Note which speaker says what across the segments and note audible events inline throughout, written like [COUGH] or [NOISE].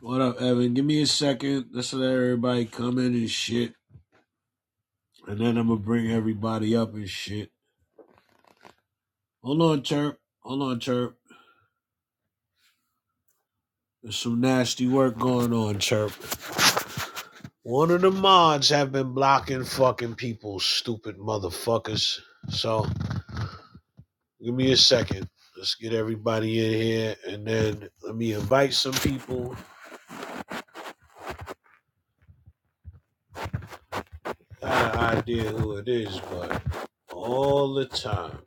Speaker 1: What up, Evan? Give me a second. Let's let everybody come in and shit. And then I'm gonna bring everybody up and shit. Hold on, Chirp. Hold on, Chirp. There's some nasty work going on, Chirp. One of the mods have been blocking fucking people, stupid motherfuckers. So give me a second. Let's get everybody in here and then let me invite some people. I Got an idea who it is, but all the time.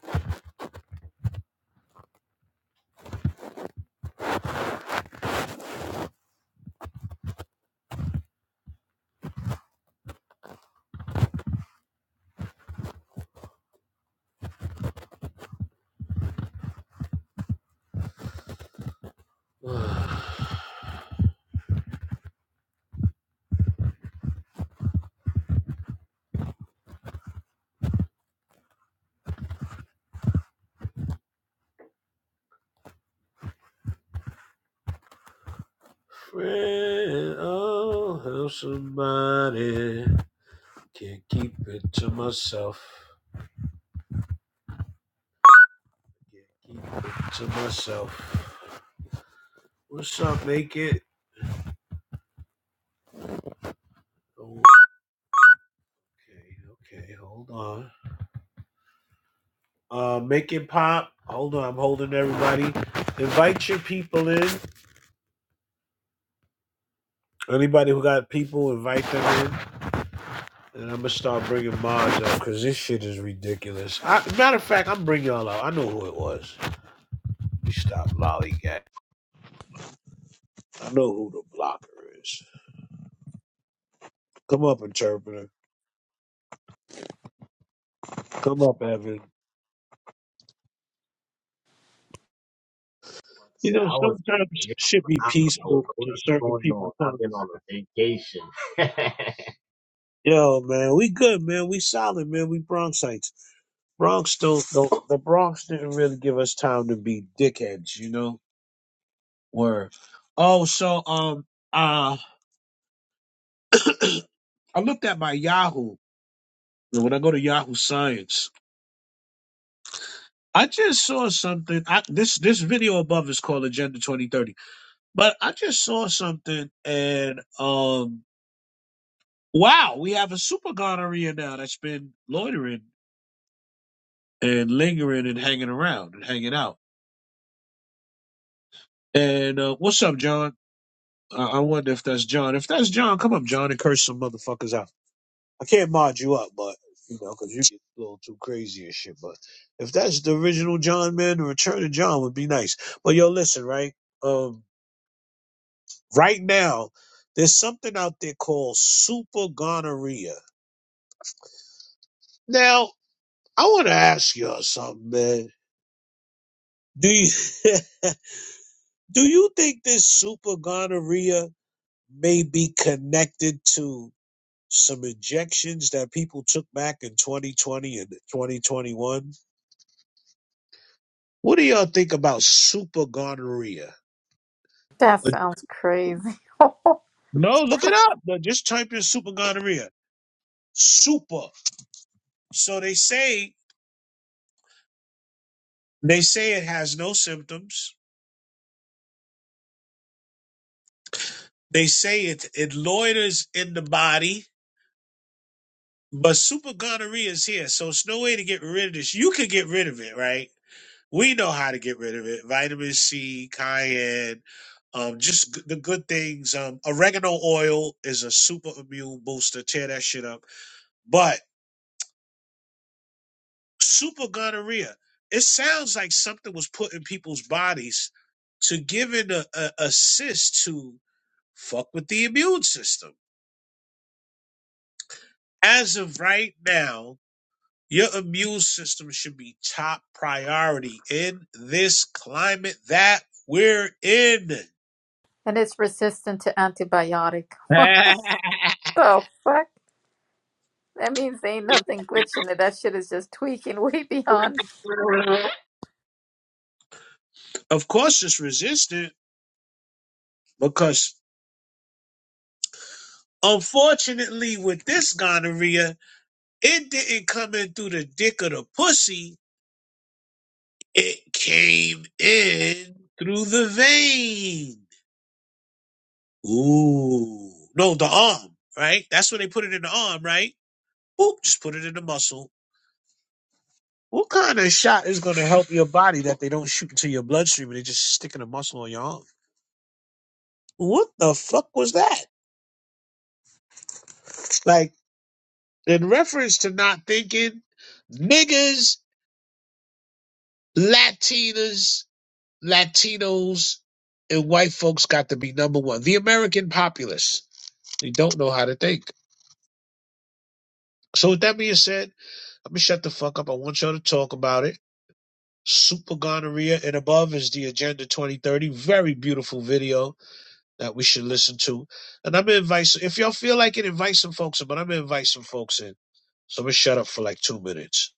Speaker 1: [SIGHS] Pray, oh, how somebody can't keep it to myself. Can't keep it to myself. What's up, make it? Okay, okay, hold on. Uh, make it pop. Hold on, I'm holding everybody. Invite your people in. Anybody who got people, invite them in. And I'm gonna start bringing mods up because this shit is ridiculous. I, matter of fact, I'm bringing y'all out. I know who it was. You stop lollygag. I know who the blocker is. Come up, interpreter. Come up, Evan.
Speaker 2: about to
Speaker 1: You
Speaker 2: say,
Speaker 1: know,
Speaker 2: I was,
Speaker 1: sometimes shit be
Speaker 2: I don't know
Speaker 1: peaceful to
Speaker 2: what's
Speaker 1: certain
Speaker 2: going
Speaker 1: people.
Speaker 2: on.
Speaker 1: but,
Speaker 2: I've been on a vacation. [LAUGHS]
Speaker 1: Yo, man, we good, man. We solid, man. We Bronxites. Bronx don't, don't, the Bronx didn't really give us time to be dickheads, you know? Word. Oh, so, um, uh, [CLEARS THROAT] I looked at my Yahoo. And When I go to Yahoo Science, I just saw something. I, this, this video above is called Agenda 2030, but I just saw something and, um, Wow, we have a super gonorrhea now that's been loitering and lingering and hanging around and hanging out. And uh, what's up, John? I-, I wonder if that's John. If that's John, come up, John, and curse some motherfuckers out. I can't mod you up, but you know, cause you get a little too crazy and shit. But if that's the original John, man, the return of John would be nice. But yo, listen, right? Um, right now, there's something out there called super gonorrhea. Now, I want to ask y'all something, man. Do you? [LAUGHS] Do you think this super gonorrhea may be connected to some injections that people took back in 2020 and 2021? What do y'all think about super gonorrhea?
Speaker 3: That sounds crazy. [LAUGHS]
Speaker 1: No, look it up. No, Just type in super gonorrhea. Super. So they say they say it has no symptoms. They say it it loiters in the body, but super gonorrhea is here. So it's no way to get rid of this. You could get rid of it, right? we know how to get rid of it. Vitamin C, cayenne, um, just g- the good things. Um, oregano oil is a super immune booster. Tear that shit up. But super gonorrhea, it sounds like something was put in people's bodies to give it a, a assist to fuck with the immune system. As of right now, your immune system should be top priority in this climate that we're in
Speaker 3: and it's resistant to antibiotic. [LAUGHS] What the fuck? That means there ain't nothing glitching it. That shit is just tweaking [LAUGHS] way beyond.
Speaker 1: Of course, it's resistant because unfortunately, with this gonorrhea, it didn't come in through the dick or the pussy. It came in through the vein. Ooh, no, the arm, right? That's where they put it in the arm, right? Oop, just put it in the muscle. What kind of shot is going to help your body that they don't shoot into your bloodstream and they just stick in a muscle on your arm? What the fuck was that? Like, in reference to not thinking, niggas Latinas, Latinos, and white folks got to be number one. The American populace. They don't know how to think. So with that being said, I'm gonna shut the fuck up. I want y'all to talk about it. Super gonorrhea and above is the agenda 2030. Very beautiful video. that we should listen to. And I'm gonna invite if y'all feel like it, invite some folks in, but I'm gonna invite some folks in. So I'm gonna shut up for like two minutes.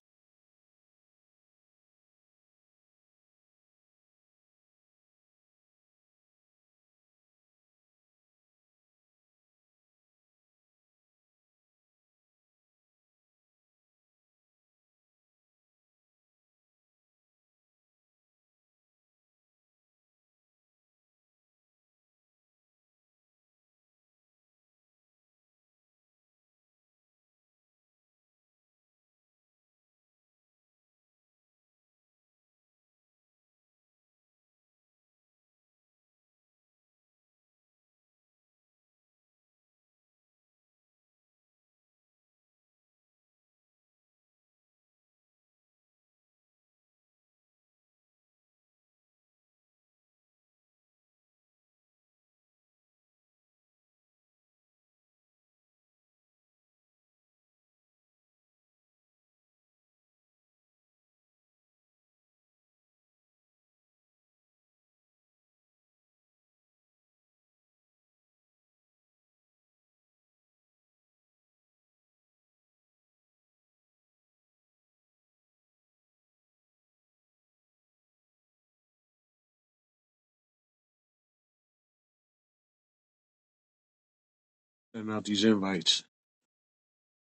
Speaker 1: Send out these invites.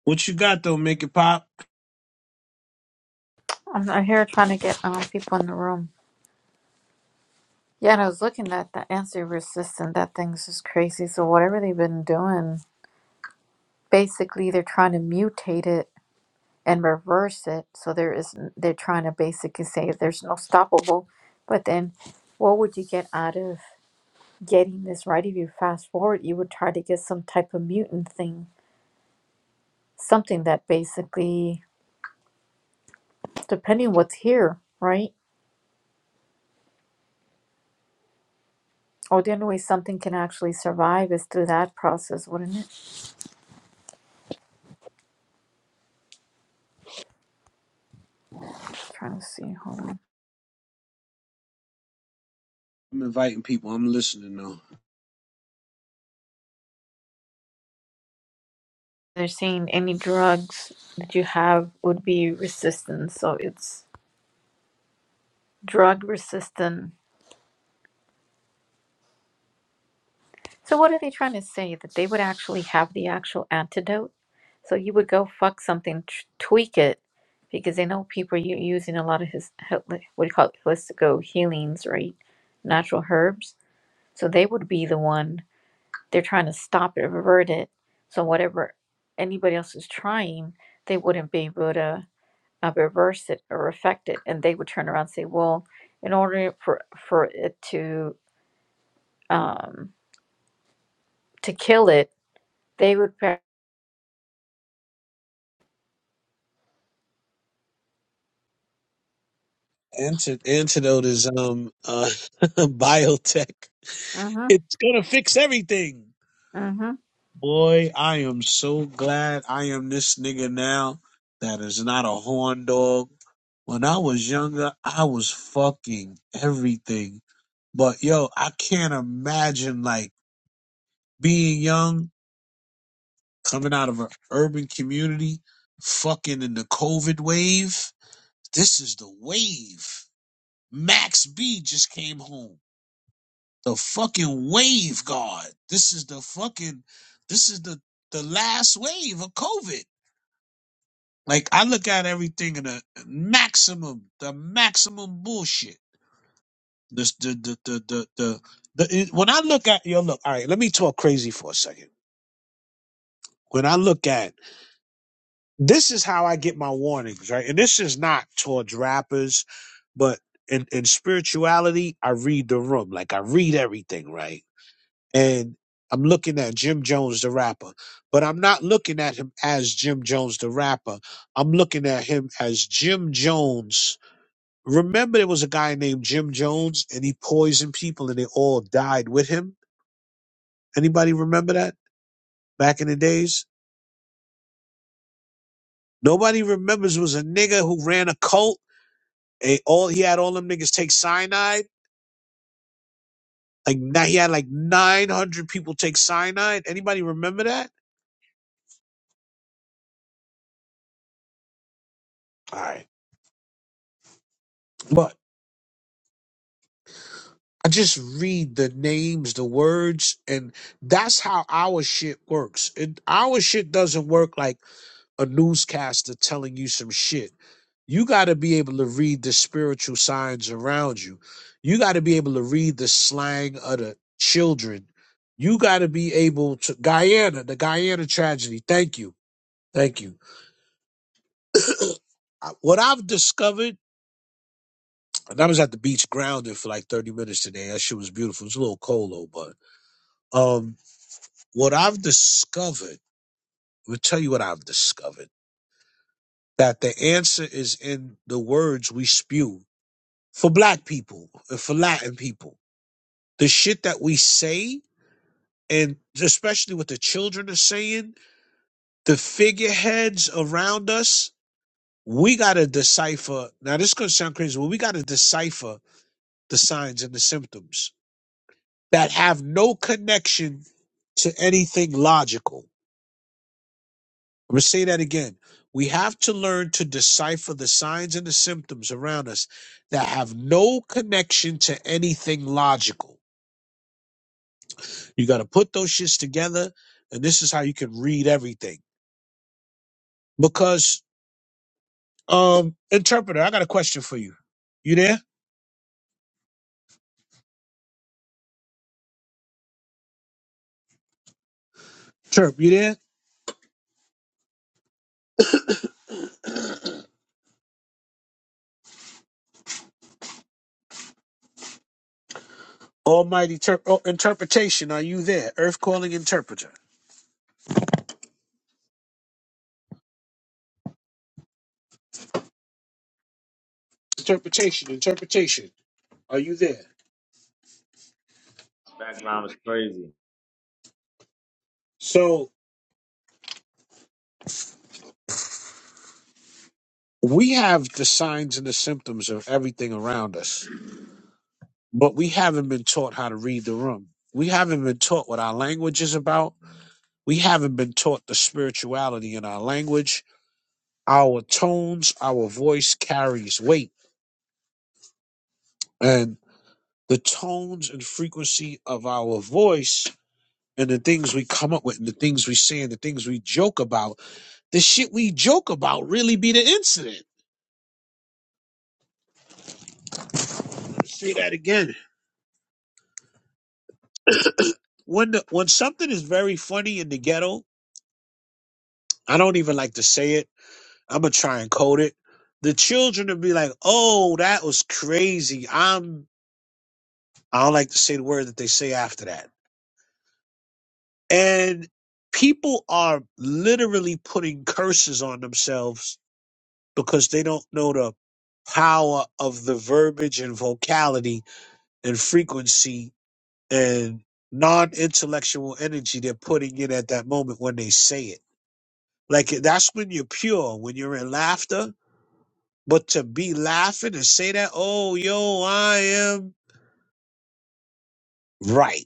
Speaker 1: What you got though? Make it pop.
Speaker 3: I'm out here trying to get um, people in the room. Yeah, and I was looking at the answer resistant. That thing's just crazy. So whatever they've been doing, basically they're trying to mutate it and reverse it. So there is they're trying to basically say there's no stoppable. But then, what would you get out of getting this right, if you fast forward, you would try to get some type of mutant thing, something that basically, depending what's here, right? Or the only way something can actually survive is through that process, wouldn't it? trying to see, hold on.
Speaker 1: I'm inviting people. I'm listening though.
Speaker 3: They're saying any drugs that you have would be resistant, so it's drug resistant So what are they trying to say? That they would actually have the actual antidote? So you would go fuck something, t- tweak it, because they know people are u- using a lot of his he- like, what do you call it, holistico healings, right? Natural herbs. So they would be the one they're trying to stop it, revert it. So whatever anybody else is trying, they wouldn't be able to uh, reverse it or affect it, and they would turn around and say, well, in order for for it to um to kill it, they would.
Speaker 1: Anti- antidote is um uh [LAUGHS] biotech. It's gonna fix everything.
Speaker 3: hmm
Speaker 1: Boy, I am so glad I am this nigga now that is not a horn dog. When I was younger, I was fucking everything. But yo, I can't imagine like being young, coming out of an urban community, fucking in the COVID wave. This is the wave. Max B just came home. The fucking wave, God. This is the fucking, this is the the last wave of COVID. Like I look at everything in a maximum, the maximum bullshit. This the the the the the, the it, when I look at yo look, all right, let me talk crazy for a second. When I look at this is how I get my warnings, right? And this is not towards rappers, but in, in spirituality, I read the room. Like I read everything, right? And I'm looking at Jim Jones the rapper, but I'm not looking at him as Jim Jones the rapper. I'm looking at him as Jim Jones Remember, there was a guy named Jim Jones, and he poisoned people, and they all died with him. Anybody remember that back in the days? Nobody remembers it was a nigga who ran a cult. And all he had all them niggas take cyanide. Like now he had like nine hundred people take cyanide. Anybody remember that? All right, but I just read the names, the words, and that's how our shit works. It, our shit doesn't work like a newscaster telling you some shit. You got to be able to read the spiritual signs around you. You got to be able to read the slang of the children. You got to be able to Guyana, the Guyana tragedy. Thank you. Thank you. [COUGHS] [CLEARS THROAT] I- what I've discovered, and I was at the beach grounded for like 30 minutes today. That shit was beautiful. It was a little cold though, but um, what I've discovered, we'll tell you what I've discovered, that the answer is in the words we spew for black people and for Latin people. The shit that we say, and especially what the children are saying, the figureheads around us, we got to decipher. Now, this is going to sound crazy, but we got to decipher the signs and the symptoms that have no connection to anything logical. I'm going to say that again. We have to learn to decipher the signs and the symptoms around us that have no connection to anything logical You got to put those shits together, and this is how you can read everything. Because, um, interpreter, I got a question for you. You there? Chirp, you there? Almighty ter- oh, interpretation, are you there? Earth calling interpreter. Interpretation, interpretation, are you there?
Speaker 2: Background is crazy.
Speaker 1: So we have the signs and the symptoms of everything around us, but we haven't been taught how to read the room. We haven't been taught what our language is about. We haven't been taught the spirituality in our language Our tones, our voice carries weight. And the tones and frequency of our voice and the things we come up with and the things we say and the things we joke about, the shit we joke about really be the incident. Say that again. When the, when something is very funny in the ghetto, I don't even like to say it. I'm gonna try and code it. The children will be like, "Oh, that was crazy." I'm I don't like to say the word that they say after that And people are literally putting curses on themselves because they don't know the power of the verbiage and vocality and frequency and non intellectual energy they're putting in at that moment when they say it. Like that's when you're pure, when you're in laughter. But to be laughing and say that, oh, yo, I am right.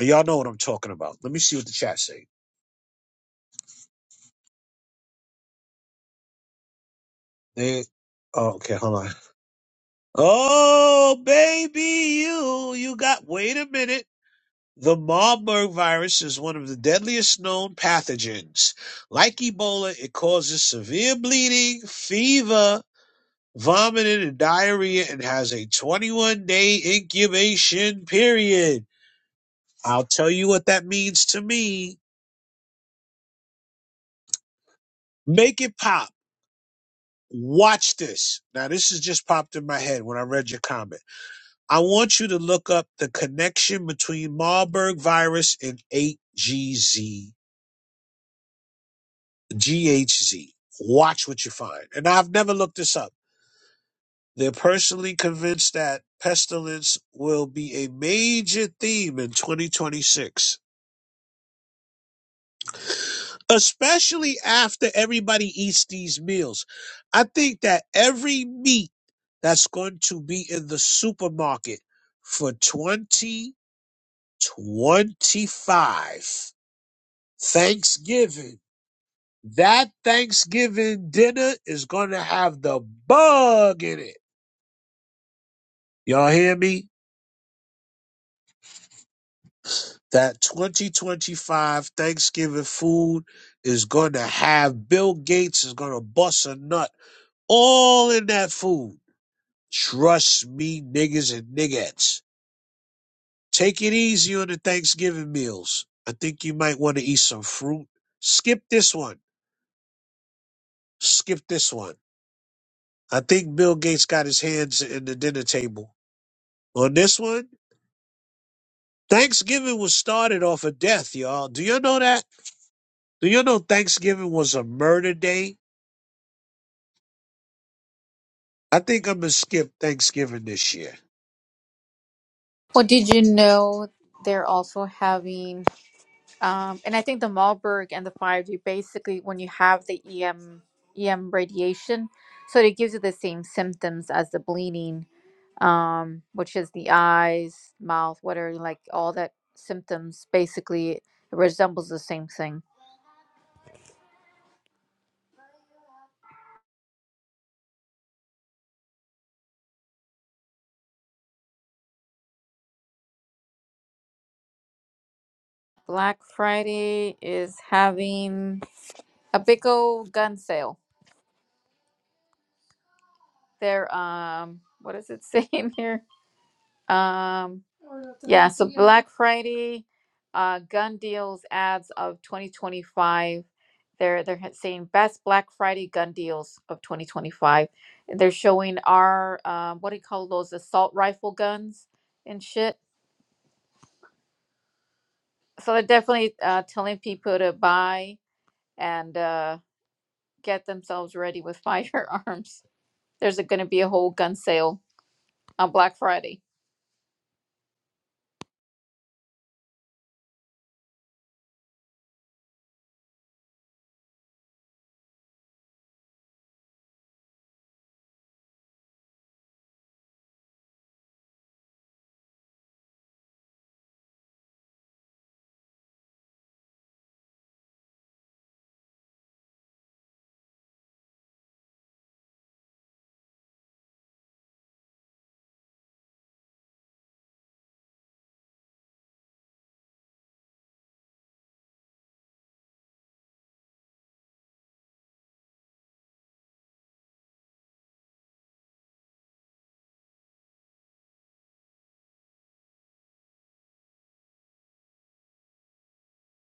Speaker 1: Y'all know what I'm talking about. Let me see what the chat say. They, oh, okay, hold on. Oh, baby, you, you got, wait a minute. The Marburg virus is one of the deadliest known pathogens. Like Ebola, it causes severe bleeding, fever, vomiting, and diarrhea, and has a 21 day incubation period. I'll tell you what that means to me. Make it pop. Watch this. Now, this has just popped in my head when I read your comment. I want you to look up the connection between Marburg virus and 8GZ, GHZ. Watch what you find. And I've never looked this up. They're personally convinced that pestilence will be a major theme in 2026, especially after everybody eats these meals. I think that every meat that's going to be in the supermarket for 2025 Thanksgiving. That Thanksgiving dinner is going to have the bug in it. Y'all hear me? That 2025 Thanksgiving food is going to have Bill Gates is going to bust a nut all in that food. Trust me, niggas and niggettes. Take it easy on the Thanksgiving meals. I think you might want to eat some fruit. Skip this one. Skip this one. I think Bill Gates got his hands in the dinner table. on this one. Thanksgiving was started off a death, y'all. Do you know that? Do you know Thanksgiving was a murder day? I think I'm gonna skip Thanksgiving this year
Speaker 3: Well, did you know they're also having, um, and I think the Malberg and the 5G basically when you have the EM EM radiation, so it gives you the same symptoms as the bleeding, um, which is the eyes, mouth, whatever, like all that symptoms basically it resembles the same thing. Black Friday is having a big old gun sale. They're um, what does it [LAUGHS] say in here? Um, Yeah, so Black Friday, uh, gun deals ads of 2025. They're they're ha- saying best Black Friday gun deals of 2025. And They're showing our um, what do you call those assault rifle guns and shit. So they're definitely uh, telling people to buy and uh, get themselves ready with [LAUGHS] firearms. There's going to be a whole gun sale on Black Friday.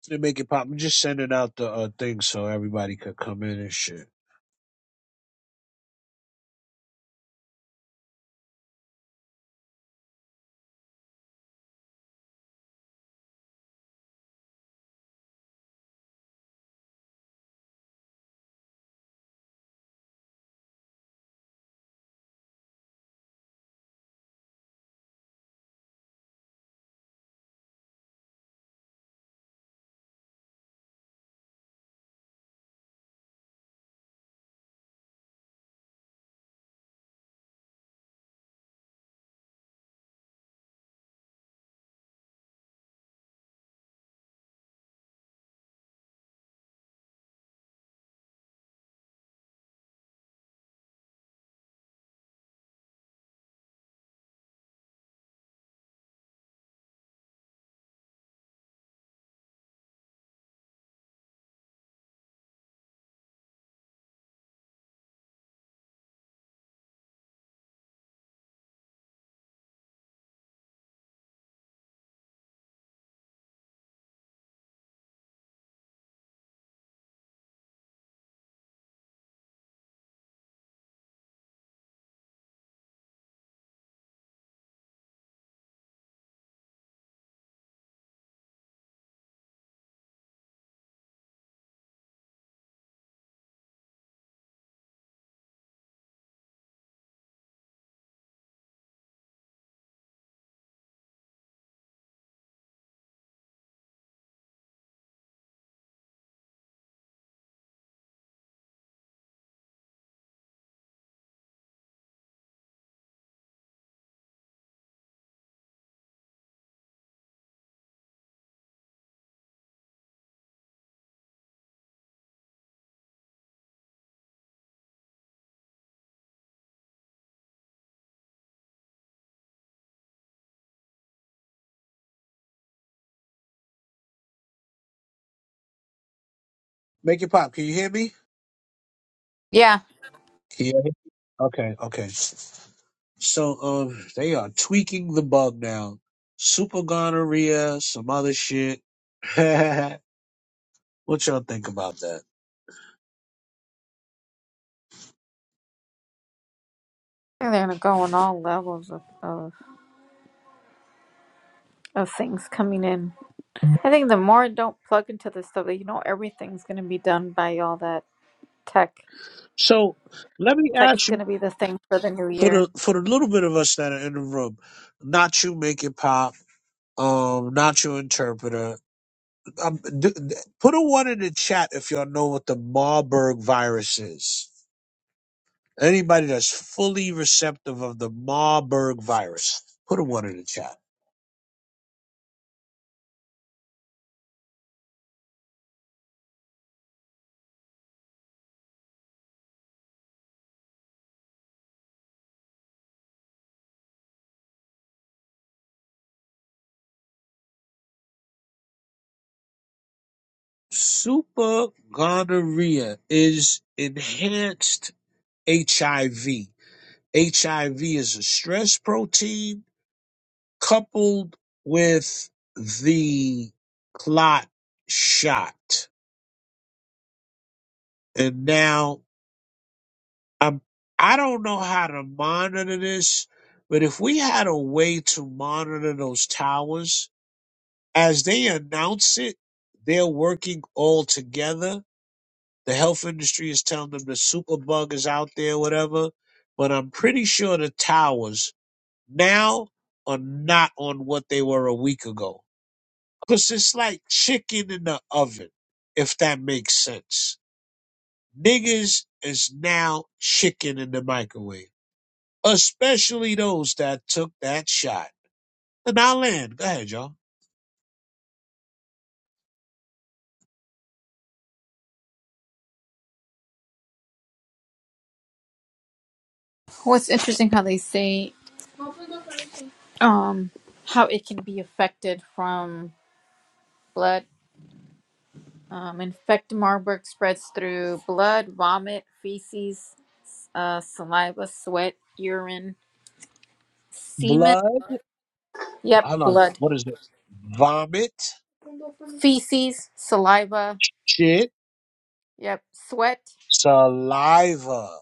Speaker 1: to make it pop. I'm just sending out the uh, thing so everybody could come in and shit. Make it pop. Can you hear me?
Speaker 3: Yeah,
Speaker 1: Yeah. Okay. Okay. So um, they are tweaking the bug now. Super gonorrhea, some other shit. [LAUGHS] what y'all think about that?
Speaker 3: and they're going to go on all levels of, of, of things coming in. I think the more I don't plug into this stuff, like, you know, everything's going to be done by all that tech.
Speaker 1: So let me
Speaker 3: Tech's
Speaker 1: ask
Speaker 3: going
Speaker 1: you.
Speaker 3: to be the thing for the new
Speaker 1: for the
Speaker 3: year.
Speaker 1: for the little bit of us that are in the room, not you make it pop, um, not your interpreter. Um, d- d- put a one in the chat if y'all know what the Marburg virus is. Anybody that's fully receptive of the Marburg virus, put a one in the chat. Super gonorrhea is enhanced HIV. HIV is a stress protein coupled with the clot shot. And now I'm, I don't know how to monitor this, but if we had a way to monitor those towers as they announce it, they're working all together. The health industry is telling them the superbug is out there, whatever. But I'm pretty sure the towers now are not on what they were a week ago. Cause it's like chicken in the oven, if that makes sense. Niggas is now chicken in the microwave. Especially those that took that shot. And I land. Go ahead, y'all.
Speaker 3: What's interesting how they say um, how it can be affected from blood. Um, infect Marburg spreads through blood, vomit, feces, uh, saliva, sweat, urine, semen.
Speaker 1: Blood. I don't
Speaker 3: Yep,
Speaker 1: know.
Speaker 3: blood,
Speaker 1: What is it? Vomit.
Speaker 3: feces, saliva.
Speaker 1: Shit.
Speaker 3: Yep, sweat,
Speaker 1: Saliva.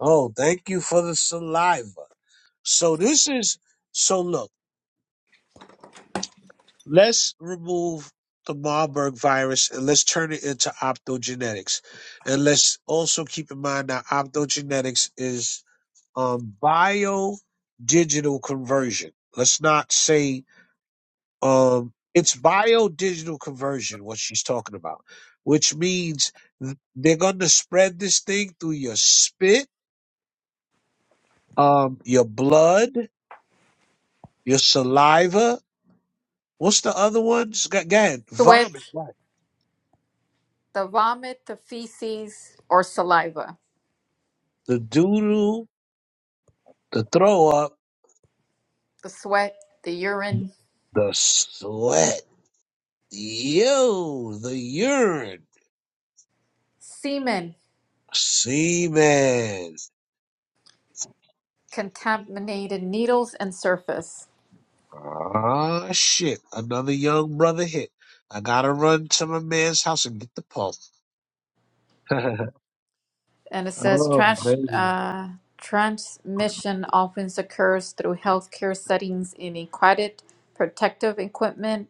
Speaker 1: Oh, thank you for the saliva. So this is so look. Let's remove the Marburg virus and let's turn it into optogenetics. And let's also keep in mind that optogenetics is um, bio digital conversion. Let's not say um, it's bio digital conversion, what she's talking about, which means th- they're going to spread this thing through your spit, um, your blood, your saliva. What's the other ones? Go, go ahead.
Speaker 3: sweat,
Speaker 1: Vomit. Right.
Speaker 3: the vomit, the feces, or saliva.
Speaker 1: The doodle. the throw up,
Speaker 3: the sweat, the urine,
Speaker 1: the sweat, yo, the urine,
Speaker 3: semen,
Speaker 1: semen.
Speaker 3: contaminated needles and surface.
Speaker 1: Ah, shit, another young brother hit. I gotta run to my man's house and get the pump.
Speaker 3: And it
Speaker 1: [LAUGHS]
Speaker 3: says
Speaker 1: oh,
Speaker 3: trans,
Speaker 1: baby.
Speaker 3: uh, transmission often occurs through healthcare settings in aquatic protective equipment,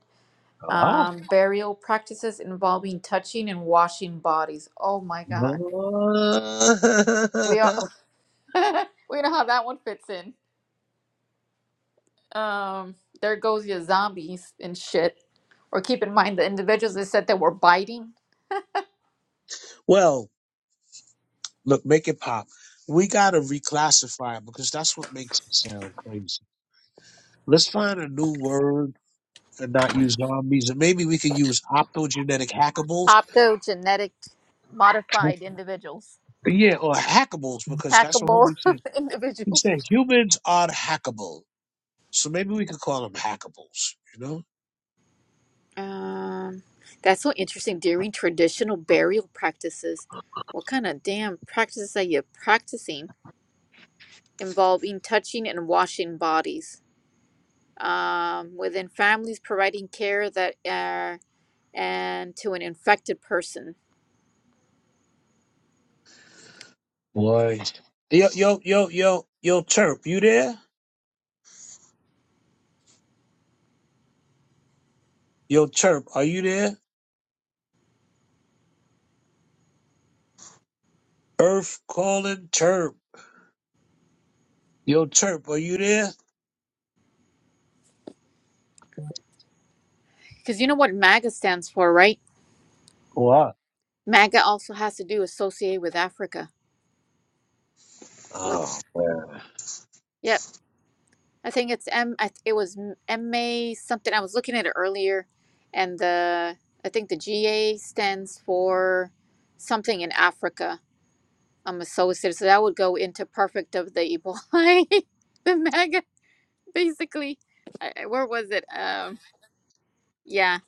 Speaker 1: Ah.
Speaker 3: um, burial practices involving touching and washing bodies. Oh my God. We all,
Speaker 1: Ah.
Speaker 3: [LAUGHS] we know how that one fits in. Um, there goes your zombies and shit. Or keep in mind the individuals that said they were biting.
Speaker 1: [LAUGHS] well, look, make it pop. We gotta reclassify it because that's what makes it sound crazy. Let's find a new word and not use zombies, and maybe we could use optogenetic hackables
Speaker 3: Optogenetic modified individuals,
Speaker 1: Yeah, or hackables, because that's what
Speaker 3: hackable
Speaker 1: he
Speaker 3: [LAUGHS]
Speaker 1: said. He
Speaker 3: individuals.
Speaker 1: said humans are hackable, so maybe we could call them hackables. You know?
Speaker 3: Um, that's so interesting. During traditional burial practices, what kind of damn practices are you practicing involving touching and washing bodies? Um, within families providing care that uh, and to an infected person,
Speaker 1: Boy, Yo, yo, yo, yo, yo, Terp, you there? Yo, Terp, are you there? Earth calling Terp. Yo, Terp, are you there?
Speaker 3: because you know what MAGA stands for, right?
Speaker 1: what?
Speaker 3: MAGA also has to do associate with Africa. With
Speaker 1: Oh. man.
Speaker 3: yep, I think it's M. I, th- it was MA something. I was looking at it earlier, and the I think the GA stands for something in Africa. I'm associated, so that would go into perfect of the Ebola, [LAUGHS] the MAGA, basically. I, I- where was it? Um, yeah,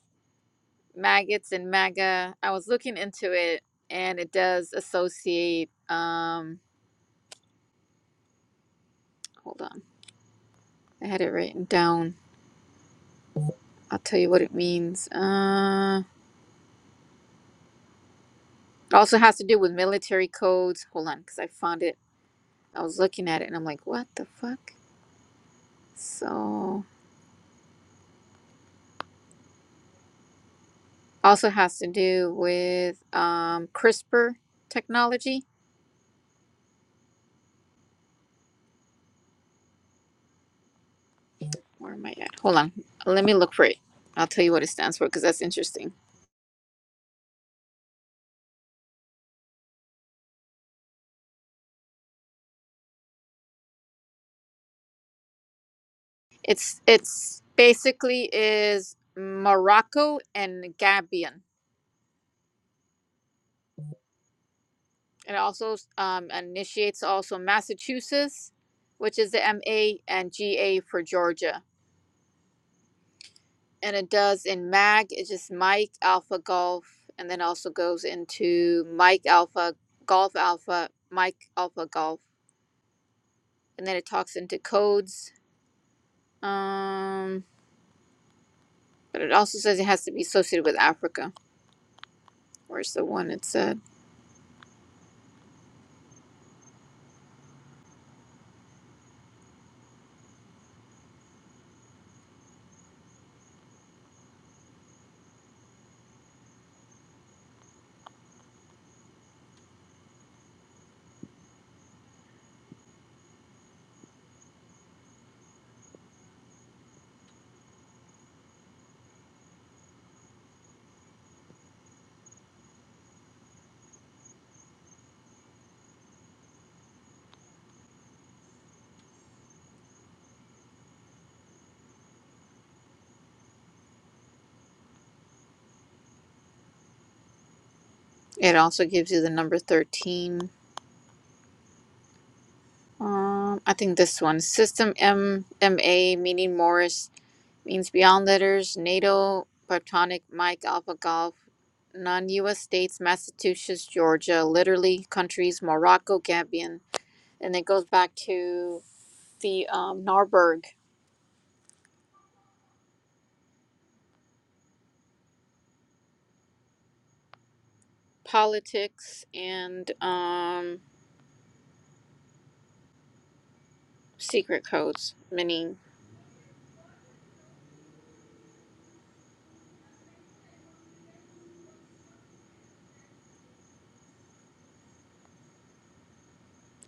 Speaker 3: maggots and MAGA. I was looking into it, and it does associate. Um, hold on, I had it written down. I'll tell you what it means. Uh. Also has to do with military codes. Hold on, because I found it. I was looking at it and I'm like, what the fuck? So also has to do with um, CRISPR technology. Where am I at? Hold on. Let me look for it. I'll tell you what it stands for because that's interesting. It's it's basically is Morocco and Gabion. It also um, initiates also Massachusetts, which is the MA and GA for Georgia. and it does in mag it's just mike alpha golf and then also goes into mike alpha golf alpha mike alpha golf and then it talks into codes um but it also says it has to be associated with africa where's the one it said it also gives you the number 13 um i think this one system m m a meaning morris means beyond letters, NATO, Pectonic, Mike, Alpha Golf, non US states, Massachusetts, Georgia, literally countries, Morocco, Gambian. And it goes back to the um, Narberg politics and um, secret codes, meaning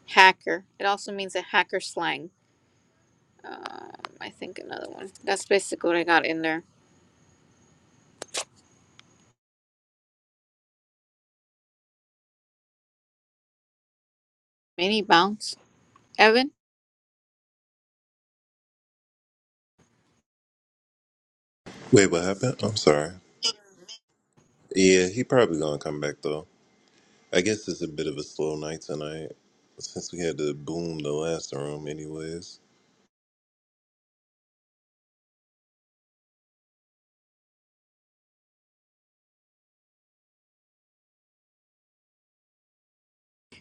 Speaker 3: hacker. It also means a hacker slang. Um, I think another one. That's basically what I got in there. Mini bounce. Evan,
Speaker 4: Wait, what happened? I'm sorry. Yeah, he probably gonna come back though. I guess it's a bit of a slow night tonight since we had to boom the last room, anyways.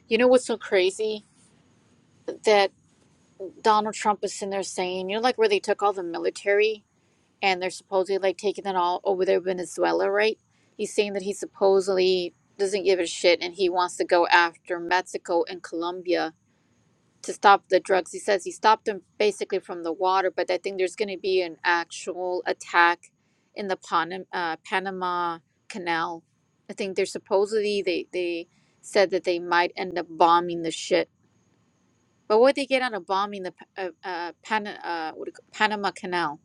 Speaker 3: you know what's so crazy? that. Donald Trump was sitting there saying, you know, like where they took all the military and they're supposedly like taking it all over there, in Venezuela, right? He's saying that he supposedly doesn't give a shit and he wants to go after Mexico and Colombia to stop the drugs. He says he stopped them basically from the water, but I think there's going to be an actual attack in the Pan- uh, Panama Canal. I think they're supposedly, they, they said that they might end up bombing the shit but what they get out of bombing the Pa- uh, uh, Pan uh what do you ca- Panama Canal?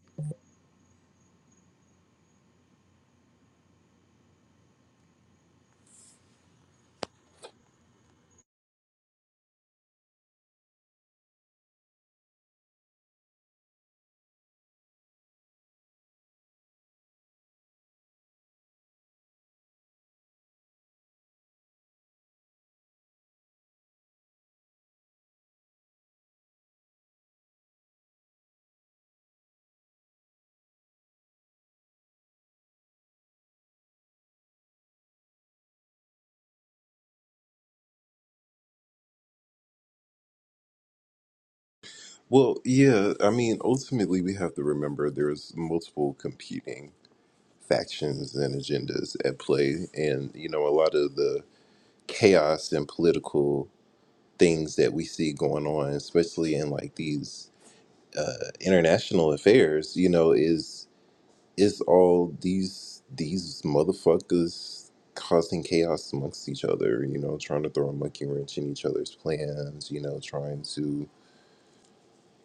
Speaker 4: Well, yeah, I mean, ultimately, we have to remember there's multiple competing factions and agendas at play, and you know, a lot of the chaos and political things that we see going on, especially in like these international affairs, you know, is It's all these these motherfuckers causing chaos amongst each other, you know, trying to throw a monkey wrench in each other's plans, you know, trying to,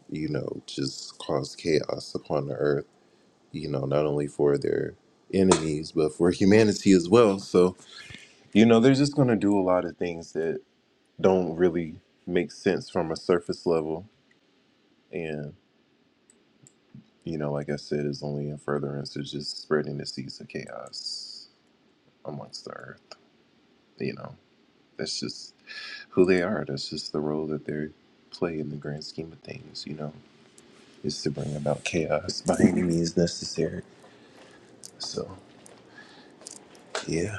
Speaker 4: you know, just cause chaos upon the earth, you know, not only for their enemies, but for humanity as well. So, you know, they're just going to do a lot of things that don't really make sense from a surface level. And, you know, like I said, is only in furtherance of just spreading the seeds of chaos amongst the earth, you know. That's just who they are. That's just the role that they play in the grand scheme of things, you know, is to bring about chaos by any means necessary. So, yeah.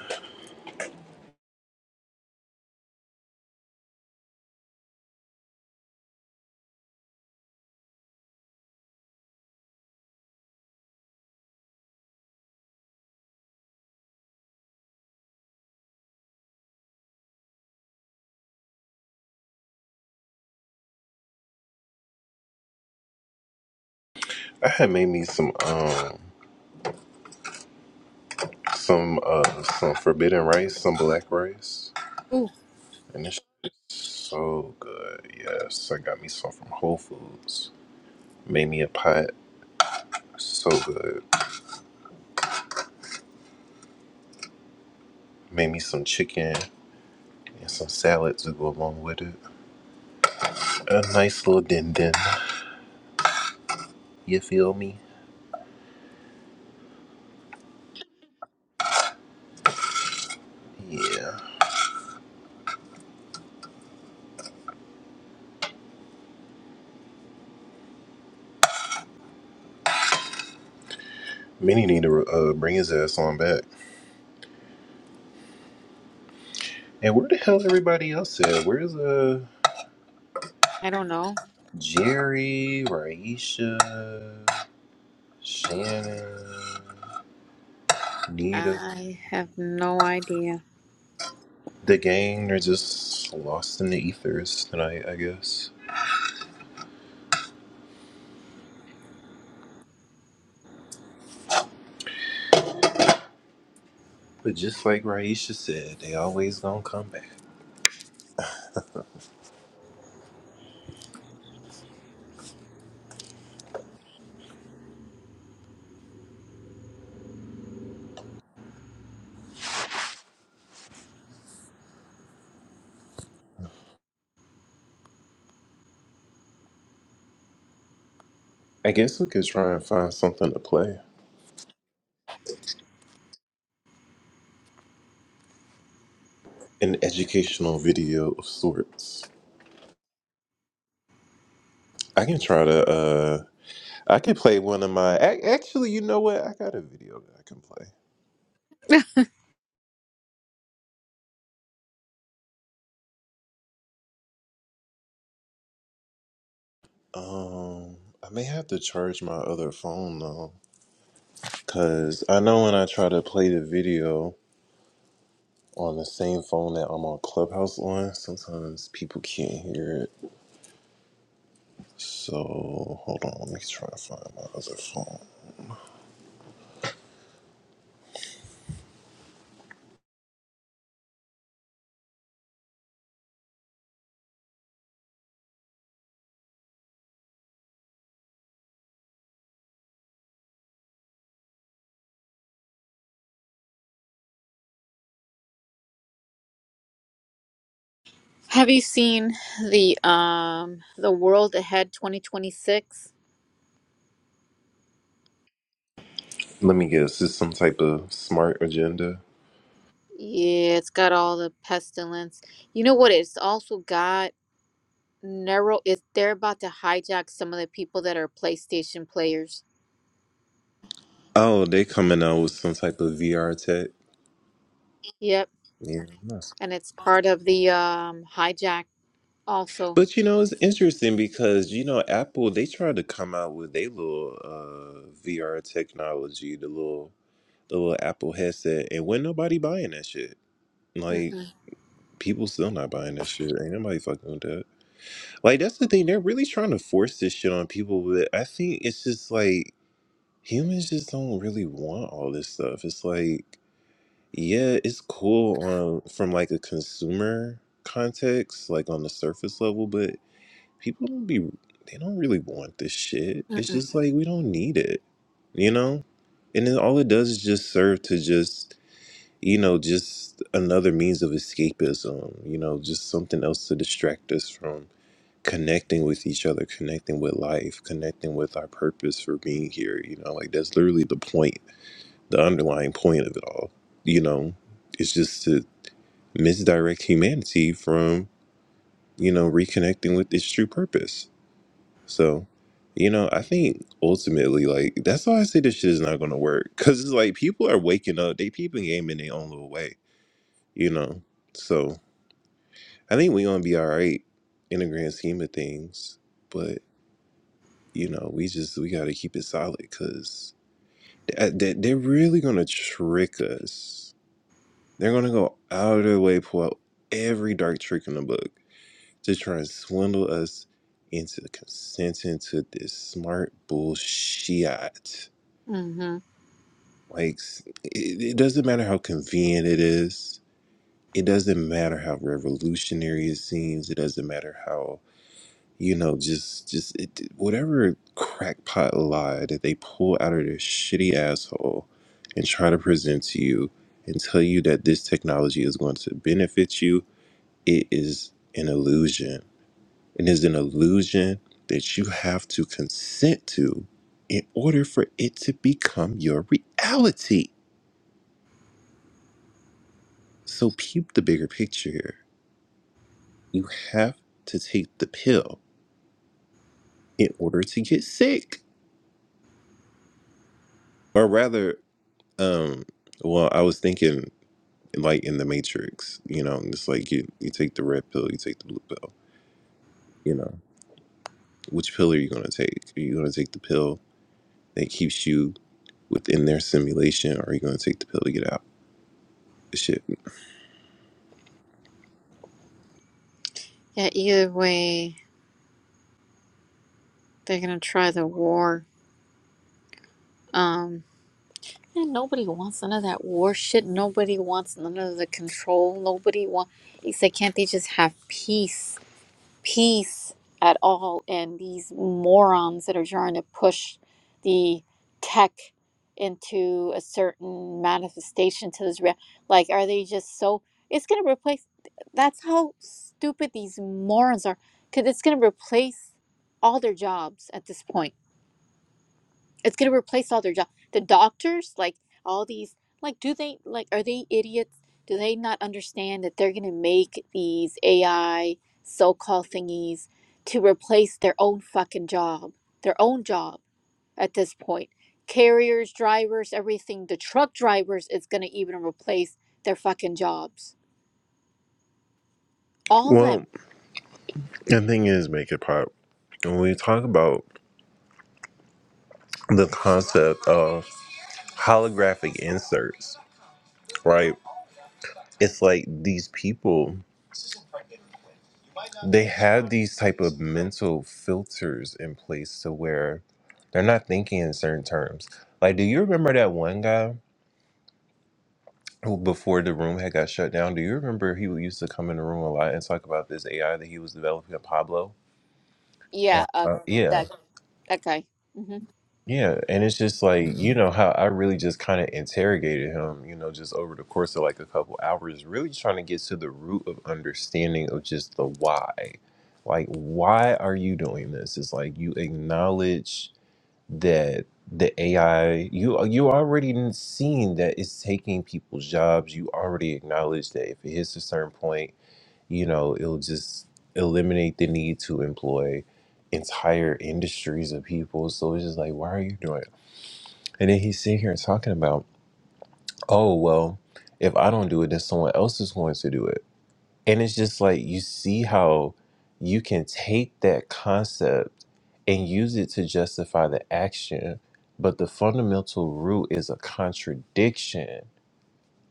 Speaker 4: I had made me some, um, some, uh, some forbidden rice, some black rice,
Speaker 3: Ooh,
Speaker 4: and it's so good. Yes, I got me some from Whole Foods. Made me a pot. So good. Made me some chicken and some salad to go along with it. A nice little din din. You feel me? Yeah. Minnie need to uh, bring his ass on back. And where the hell's everybody else at? Where's uh
Speaker 3: I don't know.
Speaker 4: Jerry, Raisha, Shannon, Nita?
Speaker 3: I have no idea.
Speaker 4: The gang are just lost in the ethers tonight, I guess. But just like Raisha said, they always gonna come back. I guess we could try and find something to play. An educational video of sorts. I can try to uh I could play one of my ac- actually you know what? I got a video that I can play.
Speaker 3: [LAUGHS]
Speaker 4: Um, I may have to charge my other phone though, cause I know when I try to play the video on the same phone that I'm on Clubhouse on, sometimes people can't hear it. So hold on, let me try to find my other phone.
Speaker 3: Have you seen the um the World Ahead 2026?
Speaker 4: Let me guess, is some type of smart agenda?
Speaker 3: Yeah, it's got all the pestilence. You know what? It's also got narrow. It they're about to hijack some of the people that are PlayStation players.
Speaker 4: Oh, they coming out with some type of VR tech.
Speaker 3: Yep,
Speaker 4: Yeah, nice.
Speaker 3: and it's part of the um hijack also.
Speaker 4: but you know it's interesting because you know Apple they tried to come out with their little uh, VR technology, the little the little Apple headset, and when nobody buying that shit. Like
Speaker 3: Mm-mm,
Speaker 4: people still not buying that shit. Ain't nobody fucking with that. Like that's the thing. They're really trying to force this shit on people. But I think it's just like humans just don't really want all this stuff. It's like yeah, it's cool on from like a consumer context, like on the surface level, but people don't be they don't really want this shit. It's
Speaker 3: mm-mm,
Speaker 4: just like we don't need it, you know. And then all it does is just serve to just you know, just another means of escapism, you know, just something else to distract us from connecting with each other, connecting with life, connecting with our purpose for being here, you know, like that's literally the point, the underlying point of it all, you know, it's just to misdirect humanity from, you know, reconnecting with its true purpose. So, you know, I think ultimately, like, that's why I say this shit is not gonna work. Cause it's like people are waking up, they peeping game in their own little way, you know. So I think we're gonna be all right in the grand scheme of things, but you know, we just we gotta keep it solid because they, are really gonna trick us. They're gonna go out of their way, pull out every dark trick in the book to try and swindle us into consenting to this smart bullshit.
Speaker 3: mm-hmm.
Speaker 4: Like, s- it, it doesn't matter how convenient it is. It doesn't matter how revolutionary it seems. It doesn't matter how you know just just it, whatever crackpot lie that they pull out of their shitty asshole and try to present to you and tell you that this technology is going to benefit you it is an illusion it is an illusion that you have to consent to in order for it to become your reality so peep the bigger picture here you have to take the pill in order to get sick or rather Um, well, I was thinking like in the Matrix, you know, it's like you you take the red pill, you take the blue pill, you know. Which pill are you gonna take? Are you gonna take the pill that keeps you within their simulation, or are you gonna take the pill to get out? Shit.
Speaker 3: Yeah, either way. They're gonna try the war. Um, and nobody wants none of that war shit. Nobody wants none of the control. Nobody wants. He said, can't they just have peace? Peace at all. And these morons that are trying to push the tech into a certain manifestation to this real. Like, are they just so. It's gonna replace. That's how stupid these morons are. Because it's gonna replace all their jobs at this point It's gonna replace all their jobs. The doctors, like all these, like do they like are they idiots? Do they not understand that they're gonna make these AI so-called thingies to replace their own fucking job, their own job at this point? Carriers, drivers, everything. The truck drivers is gonna even replace their fucking jobs. All of
Speaker 4: Well,
Speaker 3: them.
Speaker 4: the thing is, make it pop. When we talk about the concept of holographic inserts, right? It's like these people. they have these type of mental filters in place to where they're not thinking in certain terms. Like, do you remember that one guy who before the room had got shut down? Do you remember he used to come in the room a lot and talk about this AI that he was developing, Pablo?
Speaker 3: Yeah. Uh,
Speaker 4: Uh, yeah,
Speaker 3: that that guy. hmm
Speaker 4: yeah. And it's just like you know how I really just kind of interrogated him, you know, just over the course of like a couple hours, really trying to get to the root of understanding of just the why. Like, why are you doing this? It's like you acknowledge that the AI you you already seen that it's taking people's jobs. You already acknowledge that if it hits a certain point, you know, it'll just eliminate the need to employ entire industries of people. So it's just like, why are you doing it? And then he's sitting here talking about, oh well, if I don't do it, then someone else is going to do it. And it's just like you see how you can take that concept and use it to justify the action, but the fundamental root is a contradiction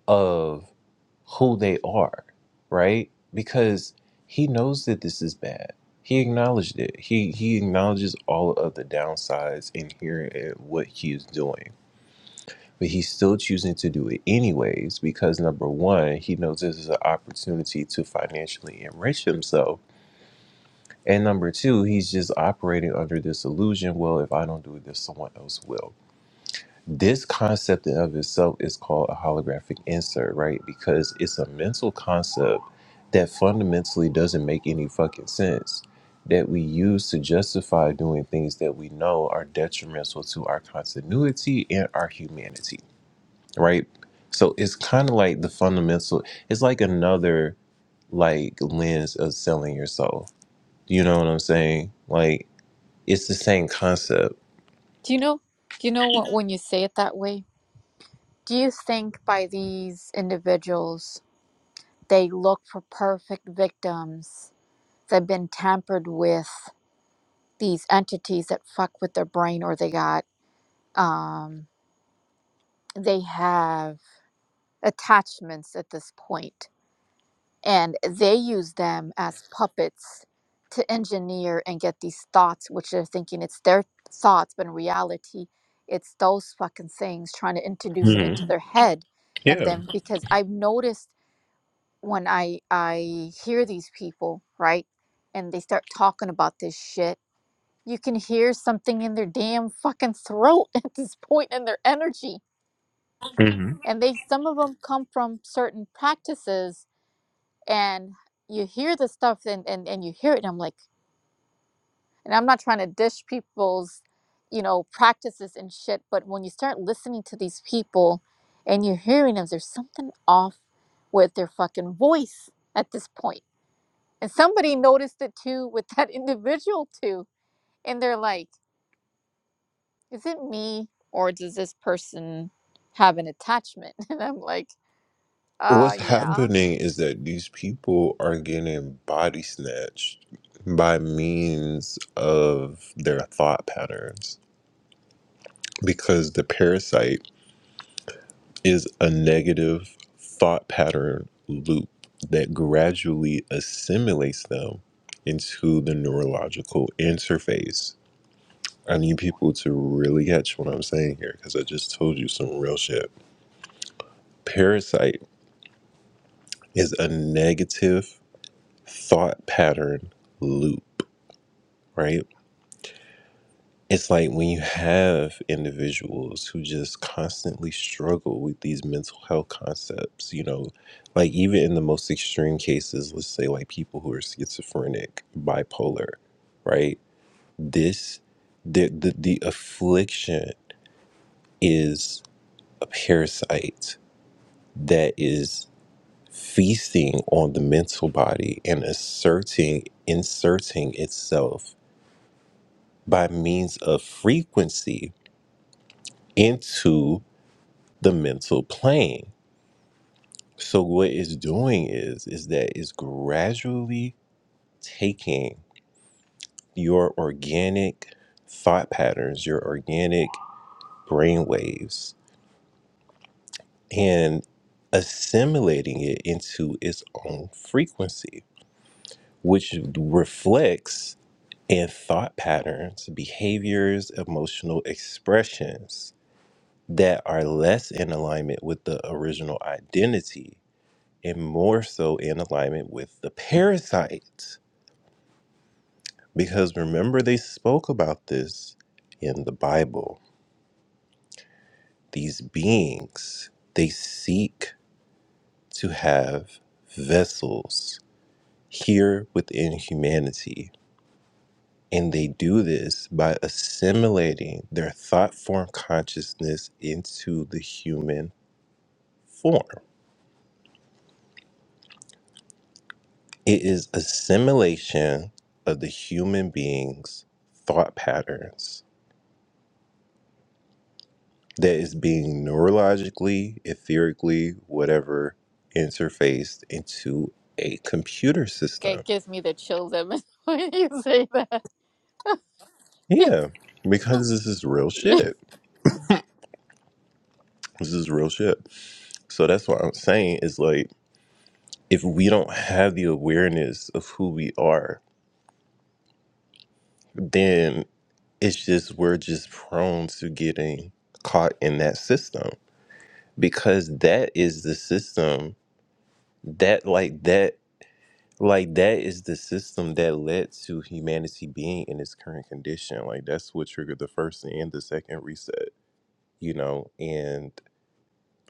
Speaker 4: of who they are, right? Because he knows that this is bad. He acknowledged it. He he acknowledges all of the downsides inherent in what he is doing but he's still choosing to do it anyways because number one, he knows this is an opportunity to financially enrich himself. And number two, he's just operating under this illusion well, if I don't do this, someone else will. This concept in of itself is called a holographic insert, right? Because it's a mental concept that fundamentally doesn't make any fucking sense that we use to justify doing things that we know are detrimental to our continuity and our humanity right? So it's kind of like the fundamental. It's like another like lens of selling your soul. You know what I'm saying? Like it's the same concept.
Speaker 3: Do you know? Do you know what when you say it that way? Do you think by these individuals, they look for perfect victims that have been tampered with these entities that fuck with their brain or they got, um, they have attachments at this point and they use them as puppets to engineer and get these thoughts, which they're thinking it's their thoughts, but in reality, it's those fucking things trying to introduce it
Speaker 4: hmm
Speaker 3: into their head. And
Speaker 4: Yeah.
Speaker 3: then because I've noticed when I I hear these people, right? And they start talking about this shit, you can hear something in their damn fucking throat [LAUGHS] at this point in their energy. And they some of them come from certain practices and you hear the stuff and, and, and you hear it and I'm like and I'm not trying to dish people's, you know, practices and shit, but when you start listening to these people and you're hearing them, there's something off with their fucking voice at this point And somebody noticed it too with [LAUGHS] that individual too. And they're like, is it me or does this person have an attachment? [LAUGHS] And I'm like, uh,
Speaker 4: What's
Speaker 3: yeah.
Speaker 4: happening is that these people are getting body snatched by means of their thought patterns because the parasite. is a negative thought pattern loop that gradually assimilates them into the neurological interface. I need people to really catch what I'm saying here because I just told you some real shit. Parasite is a negative thought pattern loop, right? it's like when you have individuals who just constantly struggle with these mental health concepts, you know, like even in the most extreme cases, let's say like people who are schizophrenic, bipolar, right? This, the, the, the affliction is a parasite that is feasting on the mental body and asserting, inserting itself by means of frequency into the mental plane. So what it's doing is is that it's gradually taking your organic thought patterns, your organic brain waves, and assimilating it into its own frequency, which reflects in thought patterns, behaviors, emotional expressions that are less in alignment with the original identity and more so in alignment with the parasites. Because remember, they spoke about this in the Bible. These beings, they seek to have vessels here within humanity. And they do this by assimilating their thought form consciousness into the human form. It is assimilation of the human being's thought patterns that is being neurologically, etherically, whatever, interfaced into a computer system.
Speaker 3: It gives me the chills even [LAUGHS] when you say that. [LAUGHS]
Speaker 4: Yeah, because this is real
Speaker 3: Yeah.
Speaker 4: shit. This is real shit. So that's what I'm saying is like, if we don't have the awareness of who we are, then it's just, we're just prone to getting caught in that system because that is the system that, like, that. Like that is the system that led to humanity being in its current condition. Like that's what triggered the first and the second reset, you know, and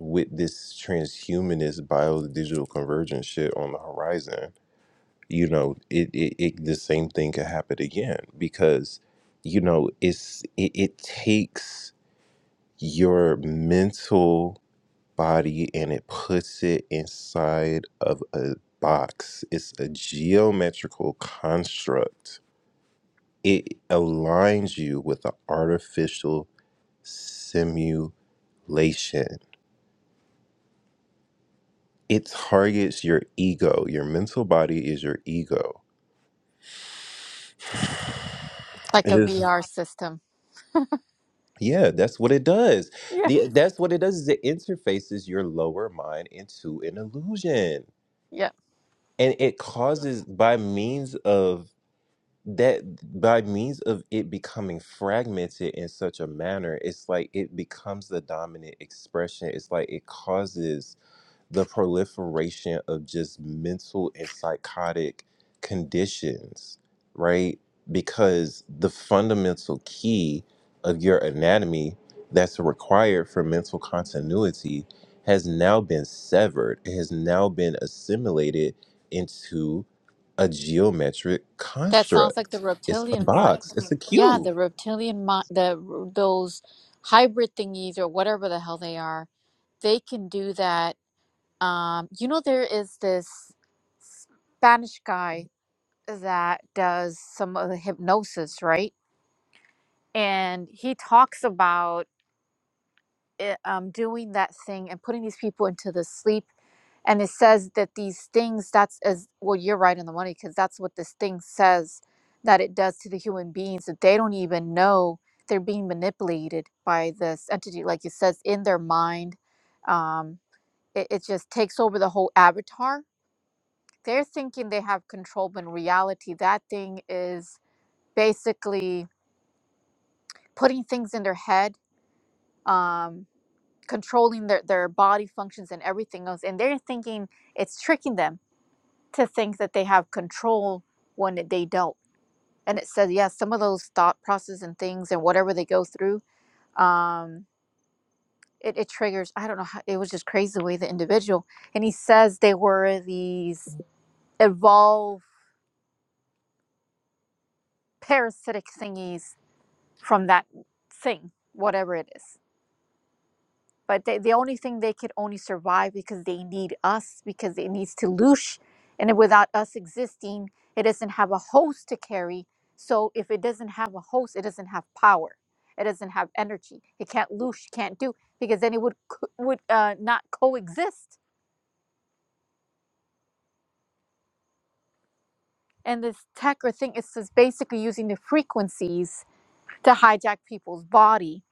Speaker 4: with this transhumanist bio digital convergence shit on the horizon, you know, it, it, it the same thing could happen again because, you know, it's it, it takes your mental body and it puts it inside of a box. It's a geometrical construct. It aligns you with an artificial simulation. It targets your ego. Your mental body is your ego.
Speaker 3: like
Speaker 4: It
Speaker 3: a
Speaker 4: is
Speaker 3: VR system.
Speaker 4: yeah, that's what it does.
Speaker 3: Yeah.
Speaker 4: The, that's what it does is it interfaces your lower mind into an illusion.
Speaker 3: Yeah.
Speaker 4: And it causes by means of that by means of it becoming fragmented in such a manner, it's like it becomes the dominant expression. It's like it causes the proliferation of just mental and psychotic conditions, right? Because the fundamental key of your anatomy that's required for mental continuity has now been severed, it has now been assimilated into a geometric
Speaker 3: That sounds like the
Speaker 4: construct. It's a
Speaker 3: reptilian mind.
Speaker 4: box, it's a
Speaker 3: Yeah,
Speaker 4: cube.
Speaker 3: the reptilian mind, the those hybrid thingies or whatever the hell they are, they can do that. Um, you know, there is this Spanish guy that does some of the hypnosis, right? And he talks about it, um, doing that thing and putting these people into the sleep. And it says that these things, that's as well, you're right on the money because that's what this thing says that it does to the human beings that they don't even know they're being manipulated by this entity. Like it says, in their mind, um, it, it just takes over the whole avatar. They're thinking they have control, but in reality, that thing is basically putting things in their head, um, controlling their, their body functions and everything else. And they're thinking it's tricking them to think that they have control when they don't. And it says, yeah, some of those thought processes and things and whatever they go through, um, it, it triggers. I don't know. How, it was just crazy the way the individual. And he says they were these evolved parasitic thingies from that thing, whatever it is but they, the only thing they could only survive because they need us because it needs to loosh and without us existing it doesn't have a host to carry so if it doesn't have a host it doesn't have power it doesn't have energy it can't loosh can't do because then it would co- would uh, not coexist and this tech or thing is just basically using the frequencies to hijack people's body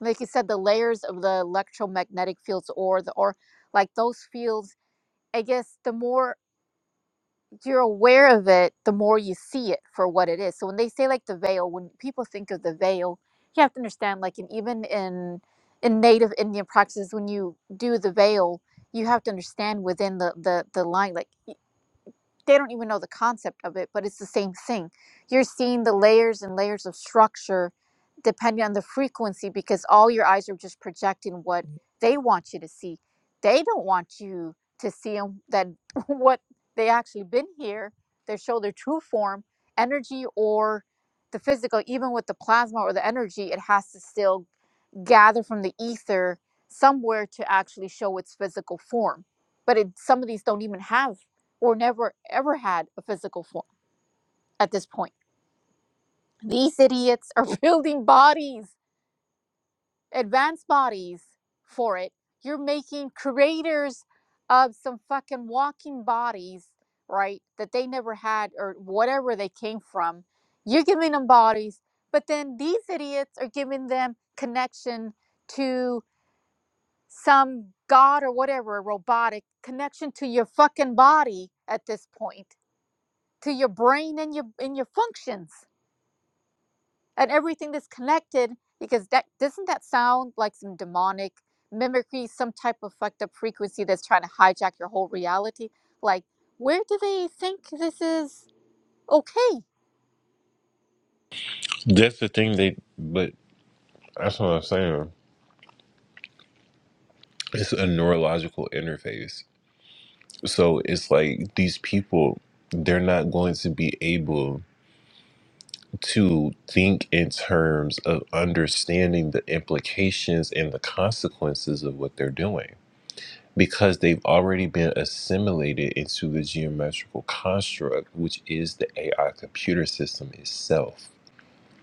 Speaker 3: like you said the layers of the electromagnetic fields or the or like those fields I guess the more you're aware of it the more you see it for what it is. So when they say like the veil, when people think of the veil, you have to understand like and even in in native Indian practices, when you do the veil, you have to understand within the the the line like they don't even know the concept of it, but it's the same thing. You're seeing the layers and layers of structure depending on the frequency because all your eyes are just projecting what they want you to see. They don't want you to see 'em that [LAUGHS] what they actually been here, they show their true form, energy or the physical, even with the plasma or the energy, it has to still gather from the ether somewhere to actually show its physical form. But it, some of these don't even have or never ever had a physical form at this point. These idiots are [LAUGHS] building bodies, advanced bodies for it. You're making creators of some fucking walking bodies, right? That they never had or whatever they came from. You're giving them bodies, but then these idiots are giving them connection to. some god or whatever, a robotic connection to your fucking body at this point, to your brain and your and your functions and everything that's connected. Because that doesn't that sound like some demonic mimicry, some type of fucked up frequency that's trying to hijack your whole reality? Like, where do they think this is okay?
Speaker 4: That's the thing they, but that's what I'm saying. It's a neurological interface. So it's like these people, they're not going to be able to think in terms of understanding the implications and the consequences of what they're doing because they've already been assimilated into the geometrical construct, which is the AI computer system itself.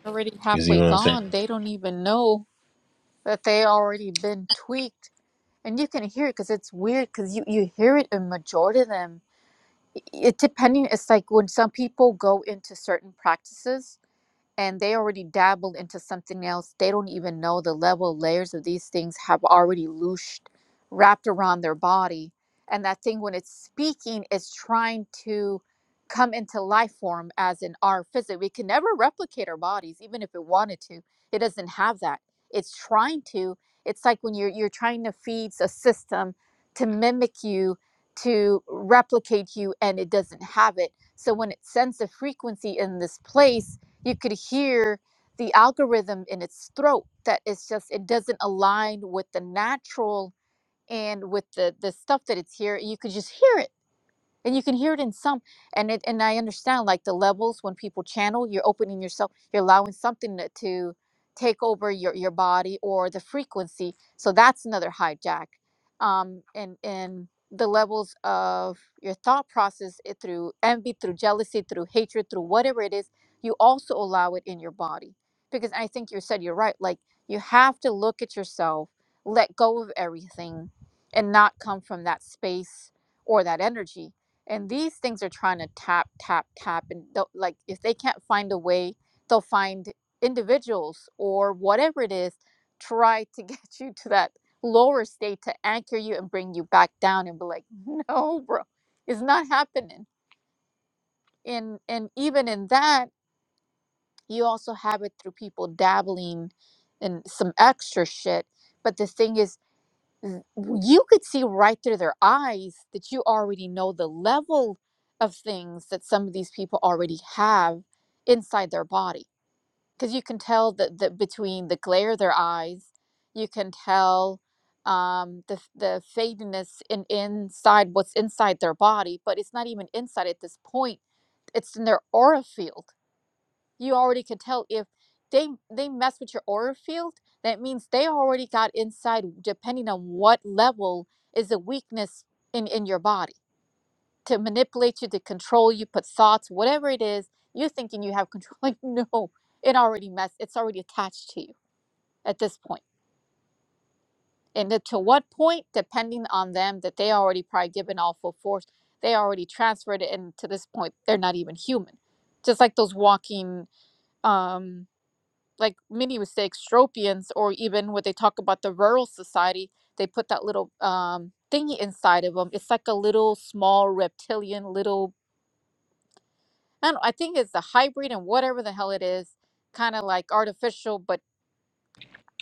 Speaker 3: Already
Speaker 4: You see
Speaker 3: halfway
Speaker 4: what I'm saying?
Speaker 3: gone. They don't even know that they already been tweaked. And you can hear it because it's weird because you, you hear it in majority of them it depending it's like when some people go into certain practices and they already dabbled into something else. They don't even know the level layers of these things have already looshed, wrapped around their body. And that thing, when it's speaking, is trying to come into life form as in our physics. We can never replicate our bodies, even if it wanted to. It doesn't have that. It's trying to. It's like when you're you're trying to feed a system to mimic you, to replicate you, and it doesn't have it. So when it sends a frequency in this place, you could hear the algorithm in its throat that it's just it doesn't align with the natural and with the the stuff that it's here you could just hear it and you can hear it in some and it and i understand like the levels when people channel you're opening yourself you're allowing something to to take over your your body or the frequency so that's another hijack um and and the levels of your thought process it through envy through jealousy through hatred through whatever it is you also allow it in your body because i think you said you're right like you have to look at yourself let go of everything and not come from that space or that energy and these things are trying to tap tap tap and they'll- like if they can't find a way they'll find individuals or whatever it is try to [LAUGHS] get you to that lower state to anchor you and bring you back down and be like [LAUGHS] no bro it's not happening and and even in that you also have it through people dabbling in some extra shit but the thing is w- you could see right through their eyes that you already know the level of things that some of these people already have inside their body because you can tell that the, between the glare of their eyes you can tell um, the, the fadedness in inside what's inside their body but it's not even inside at this point it's in their aura field you already could tell if they they mess with your aura field that means they already got inside depending on what level is a weakness in in your body to manipulate you to control you put thoughts whatever it is you're thinking you have control [LAUGHS] like no it already messed it's already attached to you at this point point. and then to what point depending on them that they already probably given all full force they already transferred it and to this point they're not even human just like those walking um like many would say extropians or even when they talk about the rural society they put that little um thingy inside of them it's like a little small reptilian little i don't i think it's a hybrid and whatever the hell it is kind of like artificial but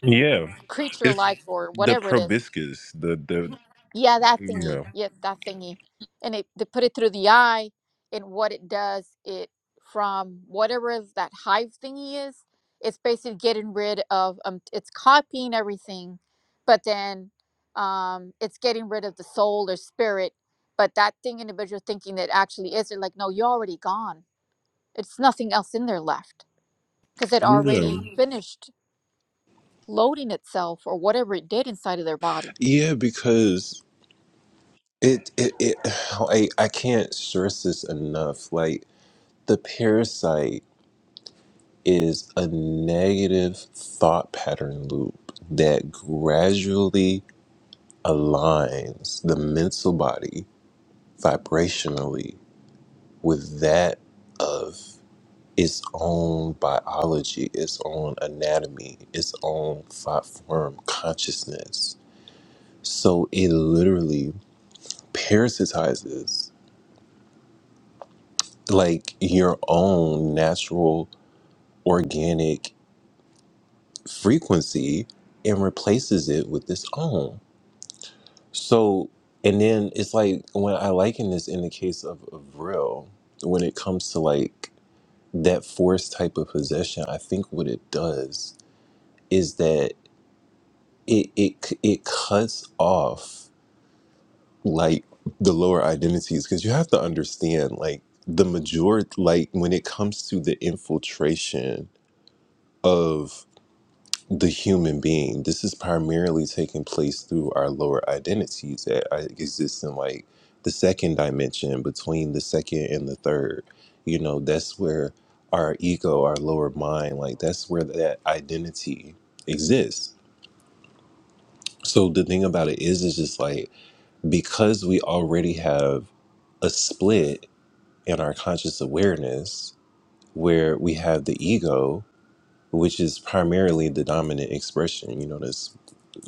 Speaker 4: Yeah.
Speaker 3: creature
Speaker 4: It's
Speaker 3: like or
Speaker 4: the
Speaker 3: whatever it is
Speaker 4: proboscis, the, the,
Speaker 3: Yeah, that
Speaker 4: you
Speaker 3: thingy.
Speaker 4: know.
Speaker 3: Yep, that thingy. And it they put it through the eye, and what it does, it from whatever is that hive thingy is, it's basically getting rid of um, it's copying everything, but then um, it's getting rid of the soul or spirit. But that thing individual thinking that actually is, they're like, no, you're already gone. It's nothing else in there left because it
Speaker 4: Yeah.
Speaker 3: already finished loading itself or whatever it did inside of their body.
Speaker 4: Yeah, because It it, it [SIGHS] I, I can't stress this enough. Like the parasite is a negative thought pattern loop that gradually aligns the mental body vibrationally with that of its own biology, its own anatomy, its own thought form consciousness. So it literally parasitizes like your own natural organic frequency and replaces it with its own. So, and then it's like when I liken this in the case of, of real, when it comes to like that force type of possession, I think what it does is that it it c- it cuts off like the lower identities because you have to understand like the majority like when it comes to the infiltration of. the human being. This is primarily taking place through our lower identities that uh, exist in like the second dimension between the second and the third. You know, that's where our ego, our lower mind, like that's where that identity exists. So the thing about it is, is just like because we already have a split in our conscious awareness where we have the ego, which is primarily the dominant expression. You know,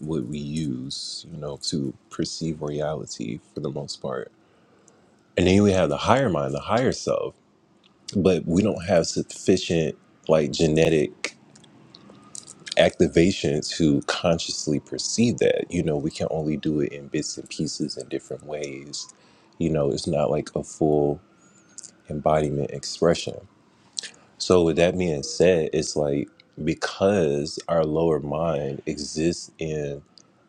Speaker 4: what we use, you know, to perceive reality for the most part. And then we have the higher mind, the higher self, but we don't have sufficient like genetic activation to consciously perceive that. You know, we can only do it in bits and pieces in different ways. You know, it's not like a full embodiment expression. So with that being said, it's like because our lower mind exists in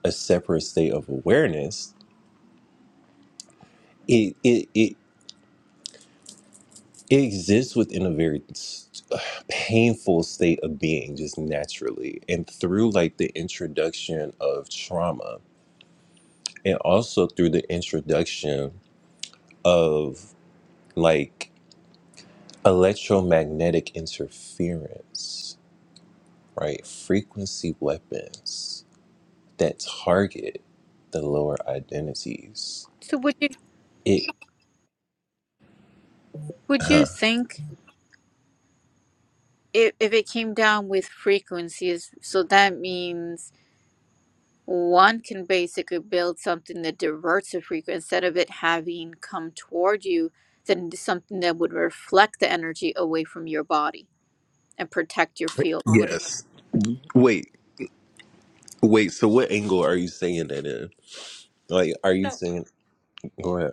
Speaker 4: a separate state of awareness, it it it, it exists within a very s- painful state of being just naturally and through like the introduction of trauma and also through the introduction of like electromagnetic interference right frequency weapons that target the lower identities
Speaker 3: So would you
Speaker 4: it
Speaker 3: would you think if if it came down with frequencies, so that means one can basically build something that diverts the frequency instead of it having come toward you then something that would reflect the energy away from your body and protect your field would it?
Speaker 4: yes wait wait so what angle are you saying that in like are you So saying go ahead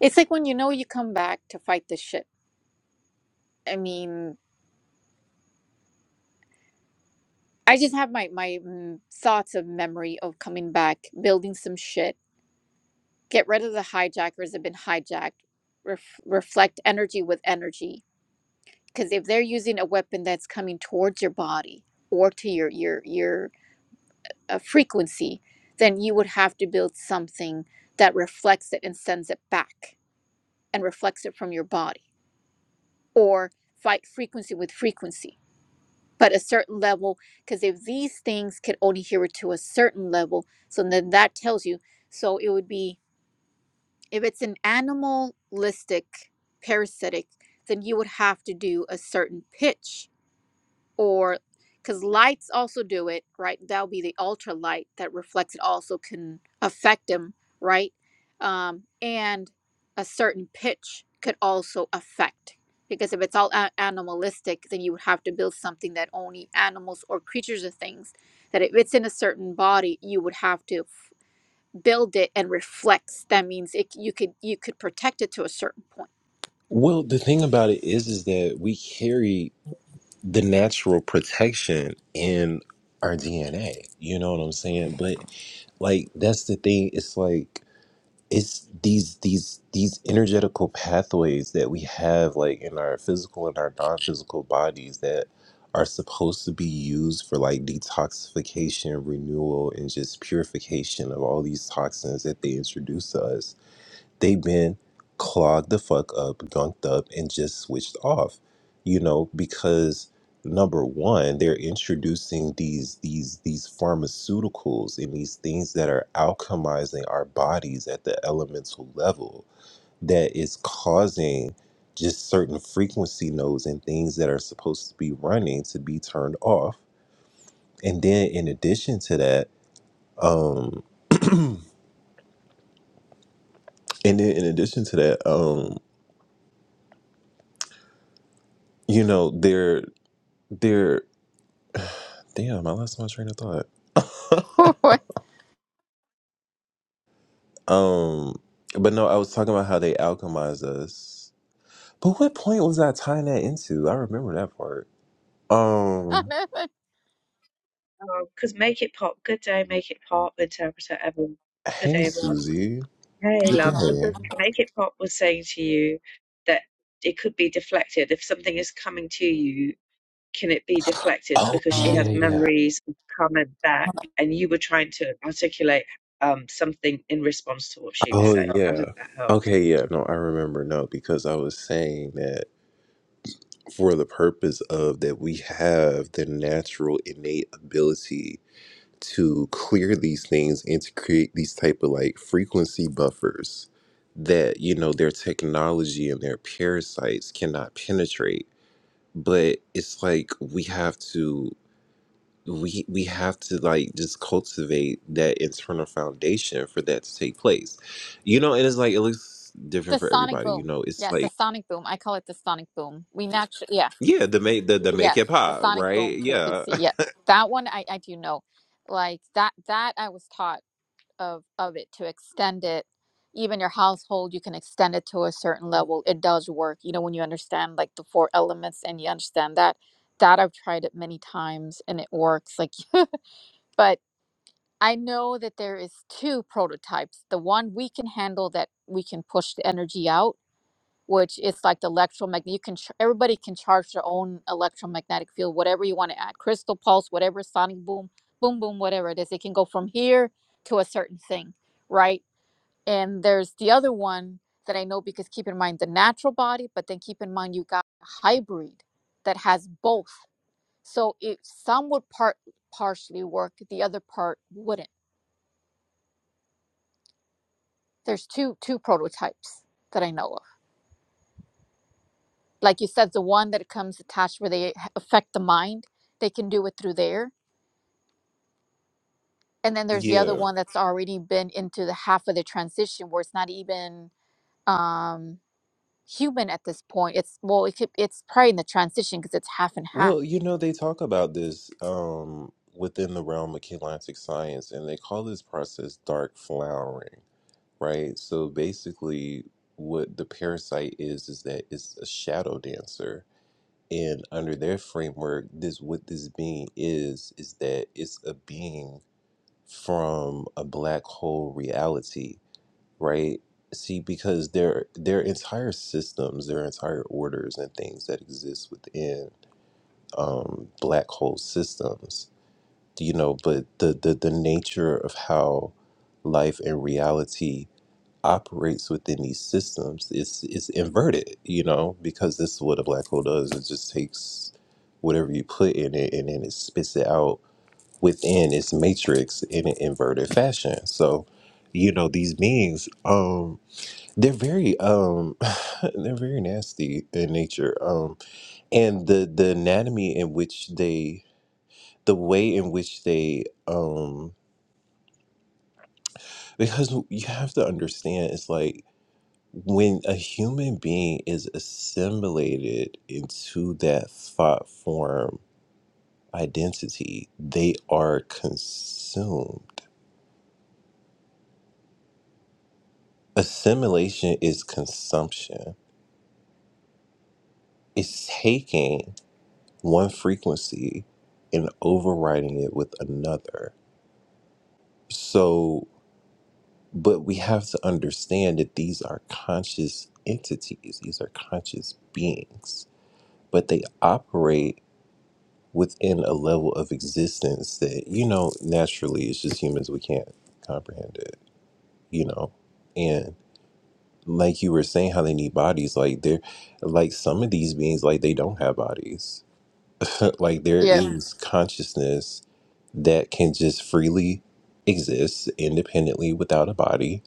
Speaker 3: it's like when you know you come back to fight the shit i mean i just have my my mm, thoughts of memory of coming back building some shit get rid of the hijackers that have been hijacked ref- reflect energy with energy because if they're using a weapon that's coming towards your body or to your your your a frequency, then you would have to build something that reflects it and sends it back and reflects it from your body or fight frequency with frequency. But a certain level, because if these things can only hear it to a certain level, so then that tells you. So it would be if it's an animalistic parasitic, then you would have to do a certain pitch or because lights also do it, right? That'll be the ultra light that reflects it also can affect them, right? Um, and a certain pitch could also affect because if it's all a- animalistic, then you would have to build something that only animals or creatures or things that if it's in a certain body, you would have to f- build it and reflects. That means it, you could you could protect it to a certain
Speaker 4: Well, the thing about it is, is that we carry the natural protection in our DNA. You know what I'm saying? But like, that's the thing. It's like it's these these these energetical pathways that we have, like in our physical and our non-physical bodies, that are supposed to be used for like detoxification, renewal, and just purification of all these toxins that they introduce to us they've been clogged the fuck up, gunked up, and just switched off. You know, because number one, they're introducing these these these pharmaceuticals and these things that are alchemizing our bodies at the elemental level that is causing just certain frequency nodes and things that are supposed to be running to be turned off. And then in addition to that, um [CLEARS THROAT] and then in addition to that, um, you know, they're They're damn, I lost my train of thought.
Speaker 3: point.
Speaker 4: Um, but no, I was talking about how they alchemize us. But what point was I tying that into? I remember that part. Um,
Speaker 3: [LAUGHS]
Speaker 5: because Make It Pop, Good Day, Make It Pop, Interpreter, Evan, Good
Speaker 4: hey
Speaker 5: Day, everyone.
Speaker 4: Susie,
Speaker 5: Hey,
Speaker 4: good
Speaker 5: love,
Speaker 4: day.
Speaker 5: because Make It Pop was saying to you that it could be deflected. If something is coming to you, can it be deflected?
Speaker 4: Oh
Speaker 5: Because she
Speaker 4: yeah,
Speaker 5: has
Speaker 4: yeah.
Speaker 5: memories of coming back, and you were trying to articulate um, something in response to what she was
Speaker 4: Oh
Speaker 5: saying. I hope
Speaker 4: yeah.
Speaker 5: that helps.
Speaker 4: Okay, yeah. No, I remember. No, because I was saying that for the purpose of that we have the natural innate ability to clear these things and to create these type of like frequency buffers that you know their technology and their parasites cannot penetrate but it's like we have to we we have to like just cultivate that internal foundation for that to take place you know and it's like it looks different
Speaker 3: The
Speaker 4: for
Speaker 3: sonic
Speaker 4: everybody you
Speaker 3: boom.
Speaker 4: know it's
Speaker 3: Yeah,
Speaker 4: like
Speaker 3: the sonic boom. I call it the sonic boom. We naturally, yeah,
Speaker 4: yeah the make the, the make
Speaker 3: yeah,
Speaker 4: it
Speaker 3: the
Speaker 4: pop
Speaker 3: sonic
Speaker 4: right
Speaker 3: boom
Speaker 4: yeah
Speaker 3: frequency. Yeah, that one I, I do know. Like that that I was taught of of it to extend it. Even your household, you can extend it to a certain level. It does work. You know when you understand like the four elements and you understand that. That I've tried it many times and it works. Like, but I know that there is two prototypes. The one we can handle that we can push the energy out which is like the electromagnet. You can ch- everybody can charge their own electromagnetic field, whatever you want to add, crystal pulse, whatever, sonic boom, boom boom, whatever it is. It can go from here to a certain thing, right? And there's the other one that I know because keep in mind the natural body, but then keep in mind you got a hybrid that has both. So it some would part partially work, the other part wouldn't. There's two two prototypes that I know of. like you said, the one that comes attached where they h- affect the mind, they can do it through there. And then
Speaker 4: [LAUGHS]
Speaker 3: there's the other
Speaker 4: yeah
Speaker 3: one that's already been into the half of the transition where it's not even um, human at this point. It's well, it could, it's probably in the transition because it's half and half.
Speaker 4: Well, you know, they talk about this um, within the realm of chelantic science, and they call this process dark flowering, right? So basically, what the parasite is is that it's a shadow dancer, and under their framework, this what this being is is that it's a being from a black hole reality, right? See, because their their entire systems, their entire orders, and things that exist within um, black hole systems, you know, but the, the, the nature of how life and reality operates within these systems is, is inverted, you know, because this is what a black hole does. It just takes whatever you put in it and then it spits it out within its matrix in an inverted fashion. So, you know, these beings, um, they're very, um, [LAUGHS] they're very nasty in nature. Um, and the, the anatomy in which they the way in which they um because you have to understand it's like when a human being is assimilated into that thought form identity they are consumed assimilation is consumption it's taking one frequency and overriding it with another so But we have to understand that these are conscious entities, these are conscious beings, but they operate within a level of existence that, you know, naturally it's just humans, we can't comprehend it, you know? And like you were saying, how they need bodies, like they're like some of these beings, like they don't have bodies. [LAUGHS] Like there
Speaker 3: Yeah.
Speaker 4: is consciousness that can just freely exist independently without a body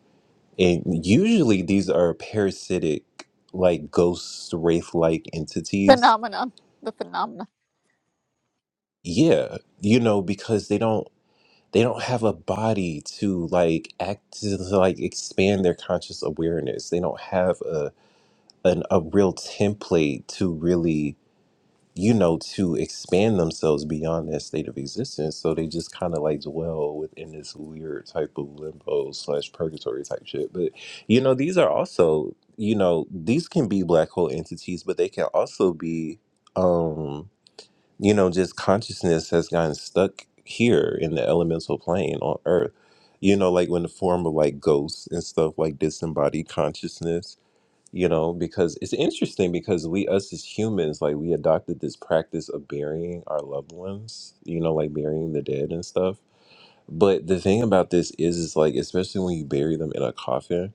Speaker 4: And usually these are parasitic, like ghost wraith like entities.
Speaker 3: Phenomenon, the phenomenon,
Speaker 4: Yeah, you know, because they don't they don't have a body to like act to like expand their conscious awareness. They don't have a an, a real template to really you know, to expand themselves beyond that state of existence. So they just kind of like dwell within this weird type of limbo slash purgatory type shit. But, you know, these are also, you know, these can be black hole entities, but they can also be, um, you know, just consciousness has gotten stuck here in the elemental plane on earth. You know, like when the form of like ghosts and stuff, like disembodied consciousness you know because it's interesting because we us as humans like we adopted this practice of burying our loved ones you know like burying the dead and stuff but the thing about this is is like especially when you bury them in a coffin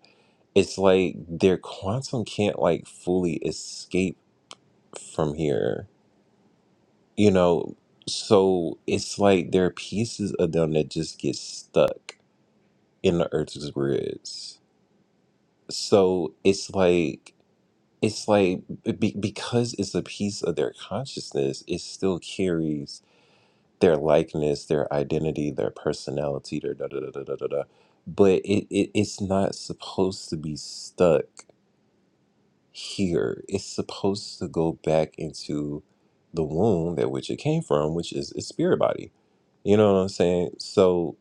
Speaker 4: it's like their quantum can't like fully escape from here you know so it's like there are pieces of them that just get stuck in the earth's grids so it's like it's like be, because it's a piece of their consciousness, it still carries their likeness, their identity, their personality, their da da da da da da. da. But it, it it's not supposed to be stuck here. It's supposed to go back into the womb that which it came from, which is its spirit body. You know what I'm saying? So,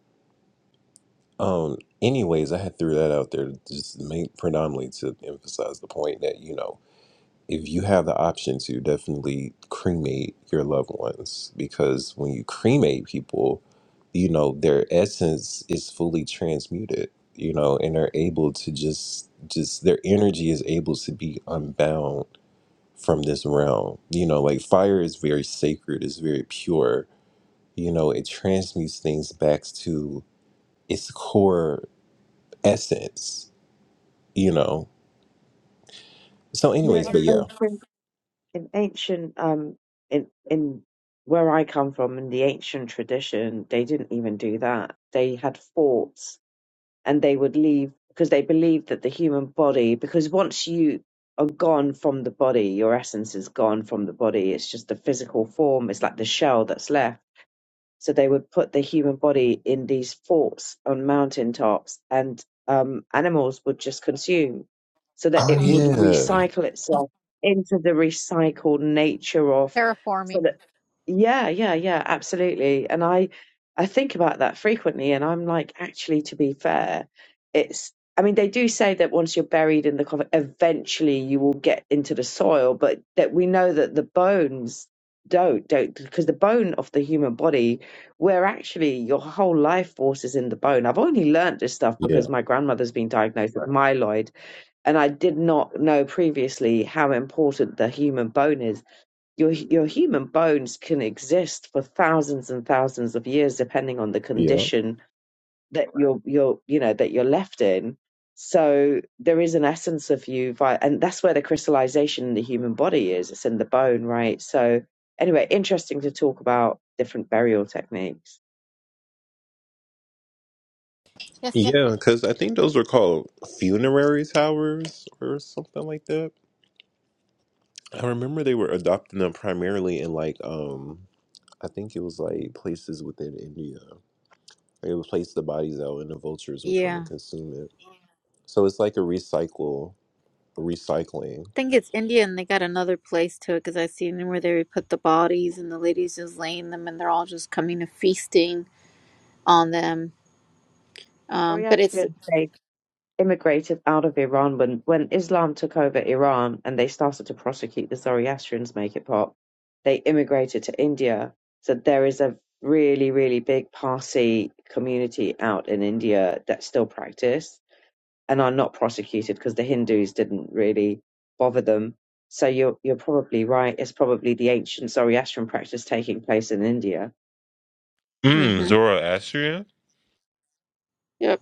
Speaker 4: um, anyways, I had threw that out there to just make predominantly to emphasize the point that you know if you have the option to definitely cremate your loved ones because when you cremate people you know their essence is fully transmuted you know and they're able to just just their energy is able to be unbound from this realm you know like fire is very sacred it's very pure you know it transmutes things back to its core essence you know so
Speaker 5: You know,
Speaker 4: anyways
Speaker 5: in
Speaker 4: but yeah
Speaker 5: ancient, in ancient, um, in in where I come from, in the ancient tradition, they didn't even do that. They had forts and they would leave because they believed that the human body because once you are gone from the body your essence is gone from the body it's just the physical form it's like the shell that's left so they would put the human body in these forts on mountaintops and um, animals would just consume so that
Speaker 4: oh
Speaker 5: it would
Speaker 4: yeah
Speaker 5: recycle itself into the recycled nature of so
Speaker 3: terraforming.
Speaker 5: that yeah, yeah, yeah, absolutely. And I I think about that frequently and I'm like, actually to be fair, it's I mean, they do say that once you're buried in the coffin, eventually you will get into the soil, but that we know that the bones don't, don't, because the bone of the human body where actually your whole life force is in the bone. I've only learnt this stuff
Speaker 4: yeah
Speaker 5: because my grandmother's been diagnosed with myeloid, and I did not know previously how important the human bone is. Your your human bones can exist for thousands and thousands of years, depending on the
Speaker 4: yeah
Speaker 5: condition that you're you're you know that you're left in. So there is an essence of you, vi- and that's where the crystallization in the human body is. It's in the bone, right? So anyway, interesting to talk about different burial techniques.
Speaker 3: Yes.
Speaker 4: Yeah, because I think those were called funerary towers or something like that. I remember they were adopting them primarily in like um I think it was like places within India. They would place the bodies out and the vultures would come and
Speaker 3: Yeah. I
Speaker 4: consume it. So it's like a recycle a recycling.
Speaker 3: think it's India and they got another place to it because I seen where they put the bodies and the ladies just laying them and they're all just coming and feasting on them. Um, but it's.
Speaker 5: Zoroastrian faith immigrated out of Iran when, when Islam took over Iran and they started to prosecute the Zoroastrians, make it pop. They immigrated to India. So there is a really, really big Parsi community out in India that still practice and are not prosecuted because the Hindus didn't really bother them. So you're you're probably right. It's probably the ancient Zoroastrian practice taking place in India.
Speaker 3: mhm.
Speaker 4: Mm, Zoroastrian?
Speaker 3: Yep.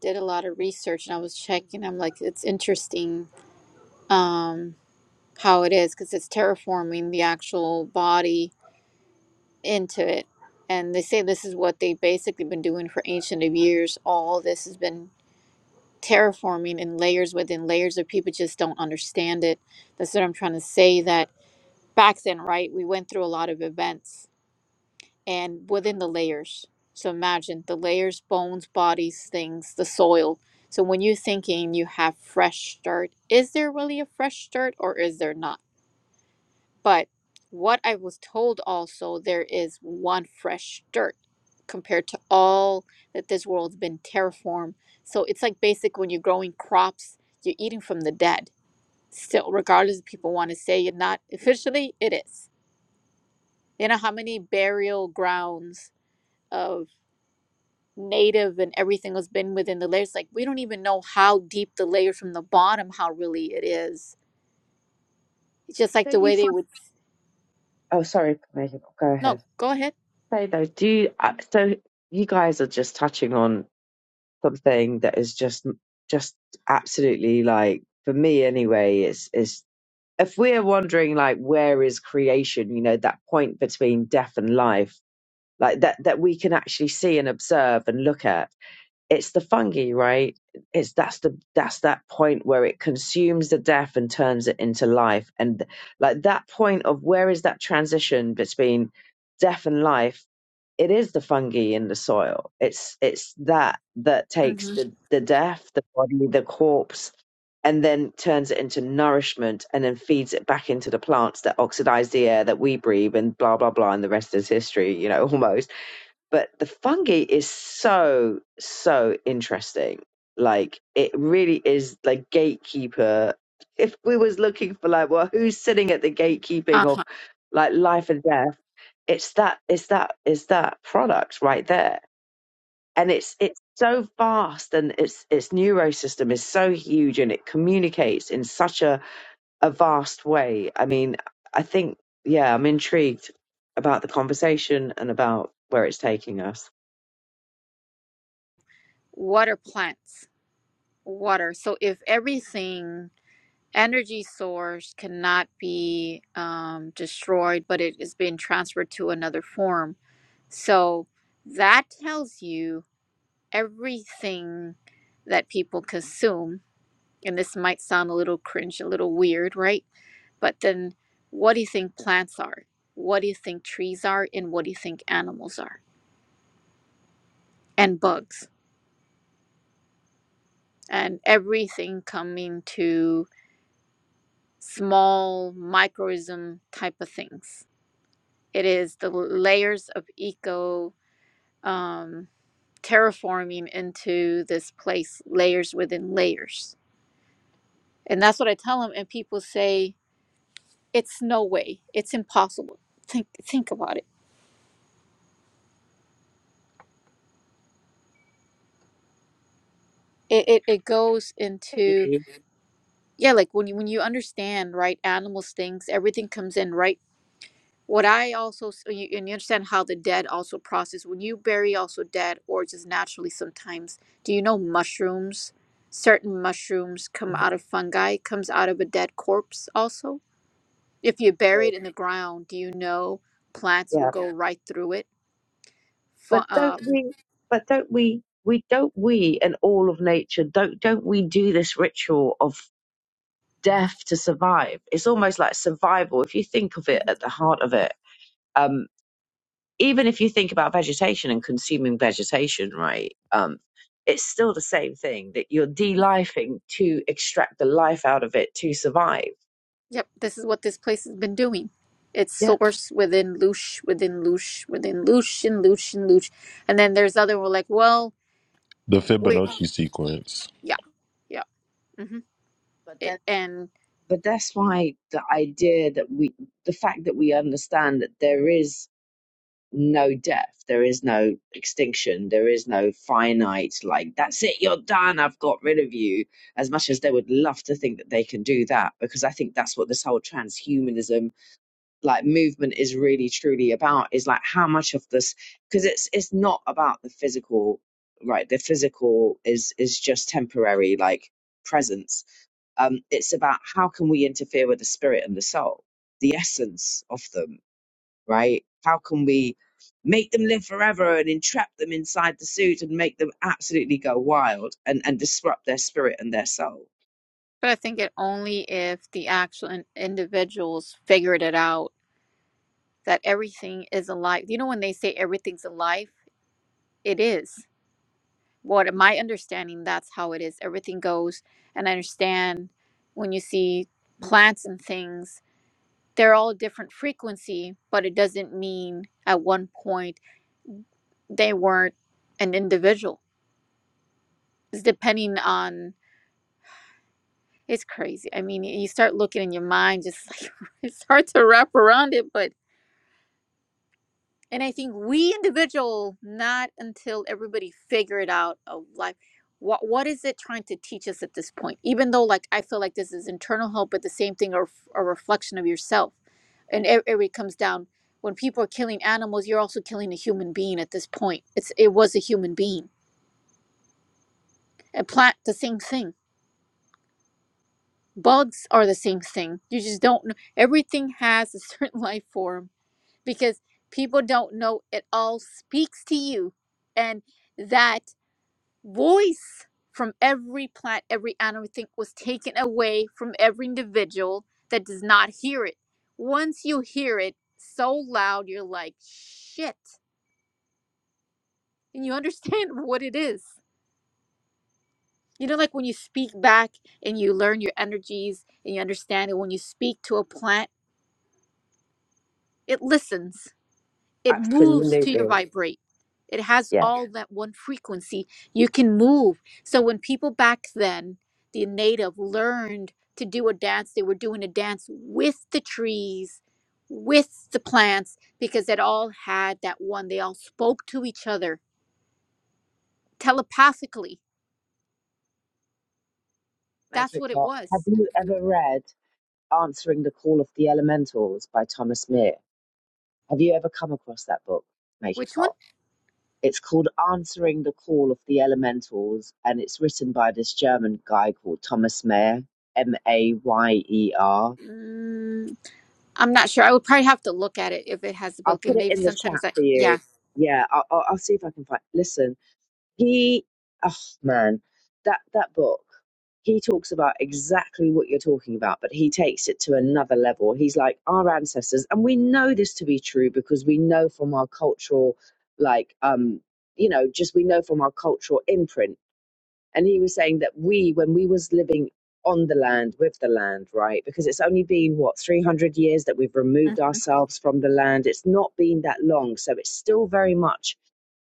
Speaker 3: Did a lot of research and I was checking. I'm like, it's interesting um, how it is because it's terraforming the actual body into it. And they say this is what they've basically been doing for ancient of years. All this has been terraforming in layers within layers of people just don't understand it. That's what I'm trying to say that back then, right? We went through a lot of events and within the layers. So imagine the layers, bones, bodies, things, the soil. So when you're thinking you have fresh dirt, is there really a fresh dirt or is there not? But what I was told also, there is one fresh dirt compared to all that this world's been terraformed. So it's like basic when you're growing crops, you're eating from the dead. Still, regardless if people want to say it not [LAUGHS] officially, it is. You know how many burial grounds of native and everything has been within the layers like we don't even know how deep the layer from the bottom how really it is it's just like the
Speaker 5: Don't you
Speaker 3: way they
Speaker 5: find?
Speaker 3: would
Speaker 5: Oh, sorry, Megan. Go ahead.
Speaker 3: no go ahead
Speaker 5: say though, do you, uh, so you guys are just touching on something that is just just absolutely like for me anyway is is if we're wondering like where is creation you know that point between death and life like that that we can actually see and observe and look at it's the fungi right it's that's the that's that point where it consumes the death and turns it into life and like that point of where is that transition between death and life it is the fungi in the soil. It's it's that that takes
Speaker 3: hmm
Speaker 5: the the death, the body, the corpse, and then turns it into nourishment, and then feeds it back into the plants that oxidize the air that we breathe, and blah blah blah, and the rest is history. You know, [LAUGHS] almost. But the fungi is so so interesting. Like it really is like gatekeeper. If we was looking for like, well, who's sitting at the gatekeeping of
Speaker 3: uh-huh
Speaker 5: like life and death? it's that it's that it's that product right there and it's it's so vast and its its neurosystem is so huge and it communicates in such a, a vast way i mean i think yeah i'm intrigued about the conversation and about where it's taking us
Speaker 3: water plants water so if everything energy source cannot be um, destroyed but it is being transferred to another form so that tells you everything that people consume and this might sound a little cringe a little weird right But then, what do you think plants are? What do you think trees are? And what do you think animals are? And bugs. And everything coming to small microism type of things. It is the layers of eco um, terraforming into this place, layers within layers. And that's what I tell them. And people say, it's no way, it's impossible. Think, think about it. It, it. it goes into Yeah, like when you when you understand, right, animals, things, everything comes in, right? What I also s- you, and you understand how the dead also process when you bury also dead or just naturally sometimes. Do you know mushrooms? Certain mushrooms come out of fungi, comes out of a dead corpse also. If you bury it in the ground, do you know plants will
Speaker 5: yeah
Speaker 3: go right through it? Fu-
Speaker 5: but don't
Speaker 3: uh,
Speaker 5: we but don't we we don't we and all of nature don't don't we do this ritual of death to survive it's almost like survival if you think of it
Speaker 3: Mhm.
Speaker 5: at the heart of it Um, even if you think about vegetation and consuming vegetation, right? Um, it's still the same thing that you're de-lifing to extract the life out of it to survive.
Speaker 3: Yep, this is what this place has been doing. It's
Speaker 5: Yeah.
Speaker 3: source within loosh, within loosh, within loosh, and loosh, and loosh. And then there's other, we're like, well,
Speaker 4: The
Speaker 3: we,
Speaker 4: Fibonacci sequence.
Speaker 3: yeah, yeah. hmm
Speaker 5: But
Speaker 3: It,
Speaker 5: then,
Speaker 3: and,
Speaker 5: but that's why the idea that we, the fact that we understand that there is no death, there is no extinction, there is no finite, like, that's it, you're done, I've got rid of you. As much as they would love to think that they can do that, because I think that's what this whole transhumanism like movement is really truly about is like how much of this because it's it's not about the physical right the physical is is just temporary like presence um it's about how can we interfere with the spirit and the soul the essence of them right how can we make them live forever and entrap them inside the suit and make them absolutely go wild and and disrupt their spirit and their soul
Speaker 3: but I think it only if the actual in- individuals figured it out that everything is alive. You know, when they say everything's alive, it is. What my understanding, that's how it is. Everything goes. And I understand when you see plants and things they're all different frequency, but it doesn't mean at one point they weren't an individual. It's depending on it's crazy. I mean, you start looking in your mind, just like [LAUGHS] it's hard to wrap around it, but And I think we individual, not until everybody figured out of like what what is it trying to teach us at this point? Even though like I feel like this is internal help, but the same thing are a reflection of yourself. And it, it really comes down when people are killing animals, you're also killing a human being at this point. It's it was a human being. And plant the same thing. Bugs are the same thing. You just don't know. Everything has a certain [LAUGHS] life form because people don't know it all speaks to you. And that voice from every plant, every animal thing was taken away from every individual that does not hear it. Once you hear it so loud, you're like, shit. And you understand [LAUGHS] what it is. You know, like when you speak back and you learn your energies and you understand it, when you speak to a plant, it listens. it moves
Speaker 5: absolutely
Speaker 3: to your vibrate. It has
Speaker 5: yeah
Speaker 3: all that one frequency. You can move. So when people back then, the native learned to do a dance, they were doing a dance with the trees, with the plants, because it all had that one. They all spoke to each other telepathically.
Speaker 5: make
Speaker 3: That's
Speaker 5: it
Speaker 3: what it
Speaker 5: pop have
Speaker 3: was.
Speaker 5: you ever read Answering the Call of the Elementals by Thomas Meer. Have you ever come across that book? Make it
Speaker 3: Which one?
Speaker 5: pop. It's called Answering the Call of the Elementals, and it's written by this German guy called Thomas Mayer, M A Y E R.
Speaker 3: Mm, I'm not sure. I would probably have to look at it if it has a
Speaker 5: I'll
Speaker 3: book. And
Speaker 5: put it
Speaker 3: maybe
Speaker 5: in the chat
Speaker 3: sometimes I,
Speaker 5: for
Speaker 3: yeah.
Speaker 5: you. Yeah, I'll I'll see if I can find. Listen, He, oh man, that that book. He talks about exactly what you're talking about, but he takes it to another level. He's like our ancestors, and we know this to be true because we know from our cultural, like, um, you know, just we know from our cultural imprint. And he was saying that we, when we was living on the land with the land, right? Because it's only been what 300 years that we've removed
Speaker 3: Mhm.
Speaker 5: ourselves from the land. It's not been that long, so it's still very much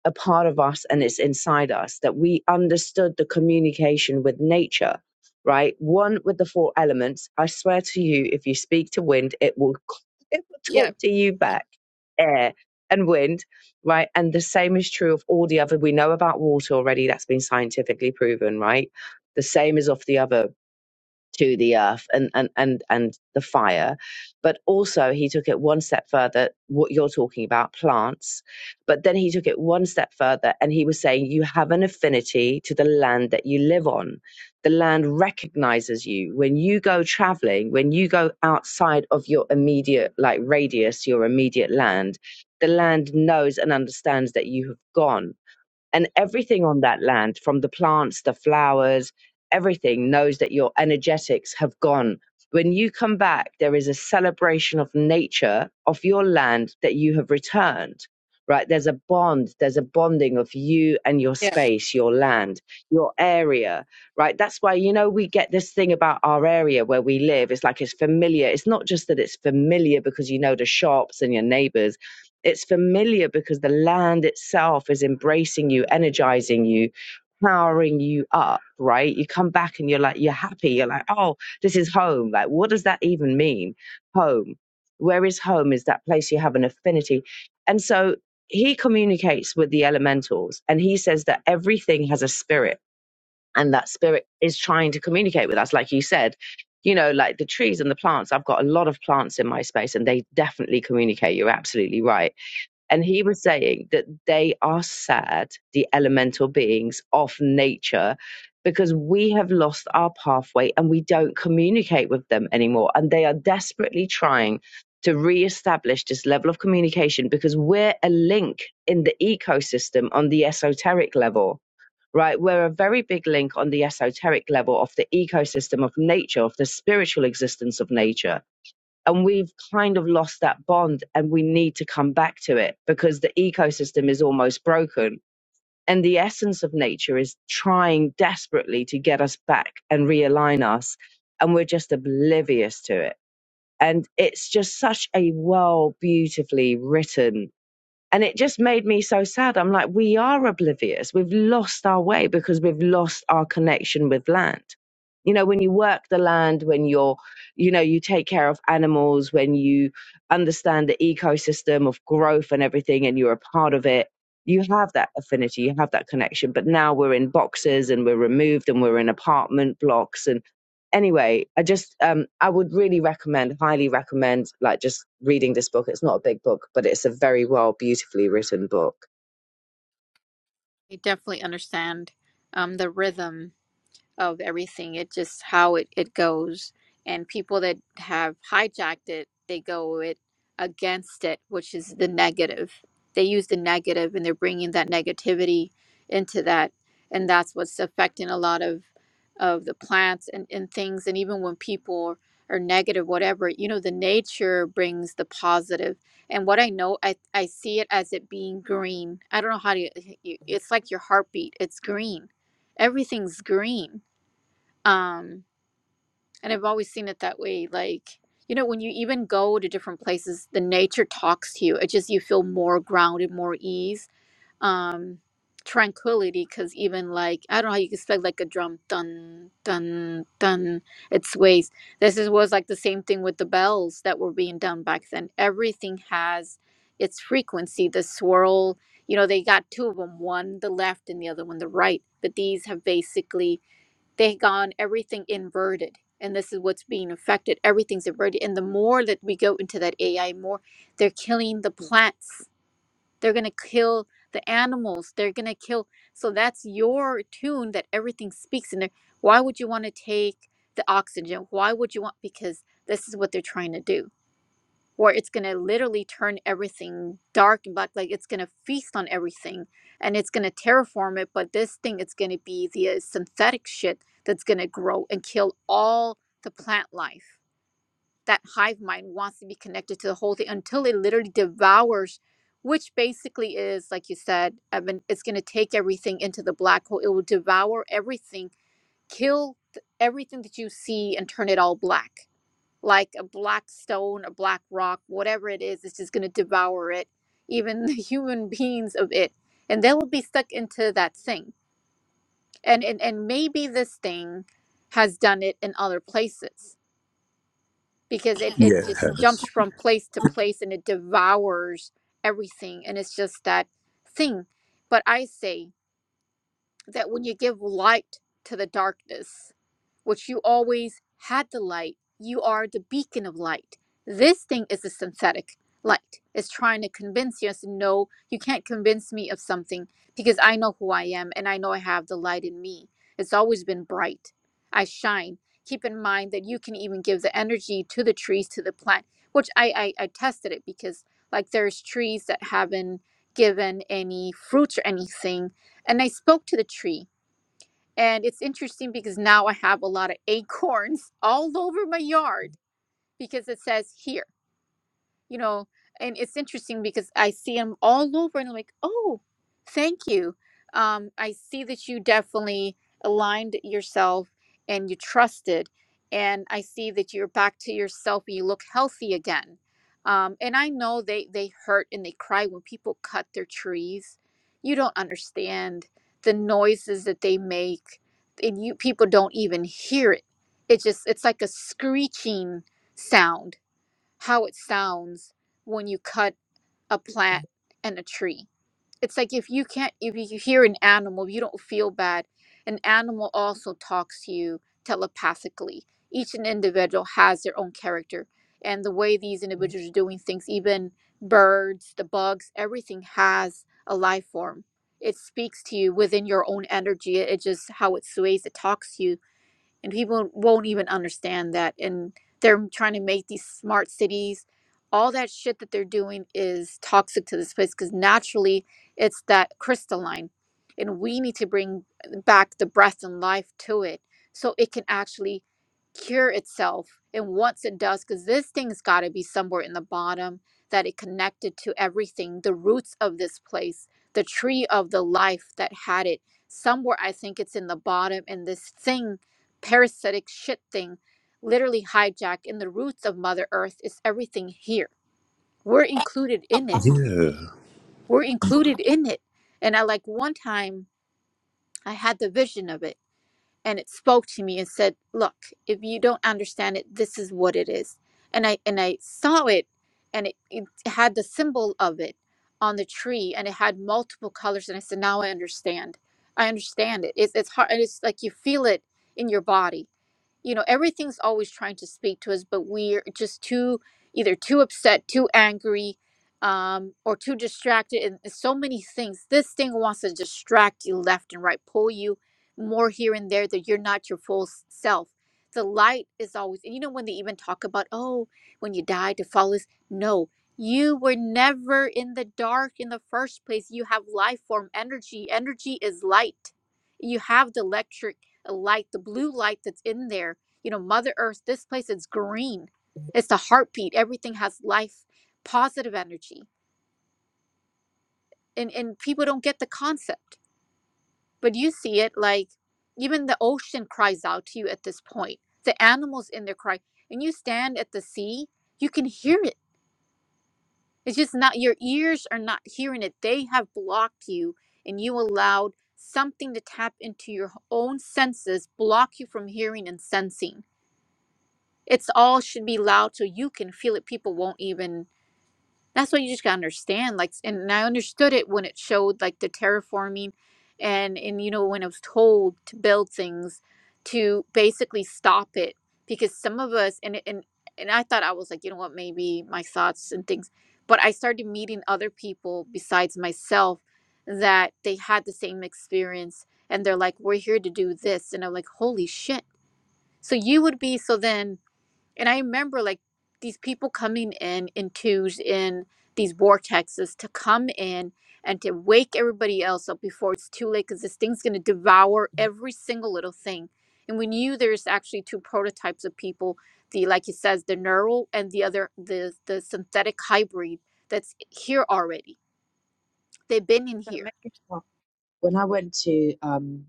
Speaker 5: a part of us and it's inside us that we understood the communication with nature right one with the four elements i swear to you if you speak to wind it will [LAUGHS] it will talk
Speaker 3: Yeah.
Speaker 5: to you back air and wind right and the same is true of all the other we know about water already that's been scientifically proven right the same is of the other to the earth and and and and the fire but also he took it one step further what you're talking about plants but then he took it one step further and he was saying you have an affinity to the land that you live on the land recognizes you when you go traveling when you go outside of your immediate like radius your immediate land the land knows and understands that you have gone and everything on that land from the plants the flowers everything knows that your energetics have gone when you come back there is a celebration of nature of your land that you have returned right there's a bond there's a bonding of you and your space your land your area right that's why you know we get this thing about our area where we live it's like it's familiar it's not just that it's familiar because you know the shops and your neighbors it's familiar because the land itself is embracing you, energizing you, powering you up, right? You come back and you're like, you're happy. You're like, oh, this is home. Like, what does that even mean? Home. Where is home? Is that place you have an affinity? And so he communicates with the elementals and he says that everything has a spirit and that spirit is trying to communicate with us, like you said. You know, like the trees and the plants. I've got a lot of plants in my space and they definitely communicate. You're absolutely right and he was saying that they are sad, the elemental beings of nature, because we have lost our pathway and we don't communicate with them anymore. And they are desperately trying to reestablish this level of communication because we're a link in the ecosystem on the esoteric level. Right, we're a very big link on the esoteric level of the ecosystem of nature, of the spiritual existence of nature and we've kind of lost that bond and we need to come back to it because the ecosystem is almost broken and the essence of nature is trying desperately to get us back and realign us and we're just oblivious to it and it's just such a well beautifully written and it just made me so sad. I'm like, we are oblivious. We've lost our way because we've lost our connection with land. You know, when you work the land, when you're, you know, you take care of animals, when you understand the ecosystem of growth and everything, and you're a part of it, you have that affinity, you have that connection. But now we're in boxes and we're removed and we're in apartment blocks. and anyway, I just um I would really recommend, highly recommend like just reading this book. It's not a big book, but it's a very well beautifully written book.
Speaker 3: I definitely understand um, the rhythm of everything. It just how it, it goes. And people that have hijacked it, they go it against it, which is the negative. They use the negative and they're bringing that negativity into that. And that's what's affecting a lot of of the plants and, and things. And even when people are negative, whatever, you know, the nature brings the positive. And what I know, I, I see it as it being green. I don't know how to, you- it's like your heartbeat. It's green everything's green um and i've always seen it that way like you know when you even go to different places the nature talks to you it just you feel more grounded more ease um tranquility because even like i don't know how you can expect like a drum dun dun dun it sways. this is was like the same thing with the bells that were being done back then everything has its frequency the swirl you know they got two of them one the left and the other one the right but these have basically they've gone everything inverted and this is what's being affected everything's inverted and the more that we go into that ai more they're killing the plants they're going to kill the animals they're going to kill so that's your tune that everything speaks in there why would you want to take the oxygen why would you want because this is what they're trying to do or it's going to literally turn everything dark and black like it's going to feast on everything and it's going to terraform it but this thing it's going to be the uh, synthetic shit that's going to grow and kill all the plant life that hive mind wants to be connected to the whole thing until it literally devours which basically is like you said evan it's going to take everything into the black hole it will devour everything kill th- everything that you see and turn it all black like a black stone, a black rock, whatever it is, it's just going to devour it, even [LAUGHS] the human beings of it. And they will be stuck into that thing. And, and, and maybe this thing has done it in other places because it, it just jumps
Speaker 4: Yes.
Speaker 3: from place to place and it devours everything. And it's just that thing. But I say, that when you give light to the darkness, which you always had the light, you are the beacon of light. This thing is a synthetic light. It's trying to convince you. I said, no, you can't convince me of something because I know who I am and I know I have the light in me. It's always been bright. I shine. Keep in mind that you can even give the energy to the trees, to the plant, which I, I, I tested it because like there's trees that haven't given any fruits or anything and I spoke to the tree. And it's interesting because now I have a lot of acorns [LAUGHS] all over my yard because it says here you know and it's interesting because i see them all over and I'm like oh thank you um i see that you definitely aligned yourself and you trusted and i see that you're back to yourself and you look healthy again um and i know they they hurt and they cry when people cut their trees you don't understand the noises that they make and you people don't even hear it it just it's like a screeching sound how it sounds when you cut a plant and a tree. It's like if you can't, if you hear an animal, you don't feel bad. An animal also talks to you telepathically. Each an individual has their own character, and the way these individuals are doing things, even birds, the bugs, everything has a life form. It speaks to you within your own energy. It just how it sways. It talks to you and people won't even understand that and they're trying to make these smart cities all that shit that they're doing is toxic to this place because naturally it's that crystalline and we need to bring back the breath and life to it so it can actually cure itself and once it does because this thing's got to be somewhere in the bottom that it connected to everything the roots of this place the tree of the life that had it somewhere i think it's in the bottom and this thing parasitic shit thing literally hijacked and the roots of mother earth is everything here we're included in it
Speaker 4: Yeah.
Speaker 3: we're included in it and i like one time i had the vision of it and it spoke to me and said look if you don't understand it this is what it is and i and i saw it and it, it had the symbol of it on the tree and it had multiple colors and i said now i understand i understand it it's, it's hard and it's like you feel it in your body you know everything's always trying to speak to us but we're just too either too upset too angry um, or too distracted and and so many things this thing wants to distract you left and right pull you more here and there that you're not your full s- self the light is always and you know when they even talk about oh when you die to follow this no you were never in the dark in the first place you have life form energy energy is light you have the electric light, the blue light that's in there. You know, Mother Earth, this place is green. It's the heartbeat. Everything has life, positive energy. And and people don't get the concept. But you see it like even the ocean cries out to you at this point. The animals in there cry. And you stand at the sea, you can hear it. It's just not your ears are not hearing it. They have blocked you and you allowed something to tap into your own senses, block you from hearing and sensing it's all should be loud so you can feel it people won't even that's what you just gotta understand like and and i understood it when it showed like the terraforming and and you know when i was told to build things to basically stop it because some of us and it- and and i thought i was like you know what maybe my thoughts and things but i started meeting other people besides myself that they had the same experience and they're like we're here to do this and i'm like holy shit so you would be so then and I remember like these people coming in in twos in these vortexes to come in and to wake everybody else up before it's too late because this thing's going to devour every single little thing. And we knew there's actually two prototypes of people the, like he says, the neural and the other, the, the synthetic hybrid that's here already. They've been in
Speaker 5: That
Speaker 3: here.
Speaker 5: When I went to, um,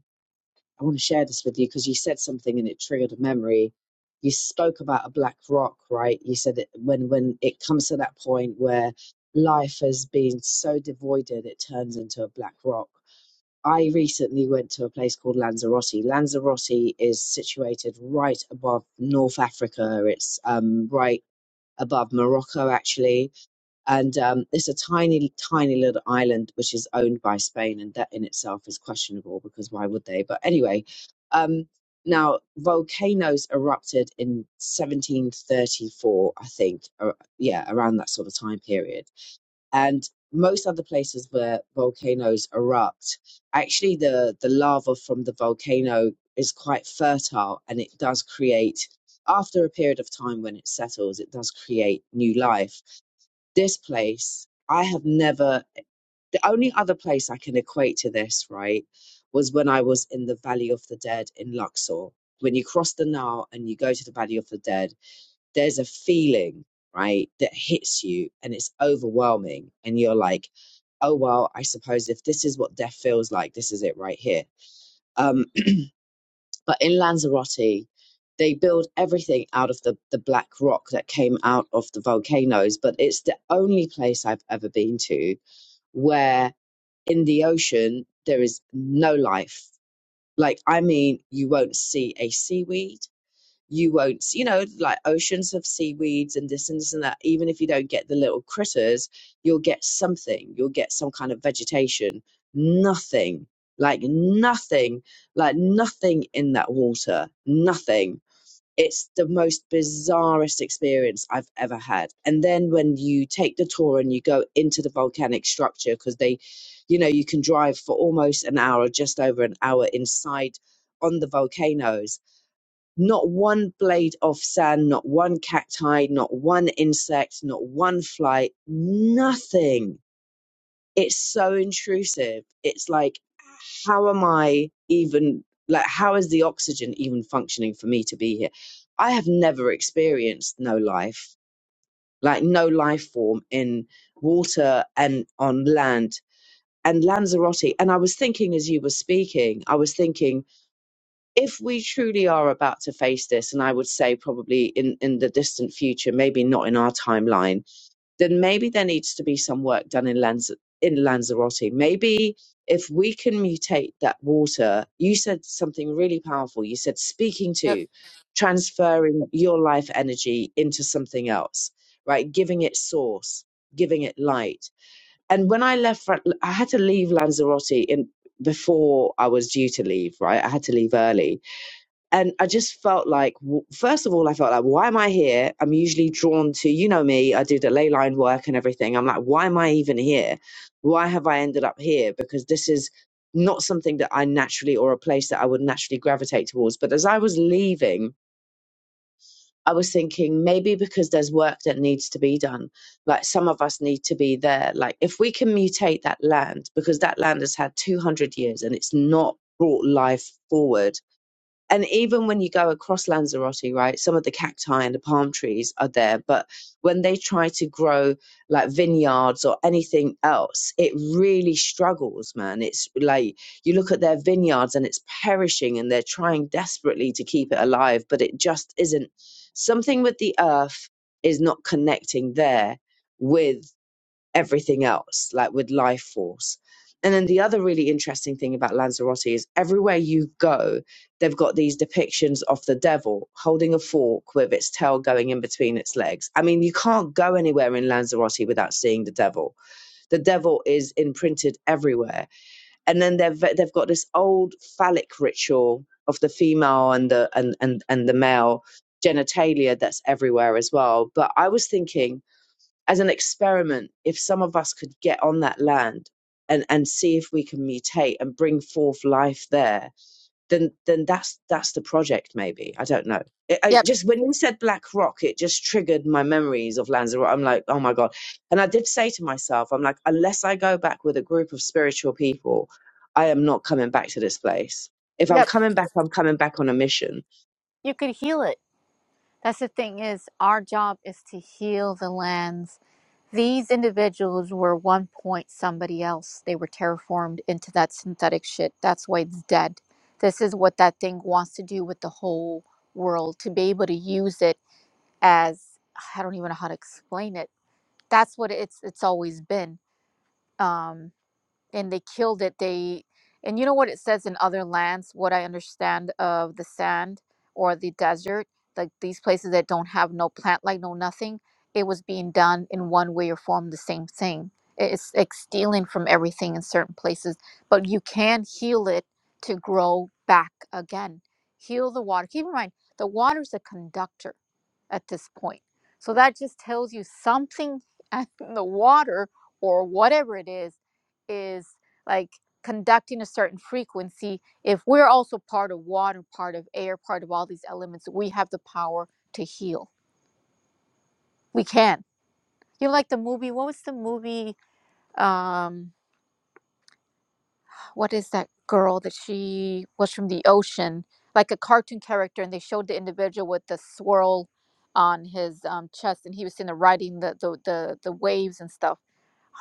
Speaker 5: I want to share this with you because you said something and it triggered a memory. You spoke about a black rock, right? You said that when when it comes to that point where life has been so devoided, it turns into a black rock. I recently went to a place called Lanzarote. Lanzarote is situated right above North Africa. It's um, right above Morocco, actually. And um, it's a tiny, tiny little island which is owned by Spain. And that in itself is questionable because why would they? But anyway, um, now volcanoes erupted in 1734, I think. Or, yeah, around that sort of time period and most other places where volcanoes erupt, actually the, the lava from the volcano is quite fertile and it does create, after a period of time when it settles, it does create new life. This place, I have never, the only other place I can equate to this, right, was when I was in the Valley of the Dead in Luxor. When you cross the Nile and you go to the Valley of the Dead, there's a feeling, right, that hits you and it's overwhelming. And you're like, oh, well, I suppose if this is what death feels like, this is it right here. Um, [CLEARS THROAT] but in Lanzarote, they build everything out of the, the black rock that came out of the volcanoes. But it's the only place I've ever been to where in the ocean there is no life. Like, I mean, you won't see a seaweed you won't you know like oceans of seaweeds and this and this and that even if you don't get the little critters you'll get something you'll get some kind of vegetation nothing like nothing like nothing in that water nothing it's the most bizarrest experience i've ever had and then when you take the tour and you go into the volcanic structure because they you know you can drive for almost an hour just over an hour inside on the volcanoes not one blade of sand, not one cacti, not one insect, not one fly, nothing. It's so intrusive. It's like, how am I even, like, how is the oxygen even functioning for me to be here? I have never experienced no life, like, no life form in water and on land and Lanzarote. And I was thinking as you were speaking, I was thinking, if we truly are about to face this, and I would say probably in, in the distant future, maybe not in our timeline, then maybe there needs to be some work done in Lanz- in Lanzarote. Maybe if we can mutate that water, you said something really powerful. You said speaking
Speaker 3: Yep.
Speaker 5: to, transferring your life energy into something else, right? Giving it source, giving it light. And when I left, I had to leave Lanzarote in before I was due to leave, right? I had to leave early and I just felt like, first of all, I felt like, why am I here? I'm usually drawn to, you know me, I do the ley line work and everything. I'm like, why am I even here? Why have I ended up here? Because this is not something that I naturally or a place that I would naturally gravitate towards. But as I was leaving, I was thinking maybe because there's work that needs to be done. Like some of us need to be there. Like if we can mutate that land, because that land has had 200 years and it's not brought life forward and even when you go across Lanzarote, right, some of the cacti and the palm trees are there, but when they try to grow like vineyards or anything else, it really struggles, man. It's like you look at their vineyards and it's perishing and they're trying desperately to keep it alive, but it just isn't. Something with the earth is not connecting there with everything else, like with life force. And then the other really interesting thing about Lanzarote is everywhere you go, they've got these depictions of the devil holding a fork with its tail going in between its legs. I mean, you can't go anywhere in Lanzarote without seeing the devil. The devil is imprinted everywhere. And then they've they've got this old phallic ritual of the female and the and and, and the male genitalia that's everywhere as well. But I was thinking as an experiment, if some of us could get on that land and, and see if we can mutate and bring forth life there, then then that's that's the project. Maybe I don't know. It, I
Speaker 3: Yep.
Speaker 5: just when you said Black Rock, it just triggered my memories of Lanzarote. I'm like, oh my god! And I did say to myself, I'm like, unless I go back with a group of spiritual people, I am not coming back to this place. If I'm
Speaker 3: Yep.
Speaker 5: coming back, I'm coming back on a mission.
Speaker 3: You could heal it. That's the thing is our job is to heal the lands. These individuals were one point somebody else. They were terraformed into that synthetic shit. That's why it's dead. This is what that thing wants to do with the whole world to be able to use it as I don't even know how to explain it. That's what it's it's always been. Um, and they killed it they and you know what it says in other lands what i understand of the sand or the desert like these places that don't have no plant like no nothing it was being done in one way or form the same thing It- it's like stealing from everything in certain places but you can heal it to grow back again heal the water keep in mind the water is a conductor at this point so that just tells you something [LAUGHS] in the water or whatever it is is like conducting a certain frequency if we're also part of water part of air part of all these elements we have the power to heal we can you know like the movie what was the movie um what is that girl that she was from the ocean like a cartoon character and they showed the individual with the swirl on his um, chest and he was in the riding the the, the the waves and stuff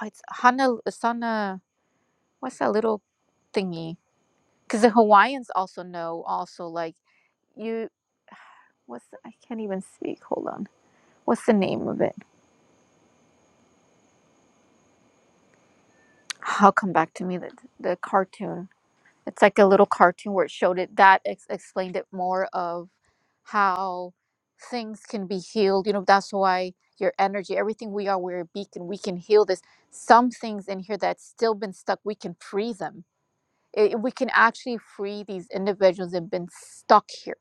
Speaker 3: oh, it's hana sana what's that little thingy because the Hawaiians also know also like you [SIGHS] what's the- I can't even speak. Hold on. What's the name of it? I'll come back to me the the cartoon. It's like a little cartoon where it showed it that ex- explained it more of how things can be healed. You know, that's why your energy, everything we are, we're a beacon. We can heal this. Some things in here that's still been stuck, we can free them. It, we can actually free these individuals that have been stuck here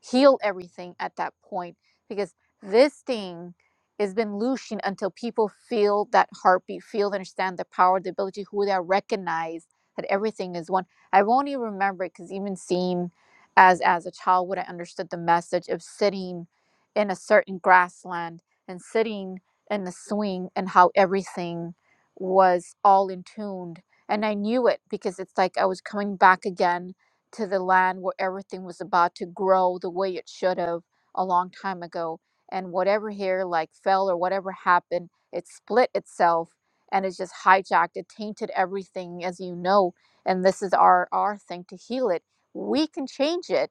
Speaker 3: heal everything at that point because this thing has been looshing until people feel that heartbeat, feel, understand the power, the ability, who they are, recognize that everything is one. I won't even remember it because even seeing as as a child what I understood the message of sitting in a certain grassland and sitting in the swing and how everything was all in tuned. And I knew it because it's like I was coming back again to the land where everything was about to grow the way it should have a long time ago. And whatever here like fell or whatever happened, it split itself and it just hijacked. It tainted everything, as you know. And this is our our thing to heal it. We can change it.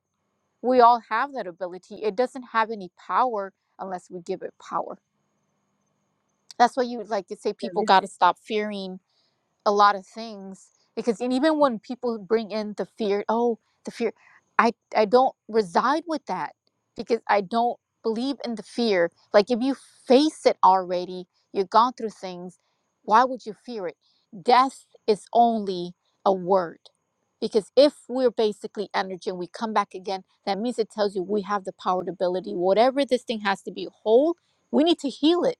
Speaker 3: We all have that ability. It doesn't have any power unless we give it power. That's why you like to say people got to stop fearing a lot of things because and even when people bring in the fear oh the fear i i don't reside with that because i don't believe in the fear like if you face it already you've gone through things why would you fear it death is only a word because if we're basically energy and we come back again that means it tells you we have the power to ability whatever this thing has to be whole we need to heal it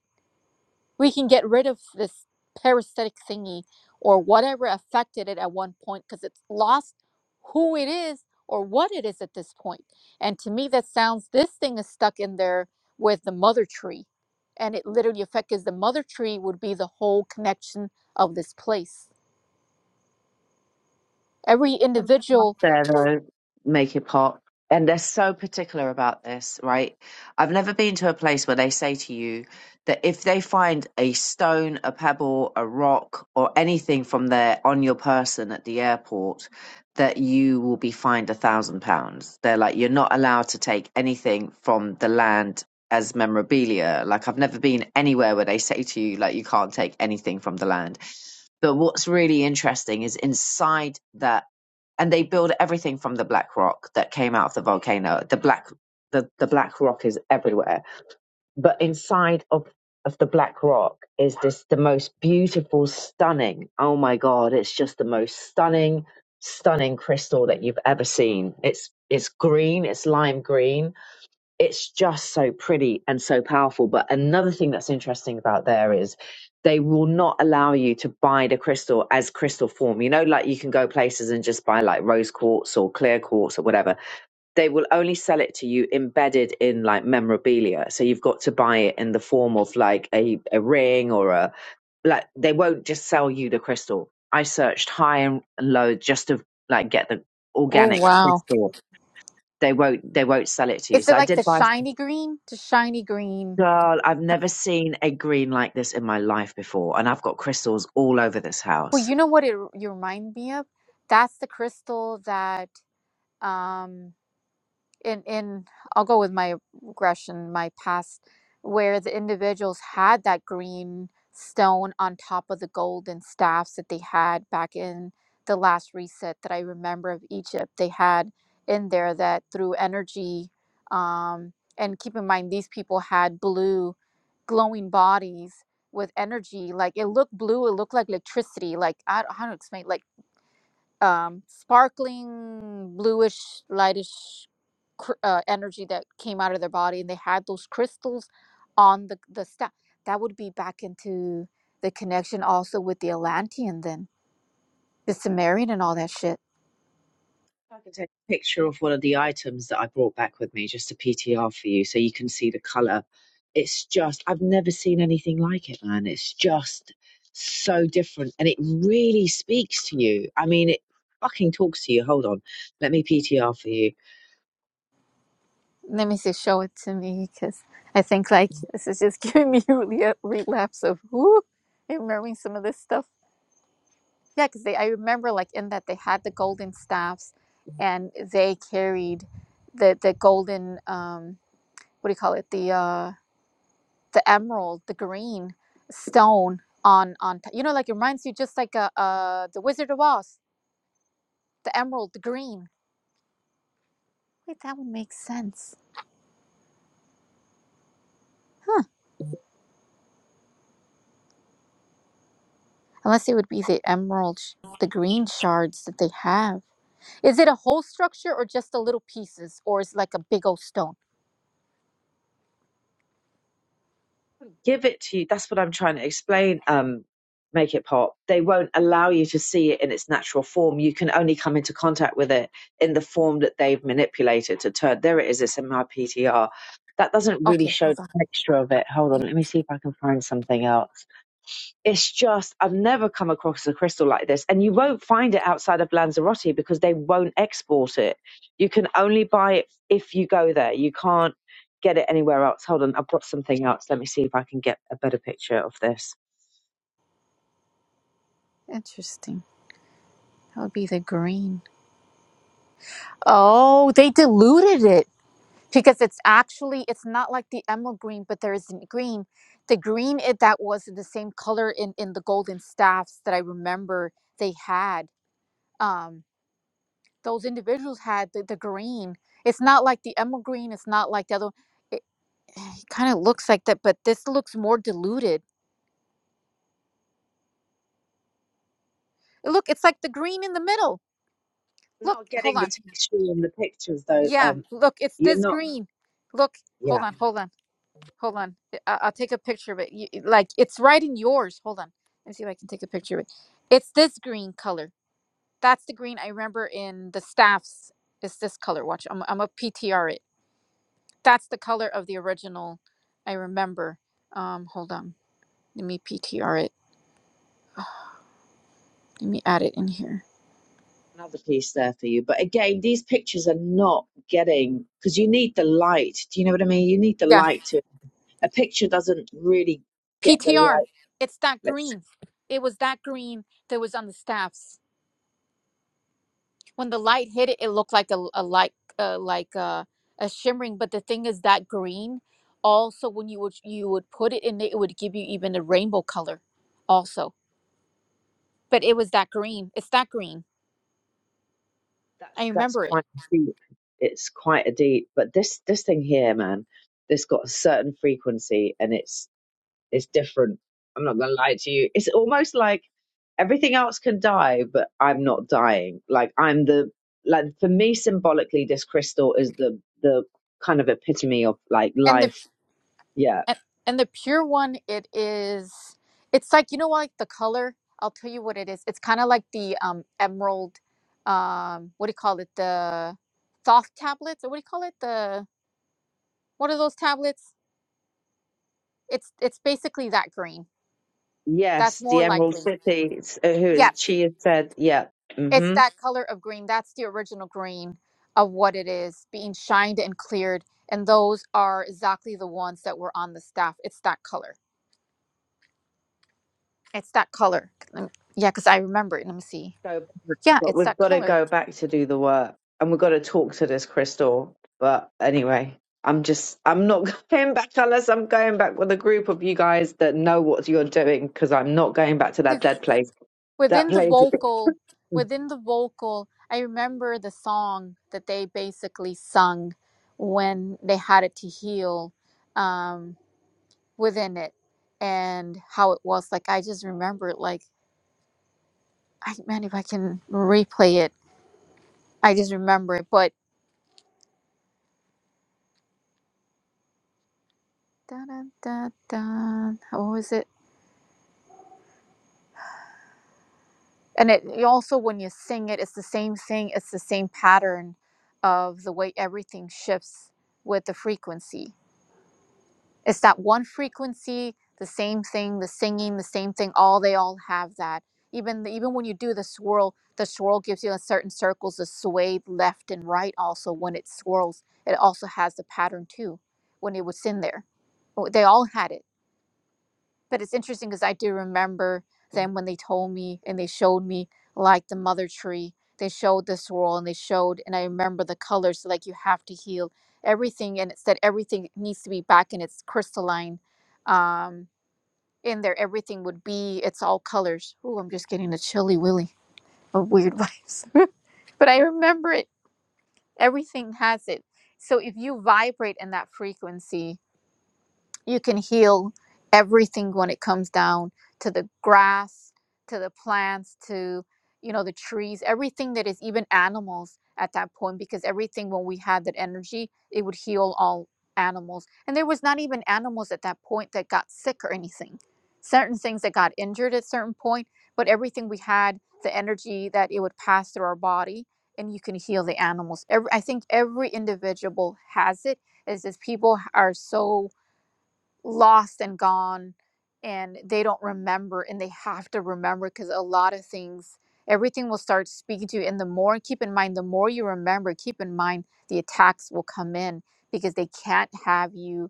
Speaker 3: we can get rid of this parasitic thingy or whatever affected it at one point because it's lost who it is or what it is at this point. And to me, that sounds this thing is stuck in there with the mother tree. And it literally affects 'cause the mother tree would be the whole connection of this place. Every individual,
Speaker 5: They're the make it pop. And they're so particular about this, right? I've never been to a place where they say to you that if they find a stone, a pebble, a rock, or anything from there on your person at the airport, that you will be fined a thousand pounds. They're like, you're not allowed to take anything from the land as memorabilia. Like, I've never been anywhere where they say to you, like, you can't take anything from the land. But what's really interesting is inside that and they build everything from the black rock that came out of the volcano. The black the, the black rock is everywhere. But inside of, of the black rock is this the most beautiful, stunning oh my god, it's just the most stunning, stunning crystal that you've ever seen. It's it's green, it's lime green it's just so pretty and so powerful. But another thing that's interesting about there is they will not allow you to buy the crystal as crystal form. You know, like you can go places and just buy like rose quartz or clear quartz or whatever. They will only sell it to you embedded in like memorabilia. So you've got to buy it in the form of like a, a ring or a like they won't just sell you the crystal. I searched high and low just to like get the
Speaker 3: oh
Speaker 5: organic
Speaker 3: wow.
Speaker 5: crystal. They won't they won't sell it to you.
Speaker 3: Is it
Speaker 5: So I
Speaker 3: like
Speaker 5: did
Speaker 3: the
Speaker 5: buy
Speaker 3: shiny green? The shiny green.
Speaker 5: Girl, I've never seen a green like this in my life before, and I've got crystals all over this
Speaker 3: Well,
Speaker 5: house.
Speaker 3: you know what it r- you remind me of? That's the crystal that um in in I'll go with my regression, my past, where the individuals had that green stone on top of the golden staffs that they had back in the last reset that I remember of Egypt. They had in there that through energy, um, and keep in mind these people had blue, glowing bodies with energy. Like it looked blue, it looked like electricity. Like I don't, how to explain. like um, sparkling bluish lightish cr- uh, energy that came out of their body and they had those crystals on the the staff that would be back into the connection also with the atlantean then the sumerian and all that shit
Speaker 5: I can take a picture of one of the items that I brought back with me, just a PTR for you, so you can see the color. It's just, I've never seen anything like it, man. It's just so different and it really speaks to you. I mean, it fucking talks to you. Hold on. Let me PTR for you.
Speaker 3: let me see show it to me because i think like this is just [LAUGHS] giving me really a relapse of who remembering some of this stuff yeah because they i remember like in that they had the golden staffs and they carried the the golden um what do you call it the uh the emerald the green stone on on t- you know like it reminds you just like a, uh the wizard of oz the emerald the green wait that would make sense huh unless it would be the emerald sh- the green shards that they have is it a whole structure or just the little pieces or is it like a big old stone
Speaker 5: give it to you. That's what I'm trying to explain. Um, make it pop. They won't allow you to see it in its natural form. You can only come into contact with it in the form that they've manipulated to turn. There it is. It's in my PTR. That doesn't really
Speaker 3: okay
Speaker 5: show
Speaker 3: hold on
Speaker 5: the texture of it. Hold on. Let me see if I can find something else it's just I've never come across a crystal like this, and you won't find it outside of Lanzarote because they won't export it. You can only buy it if you go there. You can't get it anywhere else. Hold on, I've got something else. Let me see if I can get a better picture of this.
Speaker 3: interesting that would be the green oh they diluted it because it's actually it's not like the emerald green but there is isn't green the green it, that was the same color in in the golden staffs that i remember they had um those individuals had the, the green it's not like the emerald green it's not like the other it, it kind of looks like that but this looks more diluted look it's like the green in the middle look
Speaker 5: Not
Speaker 3: hold
Speaker 5: getting the
Speaker 3: on
Speaker 5: texture in the pictures though.
Speaker 3: yeah
Speaker 5: Um,
Speaker 3: look it's
Speaker 5: you're
Speaker 3: this
Speaker 5: not.
Speaker 3: green look hold
Speaker 5: Yeah,
Speaker 3: on hold on Hold on. I- I'll take a picture of it. You, like it's right in yours. Hold on. Let me see if I can take a picture of it. It's this green color. That's the green I remember in the staffs. It's this color. Watch. I'm I'm a PTR it. That's the color of the original. I remember. Um, hold on. Let me PTR it. [SIGHS] Let me add it in here.
Speaker 5: another piece there for you. But again, these pictures are not getting because you need the light. Do you know what I mean? You need the
Speaker 3: Yeah.
Speaker 5: light to a picture doesn't really get the
Speaker 3: PTR.
Speaker 5: light.
Speaker 3: It's that green. It was that green that was on the staffs. when the light hit it, it looked like a, a like uh, like uh, a shimmering. But the thing is that green also when you would you would put it in it, it would give you even a rainbow color also. But it was that green. It's that green.
Speaker 5: That's
Speaker 3: I
Speaker 5: that's
Speaker 3: remember it.
Speaker 5: quite deep. It's quite a deep, but this this thing here, man, this got a certain frequency and it's it's different. I'm not gonna lie to you. It's almost like everything else can die, but I'm not dying. Like I'm the like for me symbolically, this crystal is the the kind of epitome of like
Speaker 3: And the
Speaker 5: life. Yeah.
Speaker 3: and, and the pure one it is it's like you know what, like the color I'll tell you what it is. It's kind of like the um emerald um what do you call it the thoth tablets or what do you call it the what are those tablets? It's it's basically that green That's
Speaker 5: Yes,
Speaker 3: more
Speaker 5: the Emerald
Speaker 3: likely.
Speaker 5: City. it's- uh, Who
Speaker 3: Yeah,
Speaker 5: is she? Has said, yeah.
Speaker 3: it's
Speaker 5: Mm-hmm.
Speaker 3: that color of green. That's the original green of what it is being shined and cleared. And those are exactly the ones that were on the staff. It's that color. It's that color. Let me- Yeah, because I remember it. Let me see.
Speaker 5: So
Speaker 3: Yeah,
Speaker 5: But
Speaker 3: it's
Speaker 5: we've
Speaker 3: that
Speaker 5: got to
Speaker 3: color.
Speaker 5: go back to do the work and we've got to talk to this crystal. But anyway, I'm just, I'm not [LAUGHS] going back unless I'm going back with a group of you guys that know what you're doing because I'm not going back to that
Speaker 3: 'Cause
Speaker 5: dead place. That
Speaker 3: Within the
Speaker 5: place.
Speaker 3: vocal, within the vocal, I remember the song that they basically sung when they had it to heal um, within it and how it was. Like, I just remember it like, I man, if I can replay it, I just remember it. But da da da da. what was it? And it you also when you sing it, it's the same thing. It's the same pattern of the way everything shifts with the frequency. It's that one frequency, the same thing, the singing, the same thing. All they all have that. Even even when you do the swirl, the swirl gives you a certain circles, the sway left and right. Also, when it swirls, it also has the pattern too. When it was in there, Oh, they all had it. But it's interesting because I do remember them when they told me and they showed me like the mother tree. They showed the swirl and they showed, and I remember the colors. Like you have to heal everything, and it said everything needs to be back in its crystalline. Um, in there, everything would be. It's all colors. Ooh, I'm just getting a chilly willy of weird [LAUGHS] vibes. but I remember it. Everything has it. So if you vibrate in that frequency, you can heal everything when it comes down to the grass to the plants to you know the trees everything that is even animals at that point because everything when we had that energy it would heal all animals and there was not even animals at that point that got sick or anything certain things that got injured at certain point but everything we had the energy that it would pass through our body and you can heal the animals every, i think every individual has it is just people are so lost and gone and they don't remember and they have to remember because a lot of things everything will start speaking to you and the more keep in mind the more you remember keep in mind the attacks will come in because they can't have you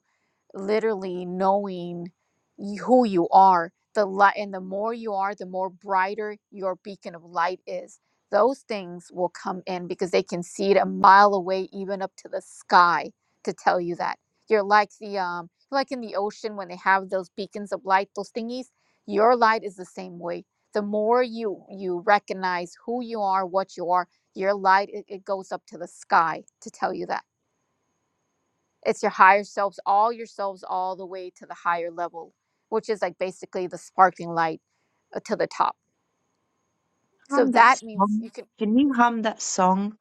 Speaker 3: literally knowing y- who you are the light and the more you are the more brighter your beacon of light is those things will come in because they can see it a mile away even up to the sky to tell you that you're like the um like in the ocean when they have those beacons of light those thingies your light is the same way the more you you recognize who you are what you are your light it, it goes up to the sky to tell you that it's your higher selves all yourselves all the way to the higher level which is like basically the sparkling light uh, to the top so
Speaker 5: Hum that
Speaker 3: that means you
Speaker 5: song.
Speaker 3: can
Speaker 5: Can you hum that song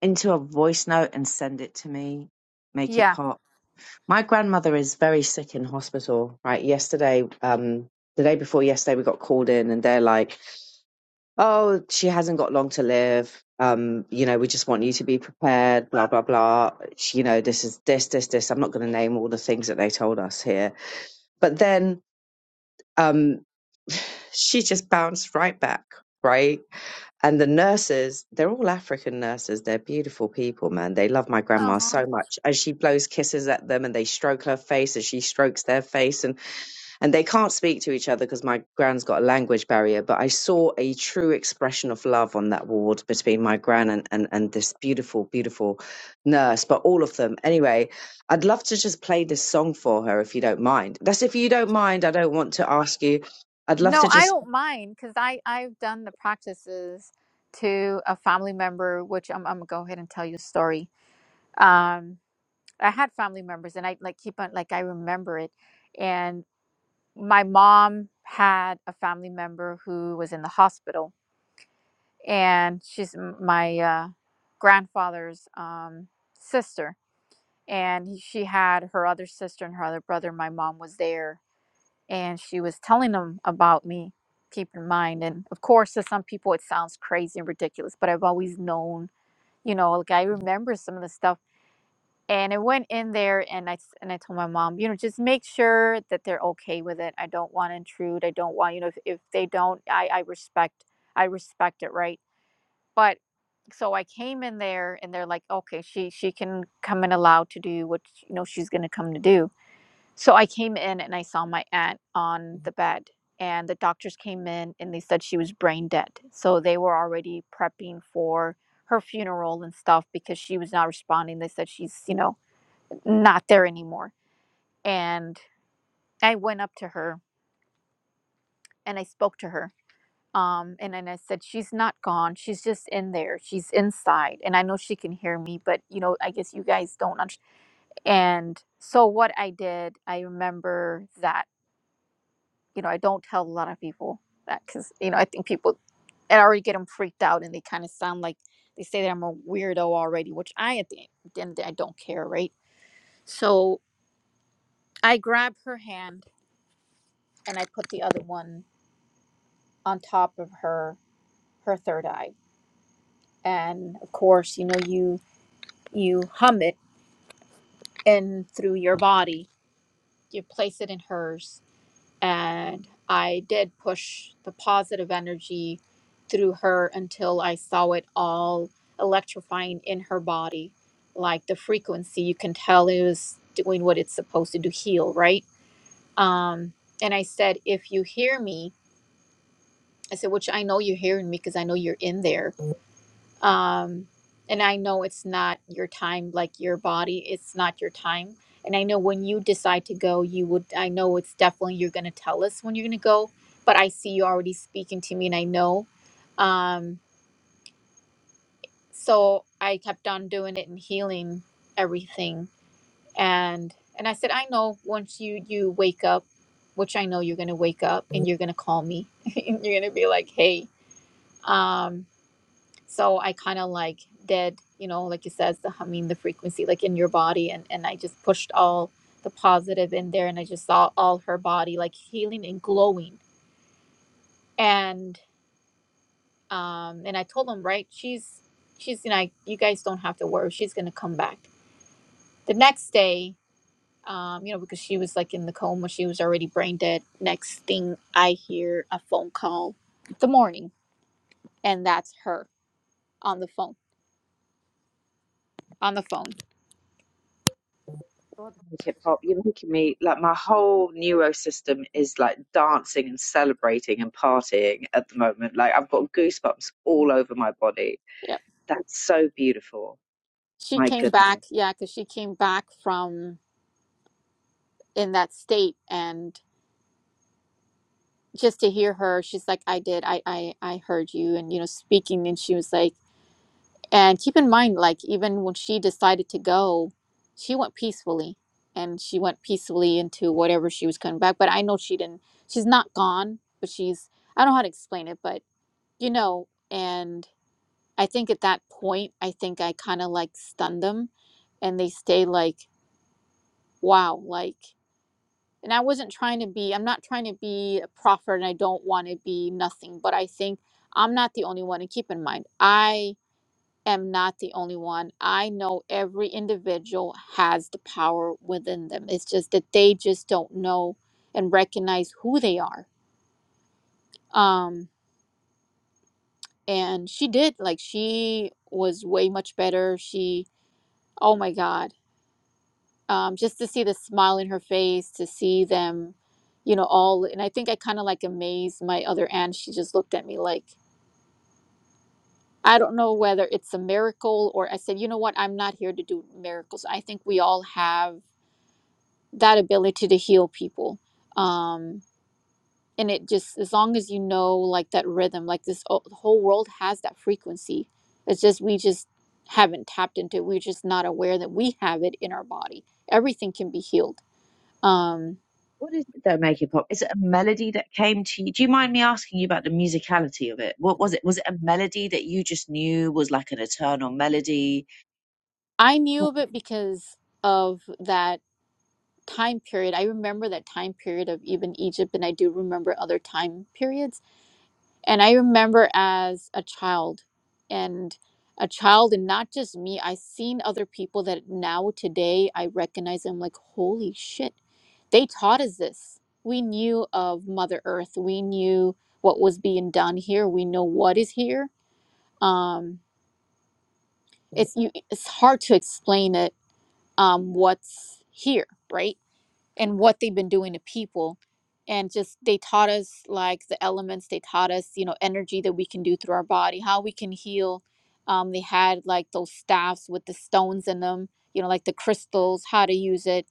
Speaker 5: into a voice note and send it to me? Make it
Speaker 3: yeah
Speaker 5: pop. My grandmother is very sick in hospital, right? Yesterday, um, the day before yesterday, we got called in and they're like, oh, she hasn't got long to live. Um, you know, we just want you to be prepared, blah, blah, blah. She, you know, this is this, this, this. I'm not going to name all the things that they told us here. But then um, [SIGHS] she just bounced right back, right? And the nurses, they're all African nurses. They're beautiful people, man. They love my grandma
Speaker 3: uh-huh.
Speaker 5: so much. And she blows kisses at them and they stroke her face as she strokes their face. And and they can't speak to each other because my gran's got a language barrier but i saw a true expression of love on that ward between my gran and, and, and this beautiful beautiful nurse but all of them anyway i'd love to just play this song for her if you don't mind that's if you don't mind i don't want to ask you i'd love
Speaker 3: no
Speaker 5: to
Speaker 3: i
Speaker 5: just
Speaker 3: don't mind because i i've done the practices to a family member which i'm, I'm gonna go ahead and tell you a story um i had family members and i like keep on like i remember it and my mom had a family member who was in the hospital and she's m- my uh, grandfather's um, sister. And he- she had her other sister and her other brother. My mom was there, and she was telling them about me. Keep in mind, and of course, to some people it sounds crazy and ridiculous, but I've always known, you know, like I remember some of the stuff. And I went in there, and I s- and I told my mom, you know, just make sure that they're okay with it. I don't want to intrude. I don't want, you know, if, if they don't, I I respect I respect it, right? But so I came in there and they're like, okay, she she can come in allowed to do what you know she's gonna come to do. So I came in and I saw my aunt on the bed and the doctors came in and they said she was brain dead. So they were already prepping for her funeral and stuff because she was not responding. They said she's, you know, not there anymore. And I went up to her and I spoke to her Um, and then I said, She's not gone. She's just in there. She's inside. And I know she can hear me, but you know, I guess you guys don't understand. And so what I did, I remember that, you know, I don't tell a lot of people that because, you know, I think people, I already get them freaked out and they kind of sound like they say that I'm a weirdo already, which I, at the end at the end of the day, I don't care, right? So I grabbed her hand and I put the other one on top of her, her third eye. And of course, you know, you you hum it in through your body you place it in hers and i did push the positive energy through her until i saw it all electrifying in her body like the frequency you can tell it was doing what it's supposed to do heal right um and i said if you hear me i said which i know you're hearing me because i know you're in there um and i know it's not your time like your body it's not your time and i know when you decide to go you would i know it's definitely you're going to tell us when you're going to go but i see you already speaking to me and i know um so i kept on doing it and healing everything and and i said i know once you you wake up which i know you're going to wake up and you're going to call me [LAUGHS] and you're going to be like hey um so i kind of like did you know like it says the humming the frequency like in your body and and i just pushed all the positive in there and i just saw all her body like healing and glowing and um and i told him right she's she's you know you guys don't have to worry she's gonna come back the next day um you know because she was like in the coma she was already brain dead next thing i hear a phone call the morning and that's her on the phone on the phone
Speaker 5: God, hip hop! You're making me like my whole neuro system is like dancing and celebrating and partying at the moment. Like I've got goosebumps all over my body. That's so beautiful.
Speaker 3: She
Speaker 5: My
Speaker 3: came
Speaker 5: goodness.
Speaker 3: back, yeah, because she came back from in that state and just to hear her, she's like, I did, I, I, I heard you and you know, speaking and she was like and keep in mind, like even when she decided to go, she went peacefully and she went peacefully into whatever she was coming back. But I know she didn't she's not gone, but she's I don't know how to explain it, but you know, and I think at that point I think I kinda like stunned them and they stay like, Wow, like and I wasn't trying to be, I'm not trying to be a prophet and I don't want to be nothing, but I think I'm not the only one. And keep in mind, I am not the only one. I know every individual has the power within them. It's just that they just don't know and recognize who they are. Um, and she did, like, she was way much better. She, oh my God. um, just to see the smile in her face, to see them, you know, all. And I think I kind of like amazed my other aunt. She just looked at me like, I don't know whether it's a miracle or I said, you know what, I'm not here to do miracles. I think we all have that ability to heal people. Um, and it just, as long as you know, like that rhythm, like this o- the whole world has that frequency. It's just, we just haven't tapped into it. We're just not aware that we have it in our body. Everything can be healed. Um,
Speaker 5: What is it that make it pop? Is it a melody that came to you? Do you mind me asking you about the musicality of it? What was it? Was it a melody that you just knew was like an eternal melody?
Speaker 3: I knew of it because of that time period. I remember that time period of even Egypt, and I do remember other time periods. And I remember as a child, and a child, and not just me, i seen other people that now today I recognize. I'm like, holy shit, they taught us this. We knew of Mother Earth, we knew what was being done here, we know what is here. Um, it's you, it's hard to explain it um, what's here, right? And what they've been doing to people. And just they taught us like the elements, they taught us, you know, energy that we can do through our body, how we can heal. Um, they had like those staffs with the stones in them, you know, like the crystals, how to use it,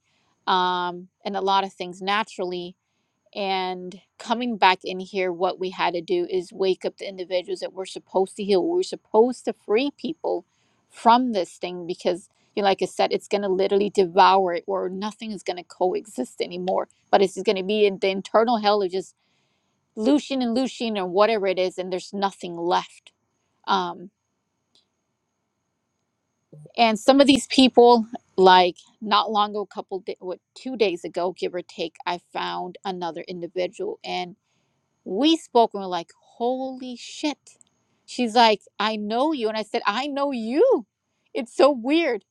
Speaker 3: um, and a lot of things naturally and coming back in here what we had to do is wake up the individuals that we're supposed to heal we're supposed to free people from this thing because you know, like i said it's going to literally devour it or nothing is going to coexist anymore but it's going to be in the internal hell of just lucian and lucian or whatever it is and there's nothing left um and some of these people like not long ago a couple da what two days ago give or take i found another individual and. we spoke and we're like, holy shit. She's like, I know you. And I said, I know you. It's so weird.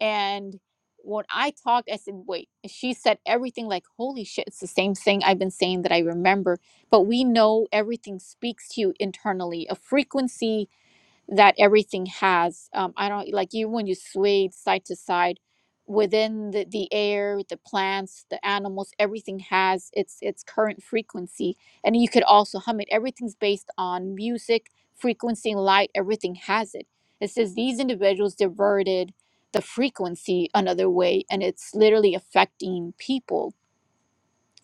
Speaker 3: And when I talked, I said, wait. She said everything like, holy shit, it's the same thing I've been saying that I remember. But we know everything speaks to you internally, a frequency that everything has. Um, I don't like you when you swayed side to side within the, the air, the plants, the animals, everything has its its current frequency. And you could also hum it. Everything's based on music, frequency, and light, everything has it. It says these individuals diverted the frequency another way and it's literally affecting people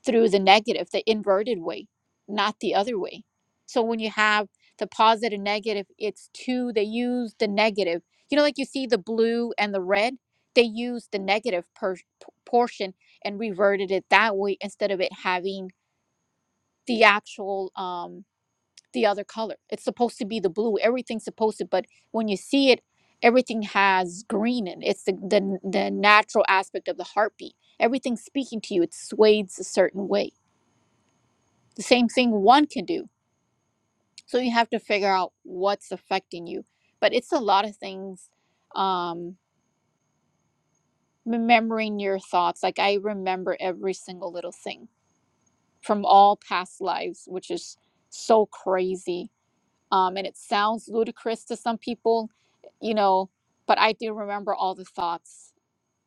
Speaker 3: through the negative, the inverted way, not the other way. So when you have the positive negative, it's two, they use the negative. You know, like you see the blue and the red, they use the negative per- p- portion and reverted it that way instead of it having the actual, um, the other color. It's supposed to be the blue. Everything's supposed to, but when you see it, everything has green in it. It's the, the, the natural aspect of the heartbeat. Everything's speaking to you. It sways a certain way the same thing one can do. So you have to figure out what's affecting you. But it's a lot of things. Um, remembering your thoughts, like I remember every single little thing from all past lives, which is so crazy. Um, and it sounds ludicrous to some people, you know, but I do remember all the thoughts,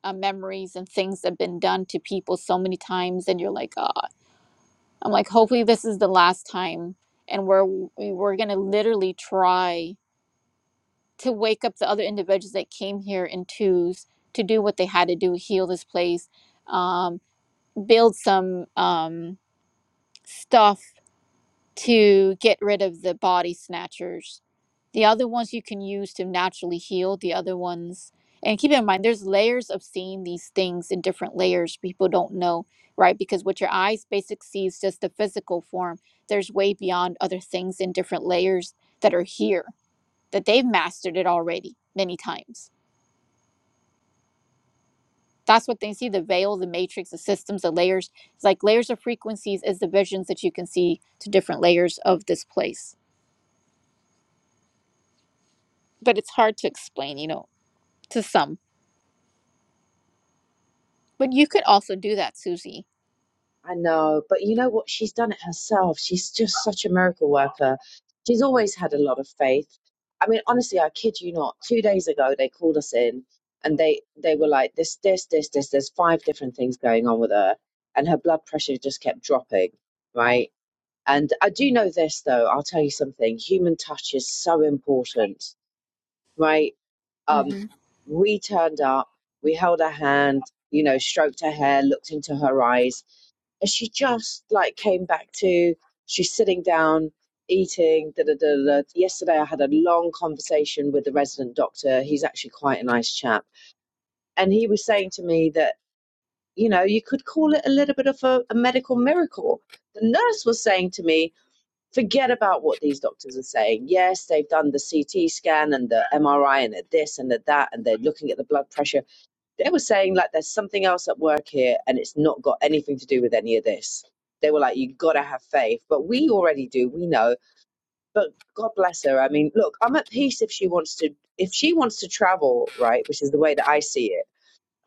Speaker 3: uh, memories, and things that have been done to people so many times. And you're like, uh I'm like, hopefully this is the last time, and we're we- we're gonna literally try to wake up the other individuals that came here in twos to do what they had to do heal this place um, build some um, stuff to get rid of the body snatchers the other ones you can use to naturally heal the other ones and keep in mind there's layers of seeing these things in different layers people don't know right because what your eyes basic sees is just the physical form there's way beyond other things in different layers that are here that they've mastered it already many times That's what they see the veil, the matrix, the systems, the layers. It's like layers of frequencies is the visions that you can see to different layers of this place. But it's hard to explain, you know, to some. But you could also do that, Susie.
Speaker 5: I know, but you know what? She's done it herself. She's just such a miracle worker. She's always had a lot of faith. I mean, honestly, I kid you not. Two days ago, they called us in and they they were like, this, this, this, this. There's five different things going on with her, and her blood pressure just kept dropping, right? And I do know this though, I'll tell you something. Human touch is so important, right? Um,
Speaker 3: mm hmm
Speaker 5: we turned up, we held her hand, you know, stroked her hair, looked into her eyes, and she just like came back to she's sitting down, eating, da da da da. Yesterday I had a long conversation with the resident doctor. He's actually quite a nice chap. And he was saying to me that, you know, you could call it a little bit of a, a medical miracle. The nurse was saying to me, forget about what these doctors are saying. Yes, they've done the CT scan and the MRI and the this and the that, and they're looking at the blood pressure. They were saying like there's something else at work here, and it's not got anything to do with any of this. They were like, you have gotta have faith, but we already do. We know, but God bless her. I mean, look, I'm at peace if she wants to. If she wants to travel, right, which is the way that I see it.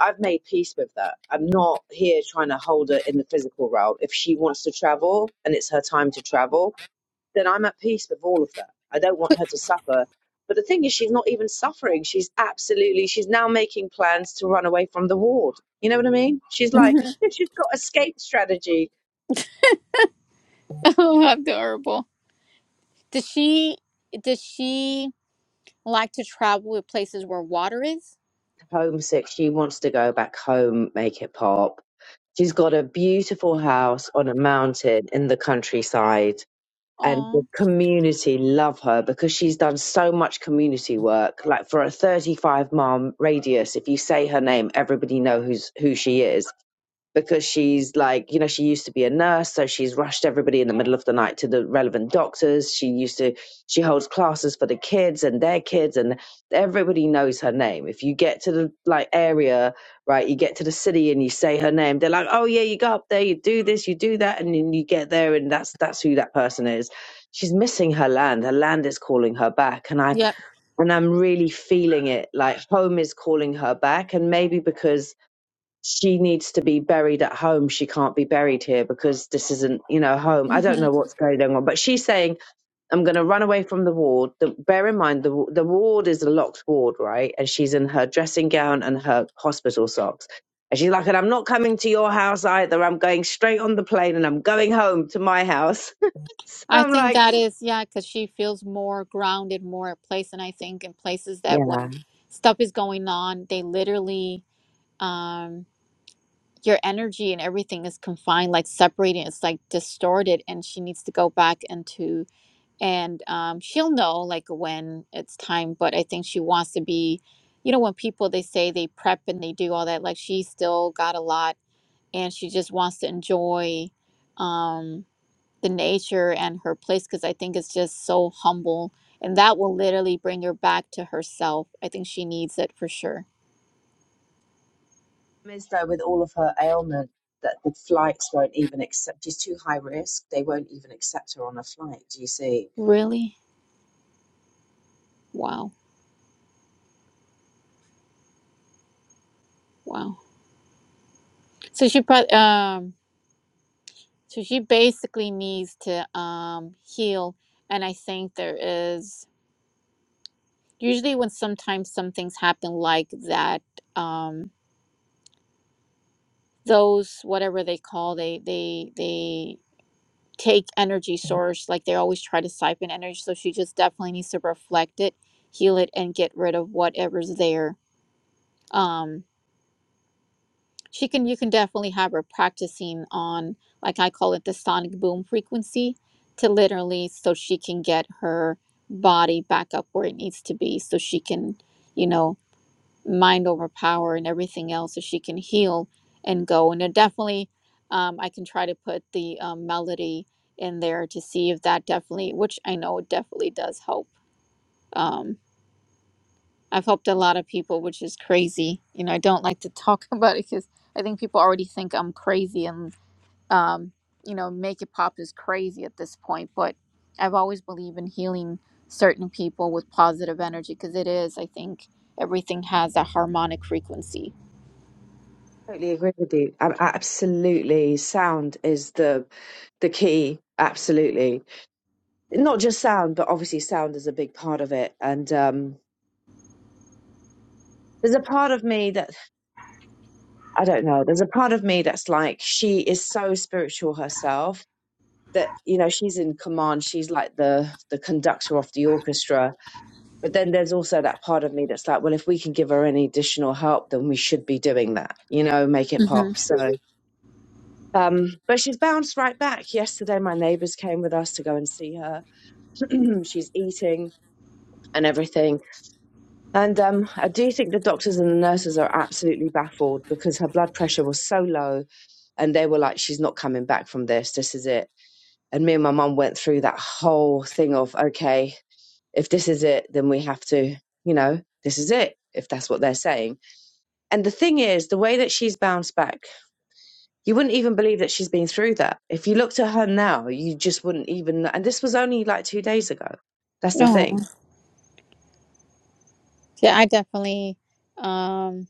Speaker 5: I've made peace with that. I'm not here trying to hold her in the physical realm. If she wants to travel and it's her time to travel, then I'm at peace with all of that. I don't want her to suffer. But the thing is, she's not even suffering. She's absolutely, she's now making plans to run away from the ward. You know what I mean? She's like, [LAUGHS] she's got escape strategy.
Speaker 3: [LAUGHS] oh, adorable. Does she does she like to travel with places where water is?
Speaker 5: Homesick. She wants to go back home, make it pop. She's got a beautiful house on a mountain in the countryside. And the
Speaker 3: Oh,
Speaker 5: community love her because she's done so much community work. Like for a 35 mile radius, if you say her name, everybody know who's who she is because she's like, you know, she used to be a nurse, so she's rushed everybody in the middle of the night to the relevant doctors. She used to, she holds classes for the kids and their kids, and everybody knows her name. If you get to the like area, right, you get to the city and you say her name, they're like, oh yeah, you go up there, you do this, you do that, and then you get there, and that's that's who that person is. She's missing her land. Her land is calling her back, and I
Speaker 3: yep.
Speaker 5: and I'm really feeling it. Like home is calling her back, and maybe because she needs to be buried at home. She can't be buried here because this isn't, you know, home. I don't
Speaker 3: hmm
Speaker 5: know what's going on, but she's saying, I'm going to run away from the ward. The, bear in mind, the, the ward is a locked ward, right? And she's in her dressing gown and her hospital socks. And she's like, and I'm not coming to your house either. I'm going straight on the plane and I'm going home to my house. [LAUGHS] so
Speaker 3: I
Speaker 5: I'm
Speaker 3: think
Speaker 5: like,
Speaker 3: that is yeah, because she feels more grounded, more at place, and I think in places that when
Speaker 5: yeah.
Speaker 3: stuff is going on, they literally um your energy and everything is confined like separating it's like distorted and she needs to go back into and um she'll know like when it's time but i think she wants to be you know when people they say they prep and they do all that like she still got a lot and she just wants to enjoy um the nature and her place because i think it's just so humble and that will literally bring her back to herself i think she needs it for sure
Speaker 5: Is though with all of her ailment that the flights won't even accept. She's too high risk. They won't even accept her on a flight. Do you see?
Speaker 3: really wow wow So she pro- um so she basically needs to um heal and I think there is usually when sometimes some things happen like that um those whatever they call they they they take energy source like they always try to siphon energy so she just definitely needs to reflect it heal it and get rid of whatever's there Um she can you can definitely have her practicing on like i call it the sonic boom frequency to literally so she can get her body back up where it needs to be so she can you know mind over power and everything else so she can heal and go and it definitely um, i can try to put the um, melody in there to see if that definitely which i know it definitely does help Um, I've helped a lot of people, which is crazy. You know, I don't like to talk [LAUGHS] about it because I think people already think I'm crazy and, um, you know, make it pop is crazy at this point. But I've always believed in healing certain people with positive energy because it is, I think, everything has a harmonic frequency.
Speaker 5: Totally agree with you. I, I- absolutely, sound is the the key. Absolutely, not just sound, but obviously sound is a big part of it. And um, there's a part of me that I don't know. There's a part of me that's like she is so spiritual herself that you know she's in command. She's like the the conductor of the orchestra. But then there's also that part of me that's like, well, if we can give her any additional help, then we should be doing that. You know, make it
Speaker 3: hmm
Speaker 5: pop. So. Um, but she's bounced right back. Yesterday, my neighbors came with us to go and see her. [CLEARS THROAT] she's eating and everything. And um, I do think the doctors and the nurses are absolutely baffled because her blood pressure was so low. And they were like, she's not coming back from this. This is it. And me and my mum went through that whole thing of, okay, if this is it, then we have to, you know, this is it, if that's what they're saying. And the thing is, the way that she's bounced back you wouldn't even believe that she's been through that. If you looked at her now, you just wouldn't even. And this was only like two days ago. That's the
Speaker 3: No,
Speaker 5: thing.
Speaker 3: yeah, I definitely. Um,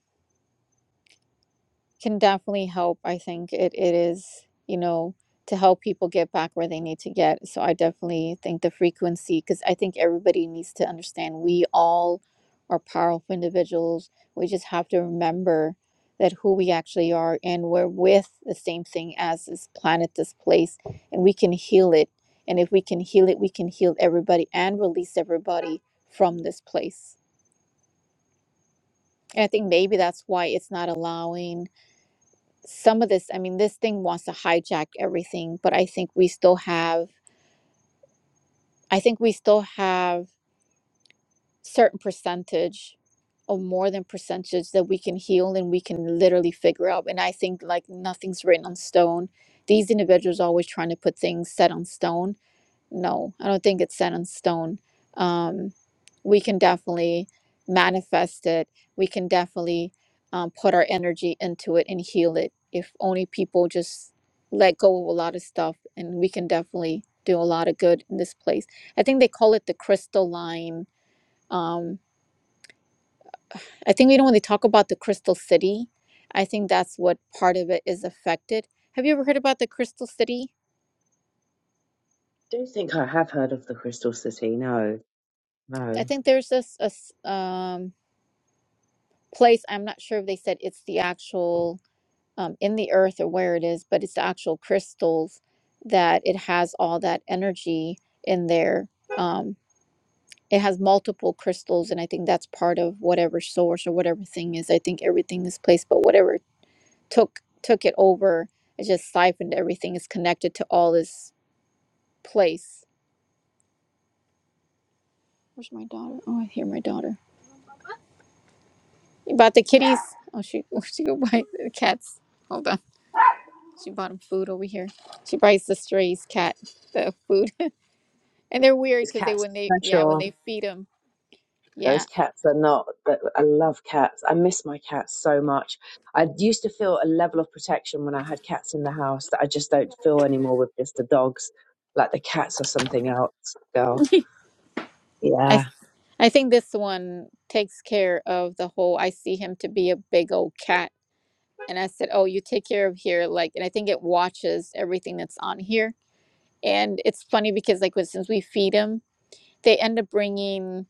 Speaker 3: can definitely help. I think it, it is, you know, to help people get back where they need to get. So I definitely think the frequency, because I think everybody needs to understand we all are powerful individuals. We just have to remember that who we actually are and we're with the same thing as this planet, this place, and we can heal it. And if we can heal it, we can heal everybody and release everybody from this place. And I think maybe that's why it's not allowing some of this i mean this thing wants to hijack everything but i think we still have i think we still have certain percentage or more than percentage that we can heal and we can literally figure out and i think like nothing's written on stone these individuals are always trying to put things set on stone no, I don't think it's set in stone. Um, we can definitely manifest it. We can definitely um, put our energy into it and heal it. If only people just let go of a lot of stuff, and we can definitely do a lot of good in this place. I think they call it the crystal line. Um, I think we know when they talk about the crystal city, I think that's what part of it is affected. Have you ever heard about the crystal city?
Speaker 5: I don't think I have heard of the Crystal City. No,
Speaker 3: I
Speaker 5: no.
Speaker 3: think there's this a s- um, place. I'm not sure if they said it's the actual um, in the earth or where it is, but it's the actual crystals that it has all that energy in there. Um, it has multiple crystals, and I think that's part of whatever source or whatever thing is. I think everything is placed, but whatever took took it over, it just siphoned everything. It's connected to all this place. Where's my daughter? Oh, I hear my daughter. About the kitties. Oh, she [LAUGHS] she go by the cats. Hold on. She bought him food over here. She buys the strays cat the food, [LAUGHS] and they're weird
Speaker 5: Those
Speaker 3: because they
Speaker 5: cats
Speaker 3: when they
Speaker 5: are
Speaker 3: yeah when
Speaker 5: special.
Speaker 3: they feed them yeah.
Speaker 5: Those cats are not. but I love cats. I miss my cats so much. I used to feel a level of protection when I had cats in the house that I just don't feel anymore with just the dogs. Like the cats are something else, girl.
Speaker 3: I
Speaker 5: Yeah.
Speaker 3: th- I think this one takes care of the whole. I see him to be a big old cat, and I said, oh, you take care of here like, and I think it watches everything that's on here. And it's funny because like when- since we feed him, they end up bringing.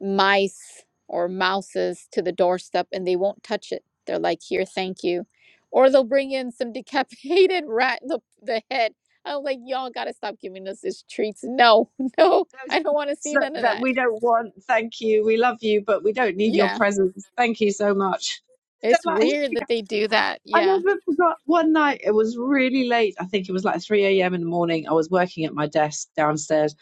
Speaker 3: mice or mouses to the doorstep and they won't touch it. They're like, here, thank you. Or they'll bring in some decapitated [LAUGHS] rat, in the, the head. I'm like, y'all gotta stop giving us these treats. No, [LAUGHS] no,
Speaker 5: Those
Speaker 3: I don't wanna see
Speaker 5: that,
Speaker 3: none of
Speaker 5: that
Speaker 3: that.
Speaker 5: we don't want. Thank you. We love you, but we don't need your
Speaker 3: Yeah,
Speaker 5: presence. Thank you so much. They're
Speaker 3: it's
Speaker 5: like, "Here
Speaker 3: weird
Speaker 5: you go."
Speaker 3: that they do that.
Speaker 5: I
Speaker 3: Yeah,
Speaker 5: never forgot one night. It was really late. I think it was like 3 a.m. in the morning. I was working at my desk downstairs,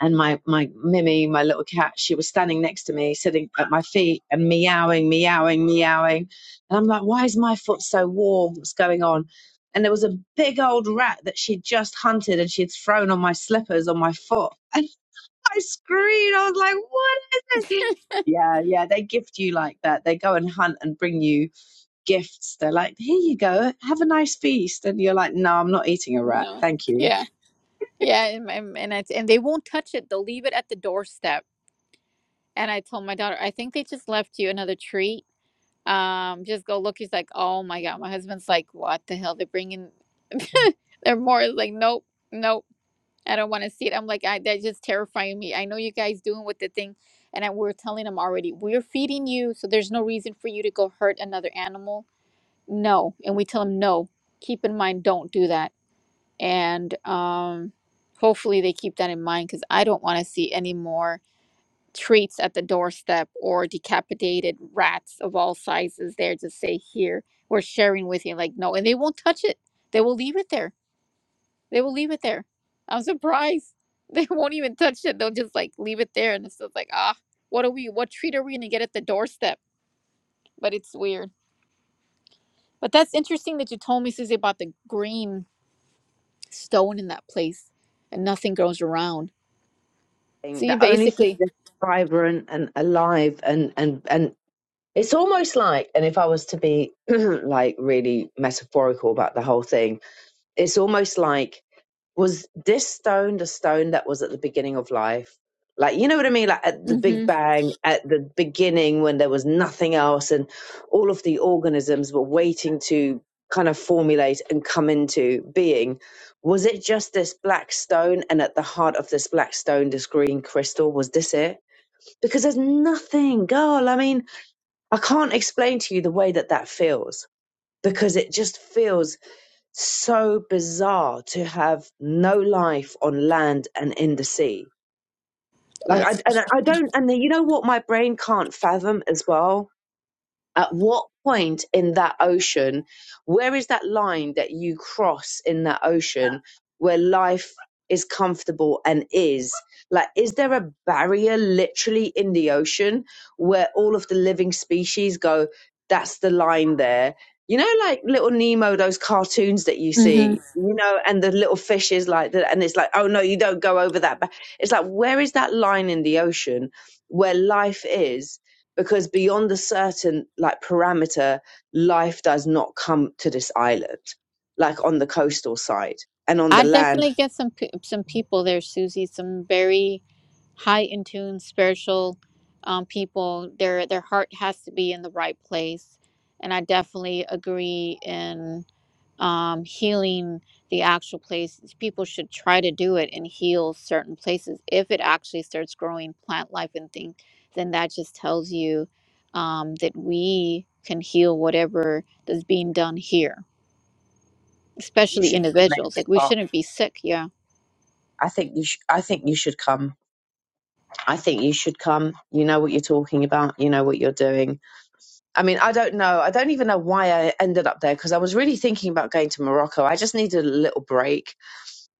Speaker 5: and my, my Mimi, my little cat, she was standing next to me, sitting at my feet and meowing, meowing, meowing. And I'm like, why is my foot so warm? What's going on? And there was a big old rat that she'd just hunted and she'd thrown on my slippers on my foot. I screamed. I was like, what is it? Yeah, yeah, they gift you like that. They go and hunt and bring you gifts. They're like, here you go, have a nice feast. And you're like, no, I'm not eating a rat.
Speaker 3: no,
Speaker 5: Thank you.
Speaker 3: yeah, yeah. And, and, and, it's, and they won't touch it, they'll leave it at the doorstep. And I told my daughter, I think they just left you another treat um just go look he's like oh my god my husband's like what the hell they're bringing [LAUGHS] they're more like nope nope i don't want to see it i'm like I, that's just terrifying me i know you guys doing with the thing and I, we're telling them already we're feeding you so there's no reason for you to go hurt another animal no and we tell them no keep in mind don't do that and um hopefully they keep that in mind because i don't want to see any more treats at the doorstep or decapitated rats of all sizes there to say here we're sharing with you like no and they won't touch it they will leave it there they will leave it there i'm surprised [LAUGHS] they won't even touch it they'll just like leave it there and it's just like ah what are we what treat are we gonna get at the doorstep but it's weird but that's interesting that you told me susie about the green stone in that place and nothing grows around so you
Speaker 5: The only thing
Speaker 3: basically
Speaker 5: that's vibrant and alive and, and, and it's almost like, and if I was to be [CLEARS THROAT] like really metaphorical about the whole thing, it's almost like was this stone the stone that was at the beginning of life like you know what i mean like at the big
Speaker 3: mm-hmm
Speaker 5: bang at the beginning when there was nothing else and all of the organisms were waiting to kind of formulate and come into being was it just this black stone and at the heart of this black stone this green crystal was this it because there's nothing girl i mean i can't explain to you the way that that feels because it just feels so bizarre to have no life on land and in the sea. Like, I,
Speaker 3: that's
Speaker 5: and I I don't, and you know what my brain can't fathom as well? at what point in that ocean where is that line that you cross in that ocean where life is comfortable and is like is there a barrier literally in the ocean where all of the living species go that's the line there you know like little nemo those cartoons that you
Speaker 3: mm-hmm.
Speaker 5: see you know and the little fishes like that and it's like oh no you don't go over that but it's like where is that line in the ocean where life is because beyond a certain like parameter, life does not come to this island, like on the coastal side and on
Speaker 3: I
Speaker 5: the land.
Speaker 3: definitely get some pe- some people there, Susie. Some very high in tune spiritual um, people. Their their heart has to be in the right place, and I definitely agree in um, healing the actual places. People should try to do it and heal certain places. If it actually starts growing plant life and things, then that just tells you um, that we can heal whatever that's being done here,
Speaker 5: You
Speaker 3: especially
Speaker 5: should come,
Speaker 3: individuals. Like
Speaker 5: Leslie
Speaker 3: we
Speaker 5: Park.
Speaker 3: shouldn't be sick. Yeah.
Speaker 5: I think you should. I think you should come. I think you should come. You know what you're talking about. You know what you're doing. I mean, I don't know. I don't even know why I ended up there because I was really thinking about going to Morocco. I just needed a little break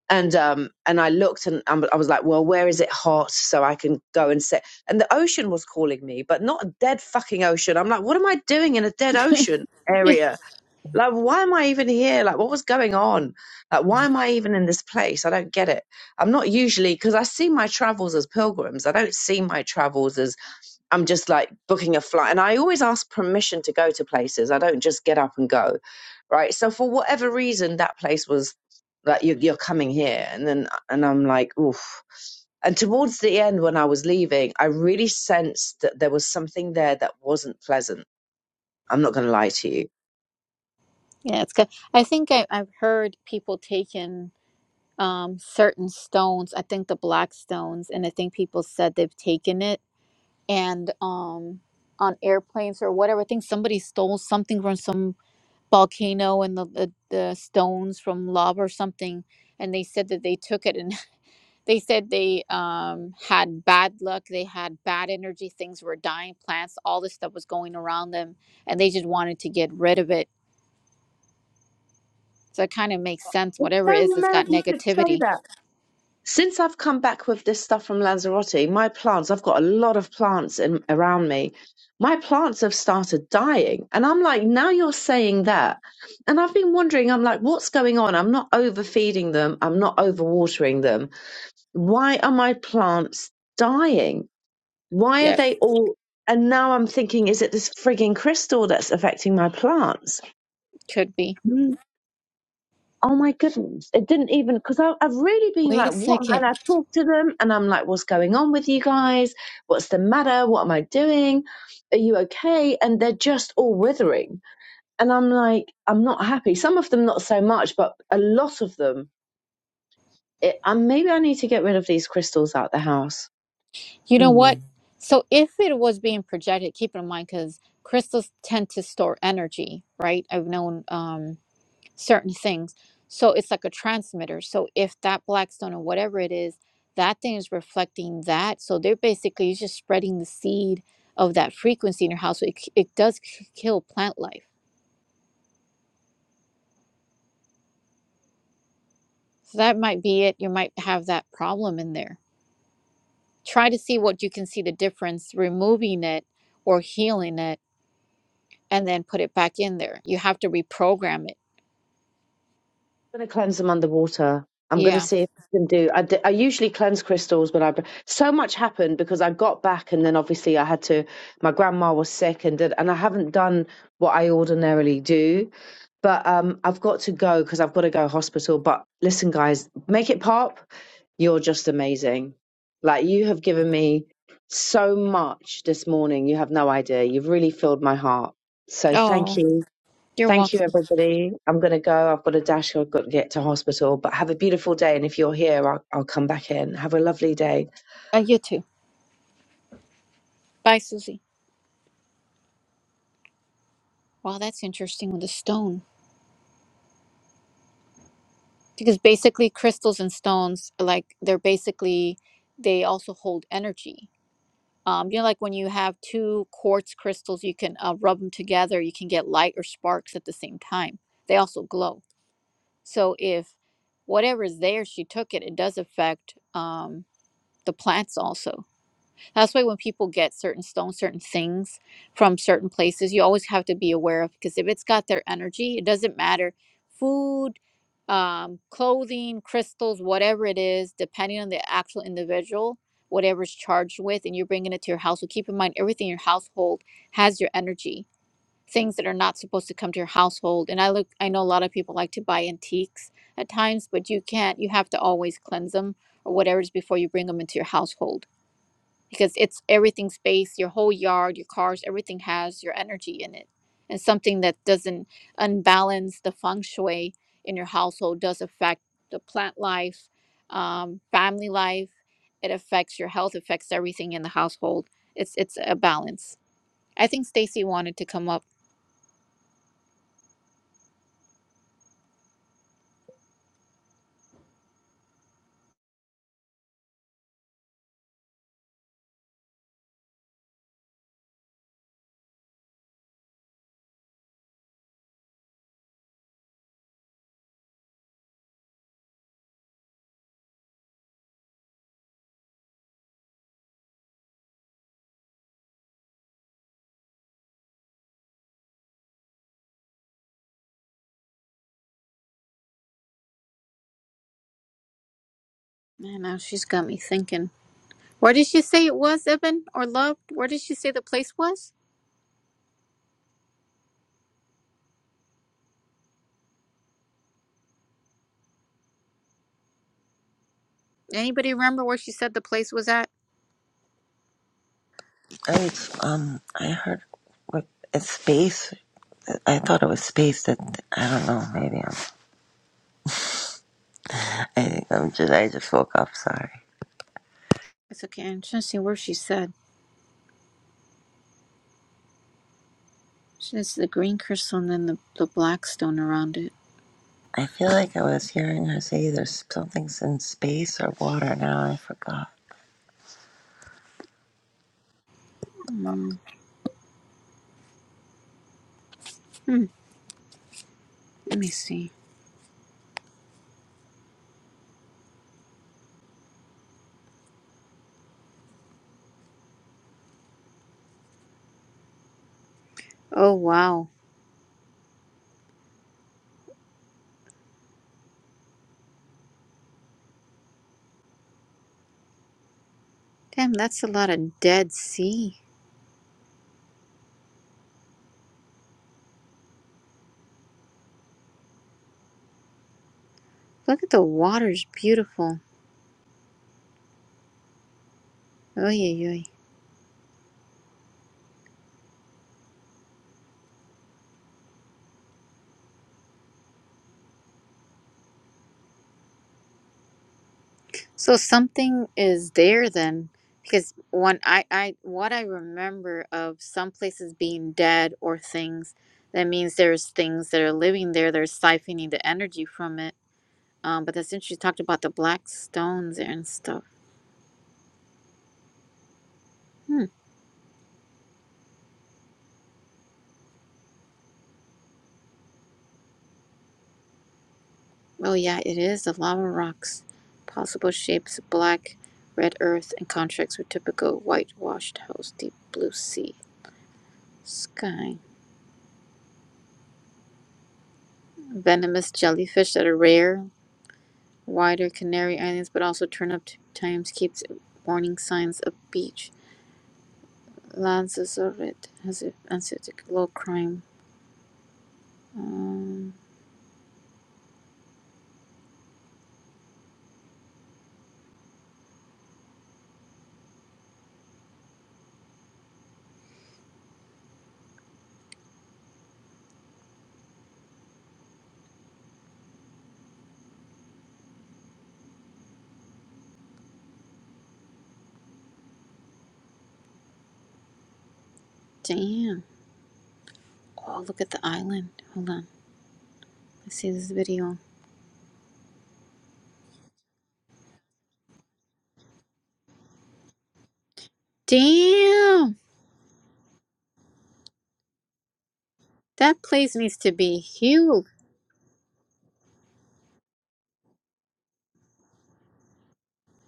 Speaker 5: and um and I looked and um, I was like, well, where is it hot so I can go and sit? And the ocean was calling me, but not a dead fucking ocean. I'm like, what am I doing in a dead
Speaker 3: [LAUGHS]
Speaker 5: ocean
Speaker 3: Yeah,
Speaker 5: area? Like, why am I even here? Like, what was going on? Like, why am I even in this place? I don't get it. I'm not usually because I see my travels as pilgrims. I don't see my travels as I'm just like booking a flight. And I always ask permission to go to places. I don't just get up and go. Right. So for whatever reason, that place was like, you're, you're coming here. And then, and I'm like, oof. And towards the end, when I was leaving, I really sensed that there was something there that wasn't pleasant. I'm not going to lie to you.
Speaker 3: yeah, it's good. I think I, I've heard people taking um certain stones. I think the black stones, and I think people said they've taken it and um on airplanes or whatever. I think somebody stole something from some volcano and the the, the stones from lava or something, and they said that they took it and [LAUGHS] they said they um had bad luck, they had bad energy, things were dying, plants, all this stuff was going around them, and they just wanted to get rid of it So it kind of makes sense.
Speaker 5: It's
Speaker 3: Whatever it is,
Speaker 5: so
Speaker 3: it's
Speaker 5: mad
Speaker 3: got
Speaker 5: you should say
Speaker 3: negativity.
Speaker 5: that. Since I've come back with this stuff from Lanzarote, my plants, I've got a lot of plants in, around me. My plants have started dying. And I'm like, now you're saying that. And I've been wondering, I'm like, what's going on? I'm not overfeeding them. I'm not overwatering them. Why are my plants dying? Why are
Speaker 3: Yeah,
Speaker 5: they all? And now I'm thinking, is it this frigging crystal that's affecting my plants?
Speaker 3: could be.
Speaker 5: oh my goodness, it didn't even because I've really been
Speaker 3: Wait
Speaker 5: like,
Speaker 3: a
Speaker 5: what?
Speaker 3: second.
Speaker 5: And I talked to them, and I'm like, what's going on with you guys? What's the matter? What am I doing? Are you okay? And they're just all withering, and I'm like, I'm not happy. Some of them not so much, but a lot of them. It, and maybe I need to get rid of these crystals out the house.
Speaker 3: You know
Speaker 5: Mm.
Speaker 3: what? So if it was being projected, keep in mind because crystals tend to store energy, right? I've known um, certain things. So it's like a transmitter. So if that black stone or whatever it is, that thing is reflecting that. So they're basically you're just spreading the seed of that frequency in your house. So it, c- it does k- kill plant life. So that might be it. You might have that problem in there try to see what you can see the difference removing it or healing it and then put it back in there you have to reprogram it
Speaker 5: going to cleanse them underwater. I'm going to
Speaker 3: yeah
Speaker 5: see if I can do. I, d- I usually cleanse crystals, but I so much happened because I got back and then obviously I had to. My grandma was sick and did, and I haven't done what I ordinarily do. But um, I've got to go because I've got to go hospital. But listen, guys, make it pop. You're just amazing. Like you have given me so much this morning. You have no idea. You've really filled my heart. So thank
Speaker 3: oh
Speaker 5: you.
Speaker 3: you're
Speaker 5: Thank you,
Speaker 3: welcome
Speaker 5: everybody. I'm going to go. I've got a dash. I've got to get to hospital, but have a beautiful day. And if you're here, I'll, I'll come back in. Have a lovely day.
Speaker 3: uh, you too bye susie wow that's interesting with the stone because basically crystals and stones like they're basically they also hold energy um, you know like when you have two quartz crystals you can uh, rub them together you can get light or sparks at the same time they also glow So if whatever's there, she took it, it does affect um, the plants also. That's why when people get certain stones, certain things from certain places, you always have to be aware of because if it's got their energy, it doesn't matter. Food, um, clothing, crystals, whatever it is, depending on the actual individual, whatever's charged with, and you're bringing it to your household. Keep in mind, everything in your household has your energy things that are not supposed to come to your household. And I look, I know a lot of people like to buy antiques at times, but you can't. You have to always cleanse them or whatever it is before you bring them into your household because it's everything space, your whole yard, your cars, everything has your energy in it. And something that doesn't unbalance the feng shui in your household does affect the plant life, um, family life. It affects your health, affects everything in the household. It's it's a balance. I think Stacy wanted to come up. I know she's got me thinking. Where did she say it was, Ibn or Love? Where did she say the place was? Anybody remember where she said the place was at?
Speaker 6: I um, I heard what it's space. I thought it was space. That I don't know. Maybe I'm. I think I'm just. I just woke up. Sorry.
Speaker 3: It's okay. I'm trying to see where she said. She says the green crystal and then the, the black stone around it.
Speaker 6: I feel like I was hearing her say there's something's in space or water. Now I forgot.
Speaker 3: Mm. Hmm. Let me see. Oh wow. Damn, that's a lot of Dead Sea. Look at the water's beautiful. Oh yeah, So something is there then, because when I, I what I remember of some places being dead or things, that means there's things that are living there. They're siphoning the energy from it. Um, but that's interesting. You talked about the black stones and stuff. Hmm. Oh yeah, it is the lava rocks, possible shapes: black, red earth, and contracts with typical whitewashed house, deep blue sea, sky, venomous jellyfish that are rare. wider Canary Islands, but also turn up times keeps warning signs of beach. Lanzarote has a, has a low crime. Um, damn. Oh, look at the island. Hold on. Let's see this video. Damn! That place needs to be healed.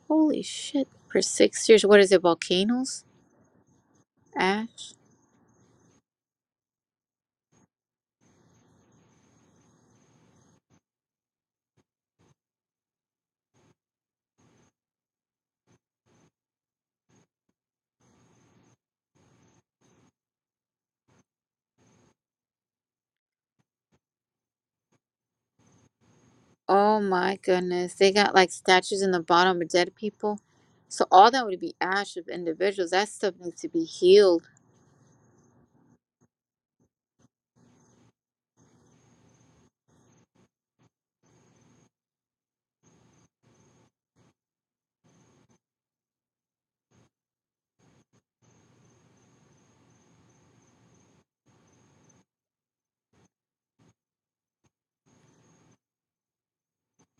Speaker 3: Holy shit. For six years, what is it, volcanoes? Ash? Oh my goodness. They got like statues in the bottom of dead people. So all that would be ash of individuals. That stuff needs to be healed.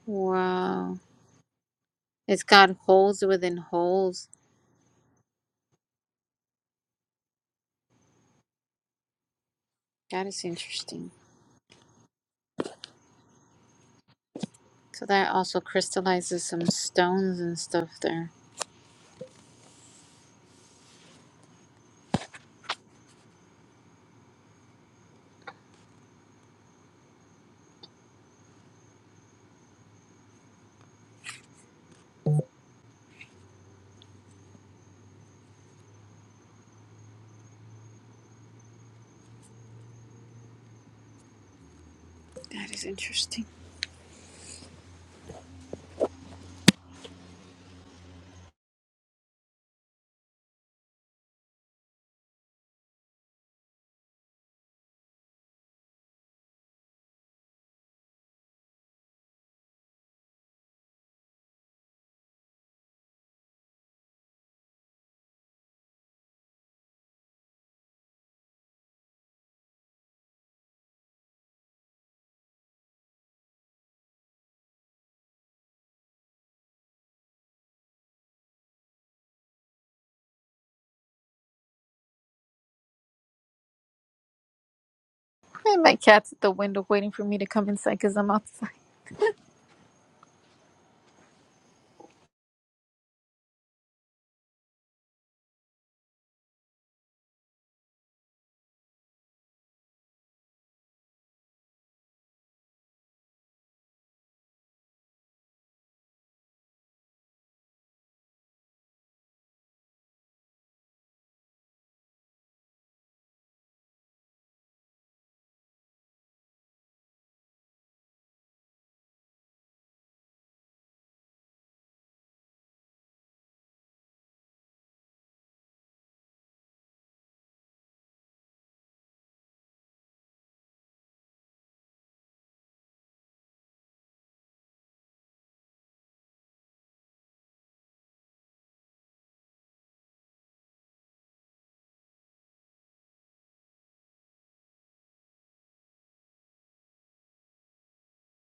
Speaker 3: Wow. It's got holes within holes. That is interesting. So that also crystallizes some stones and stuff there. That is interesting. And my cat's at the window waiting for me to come inside because I'm outside.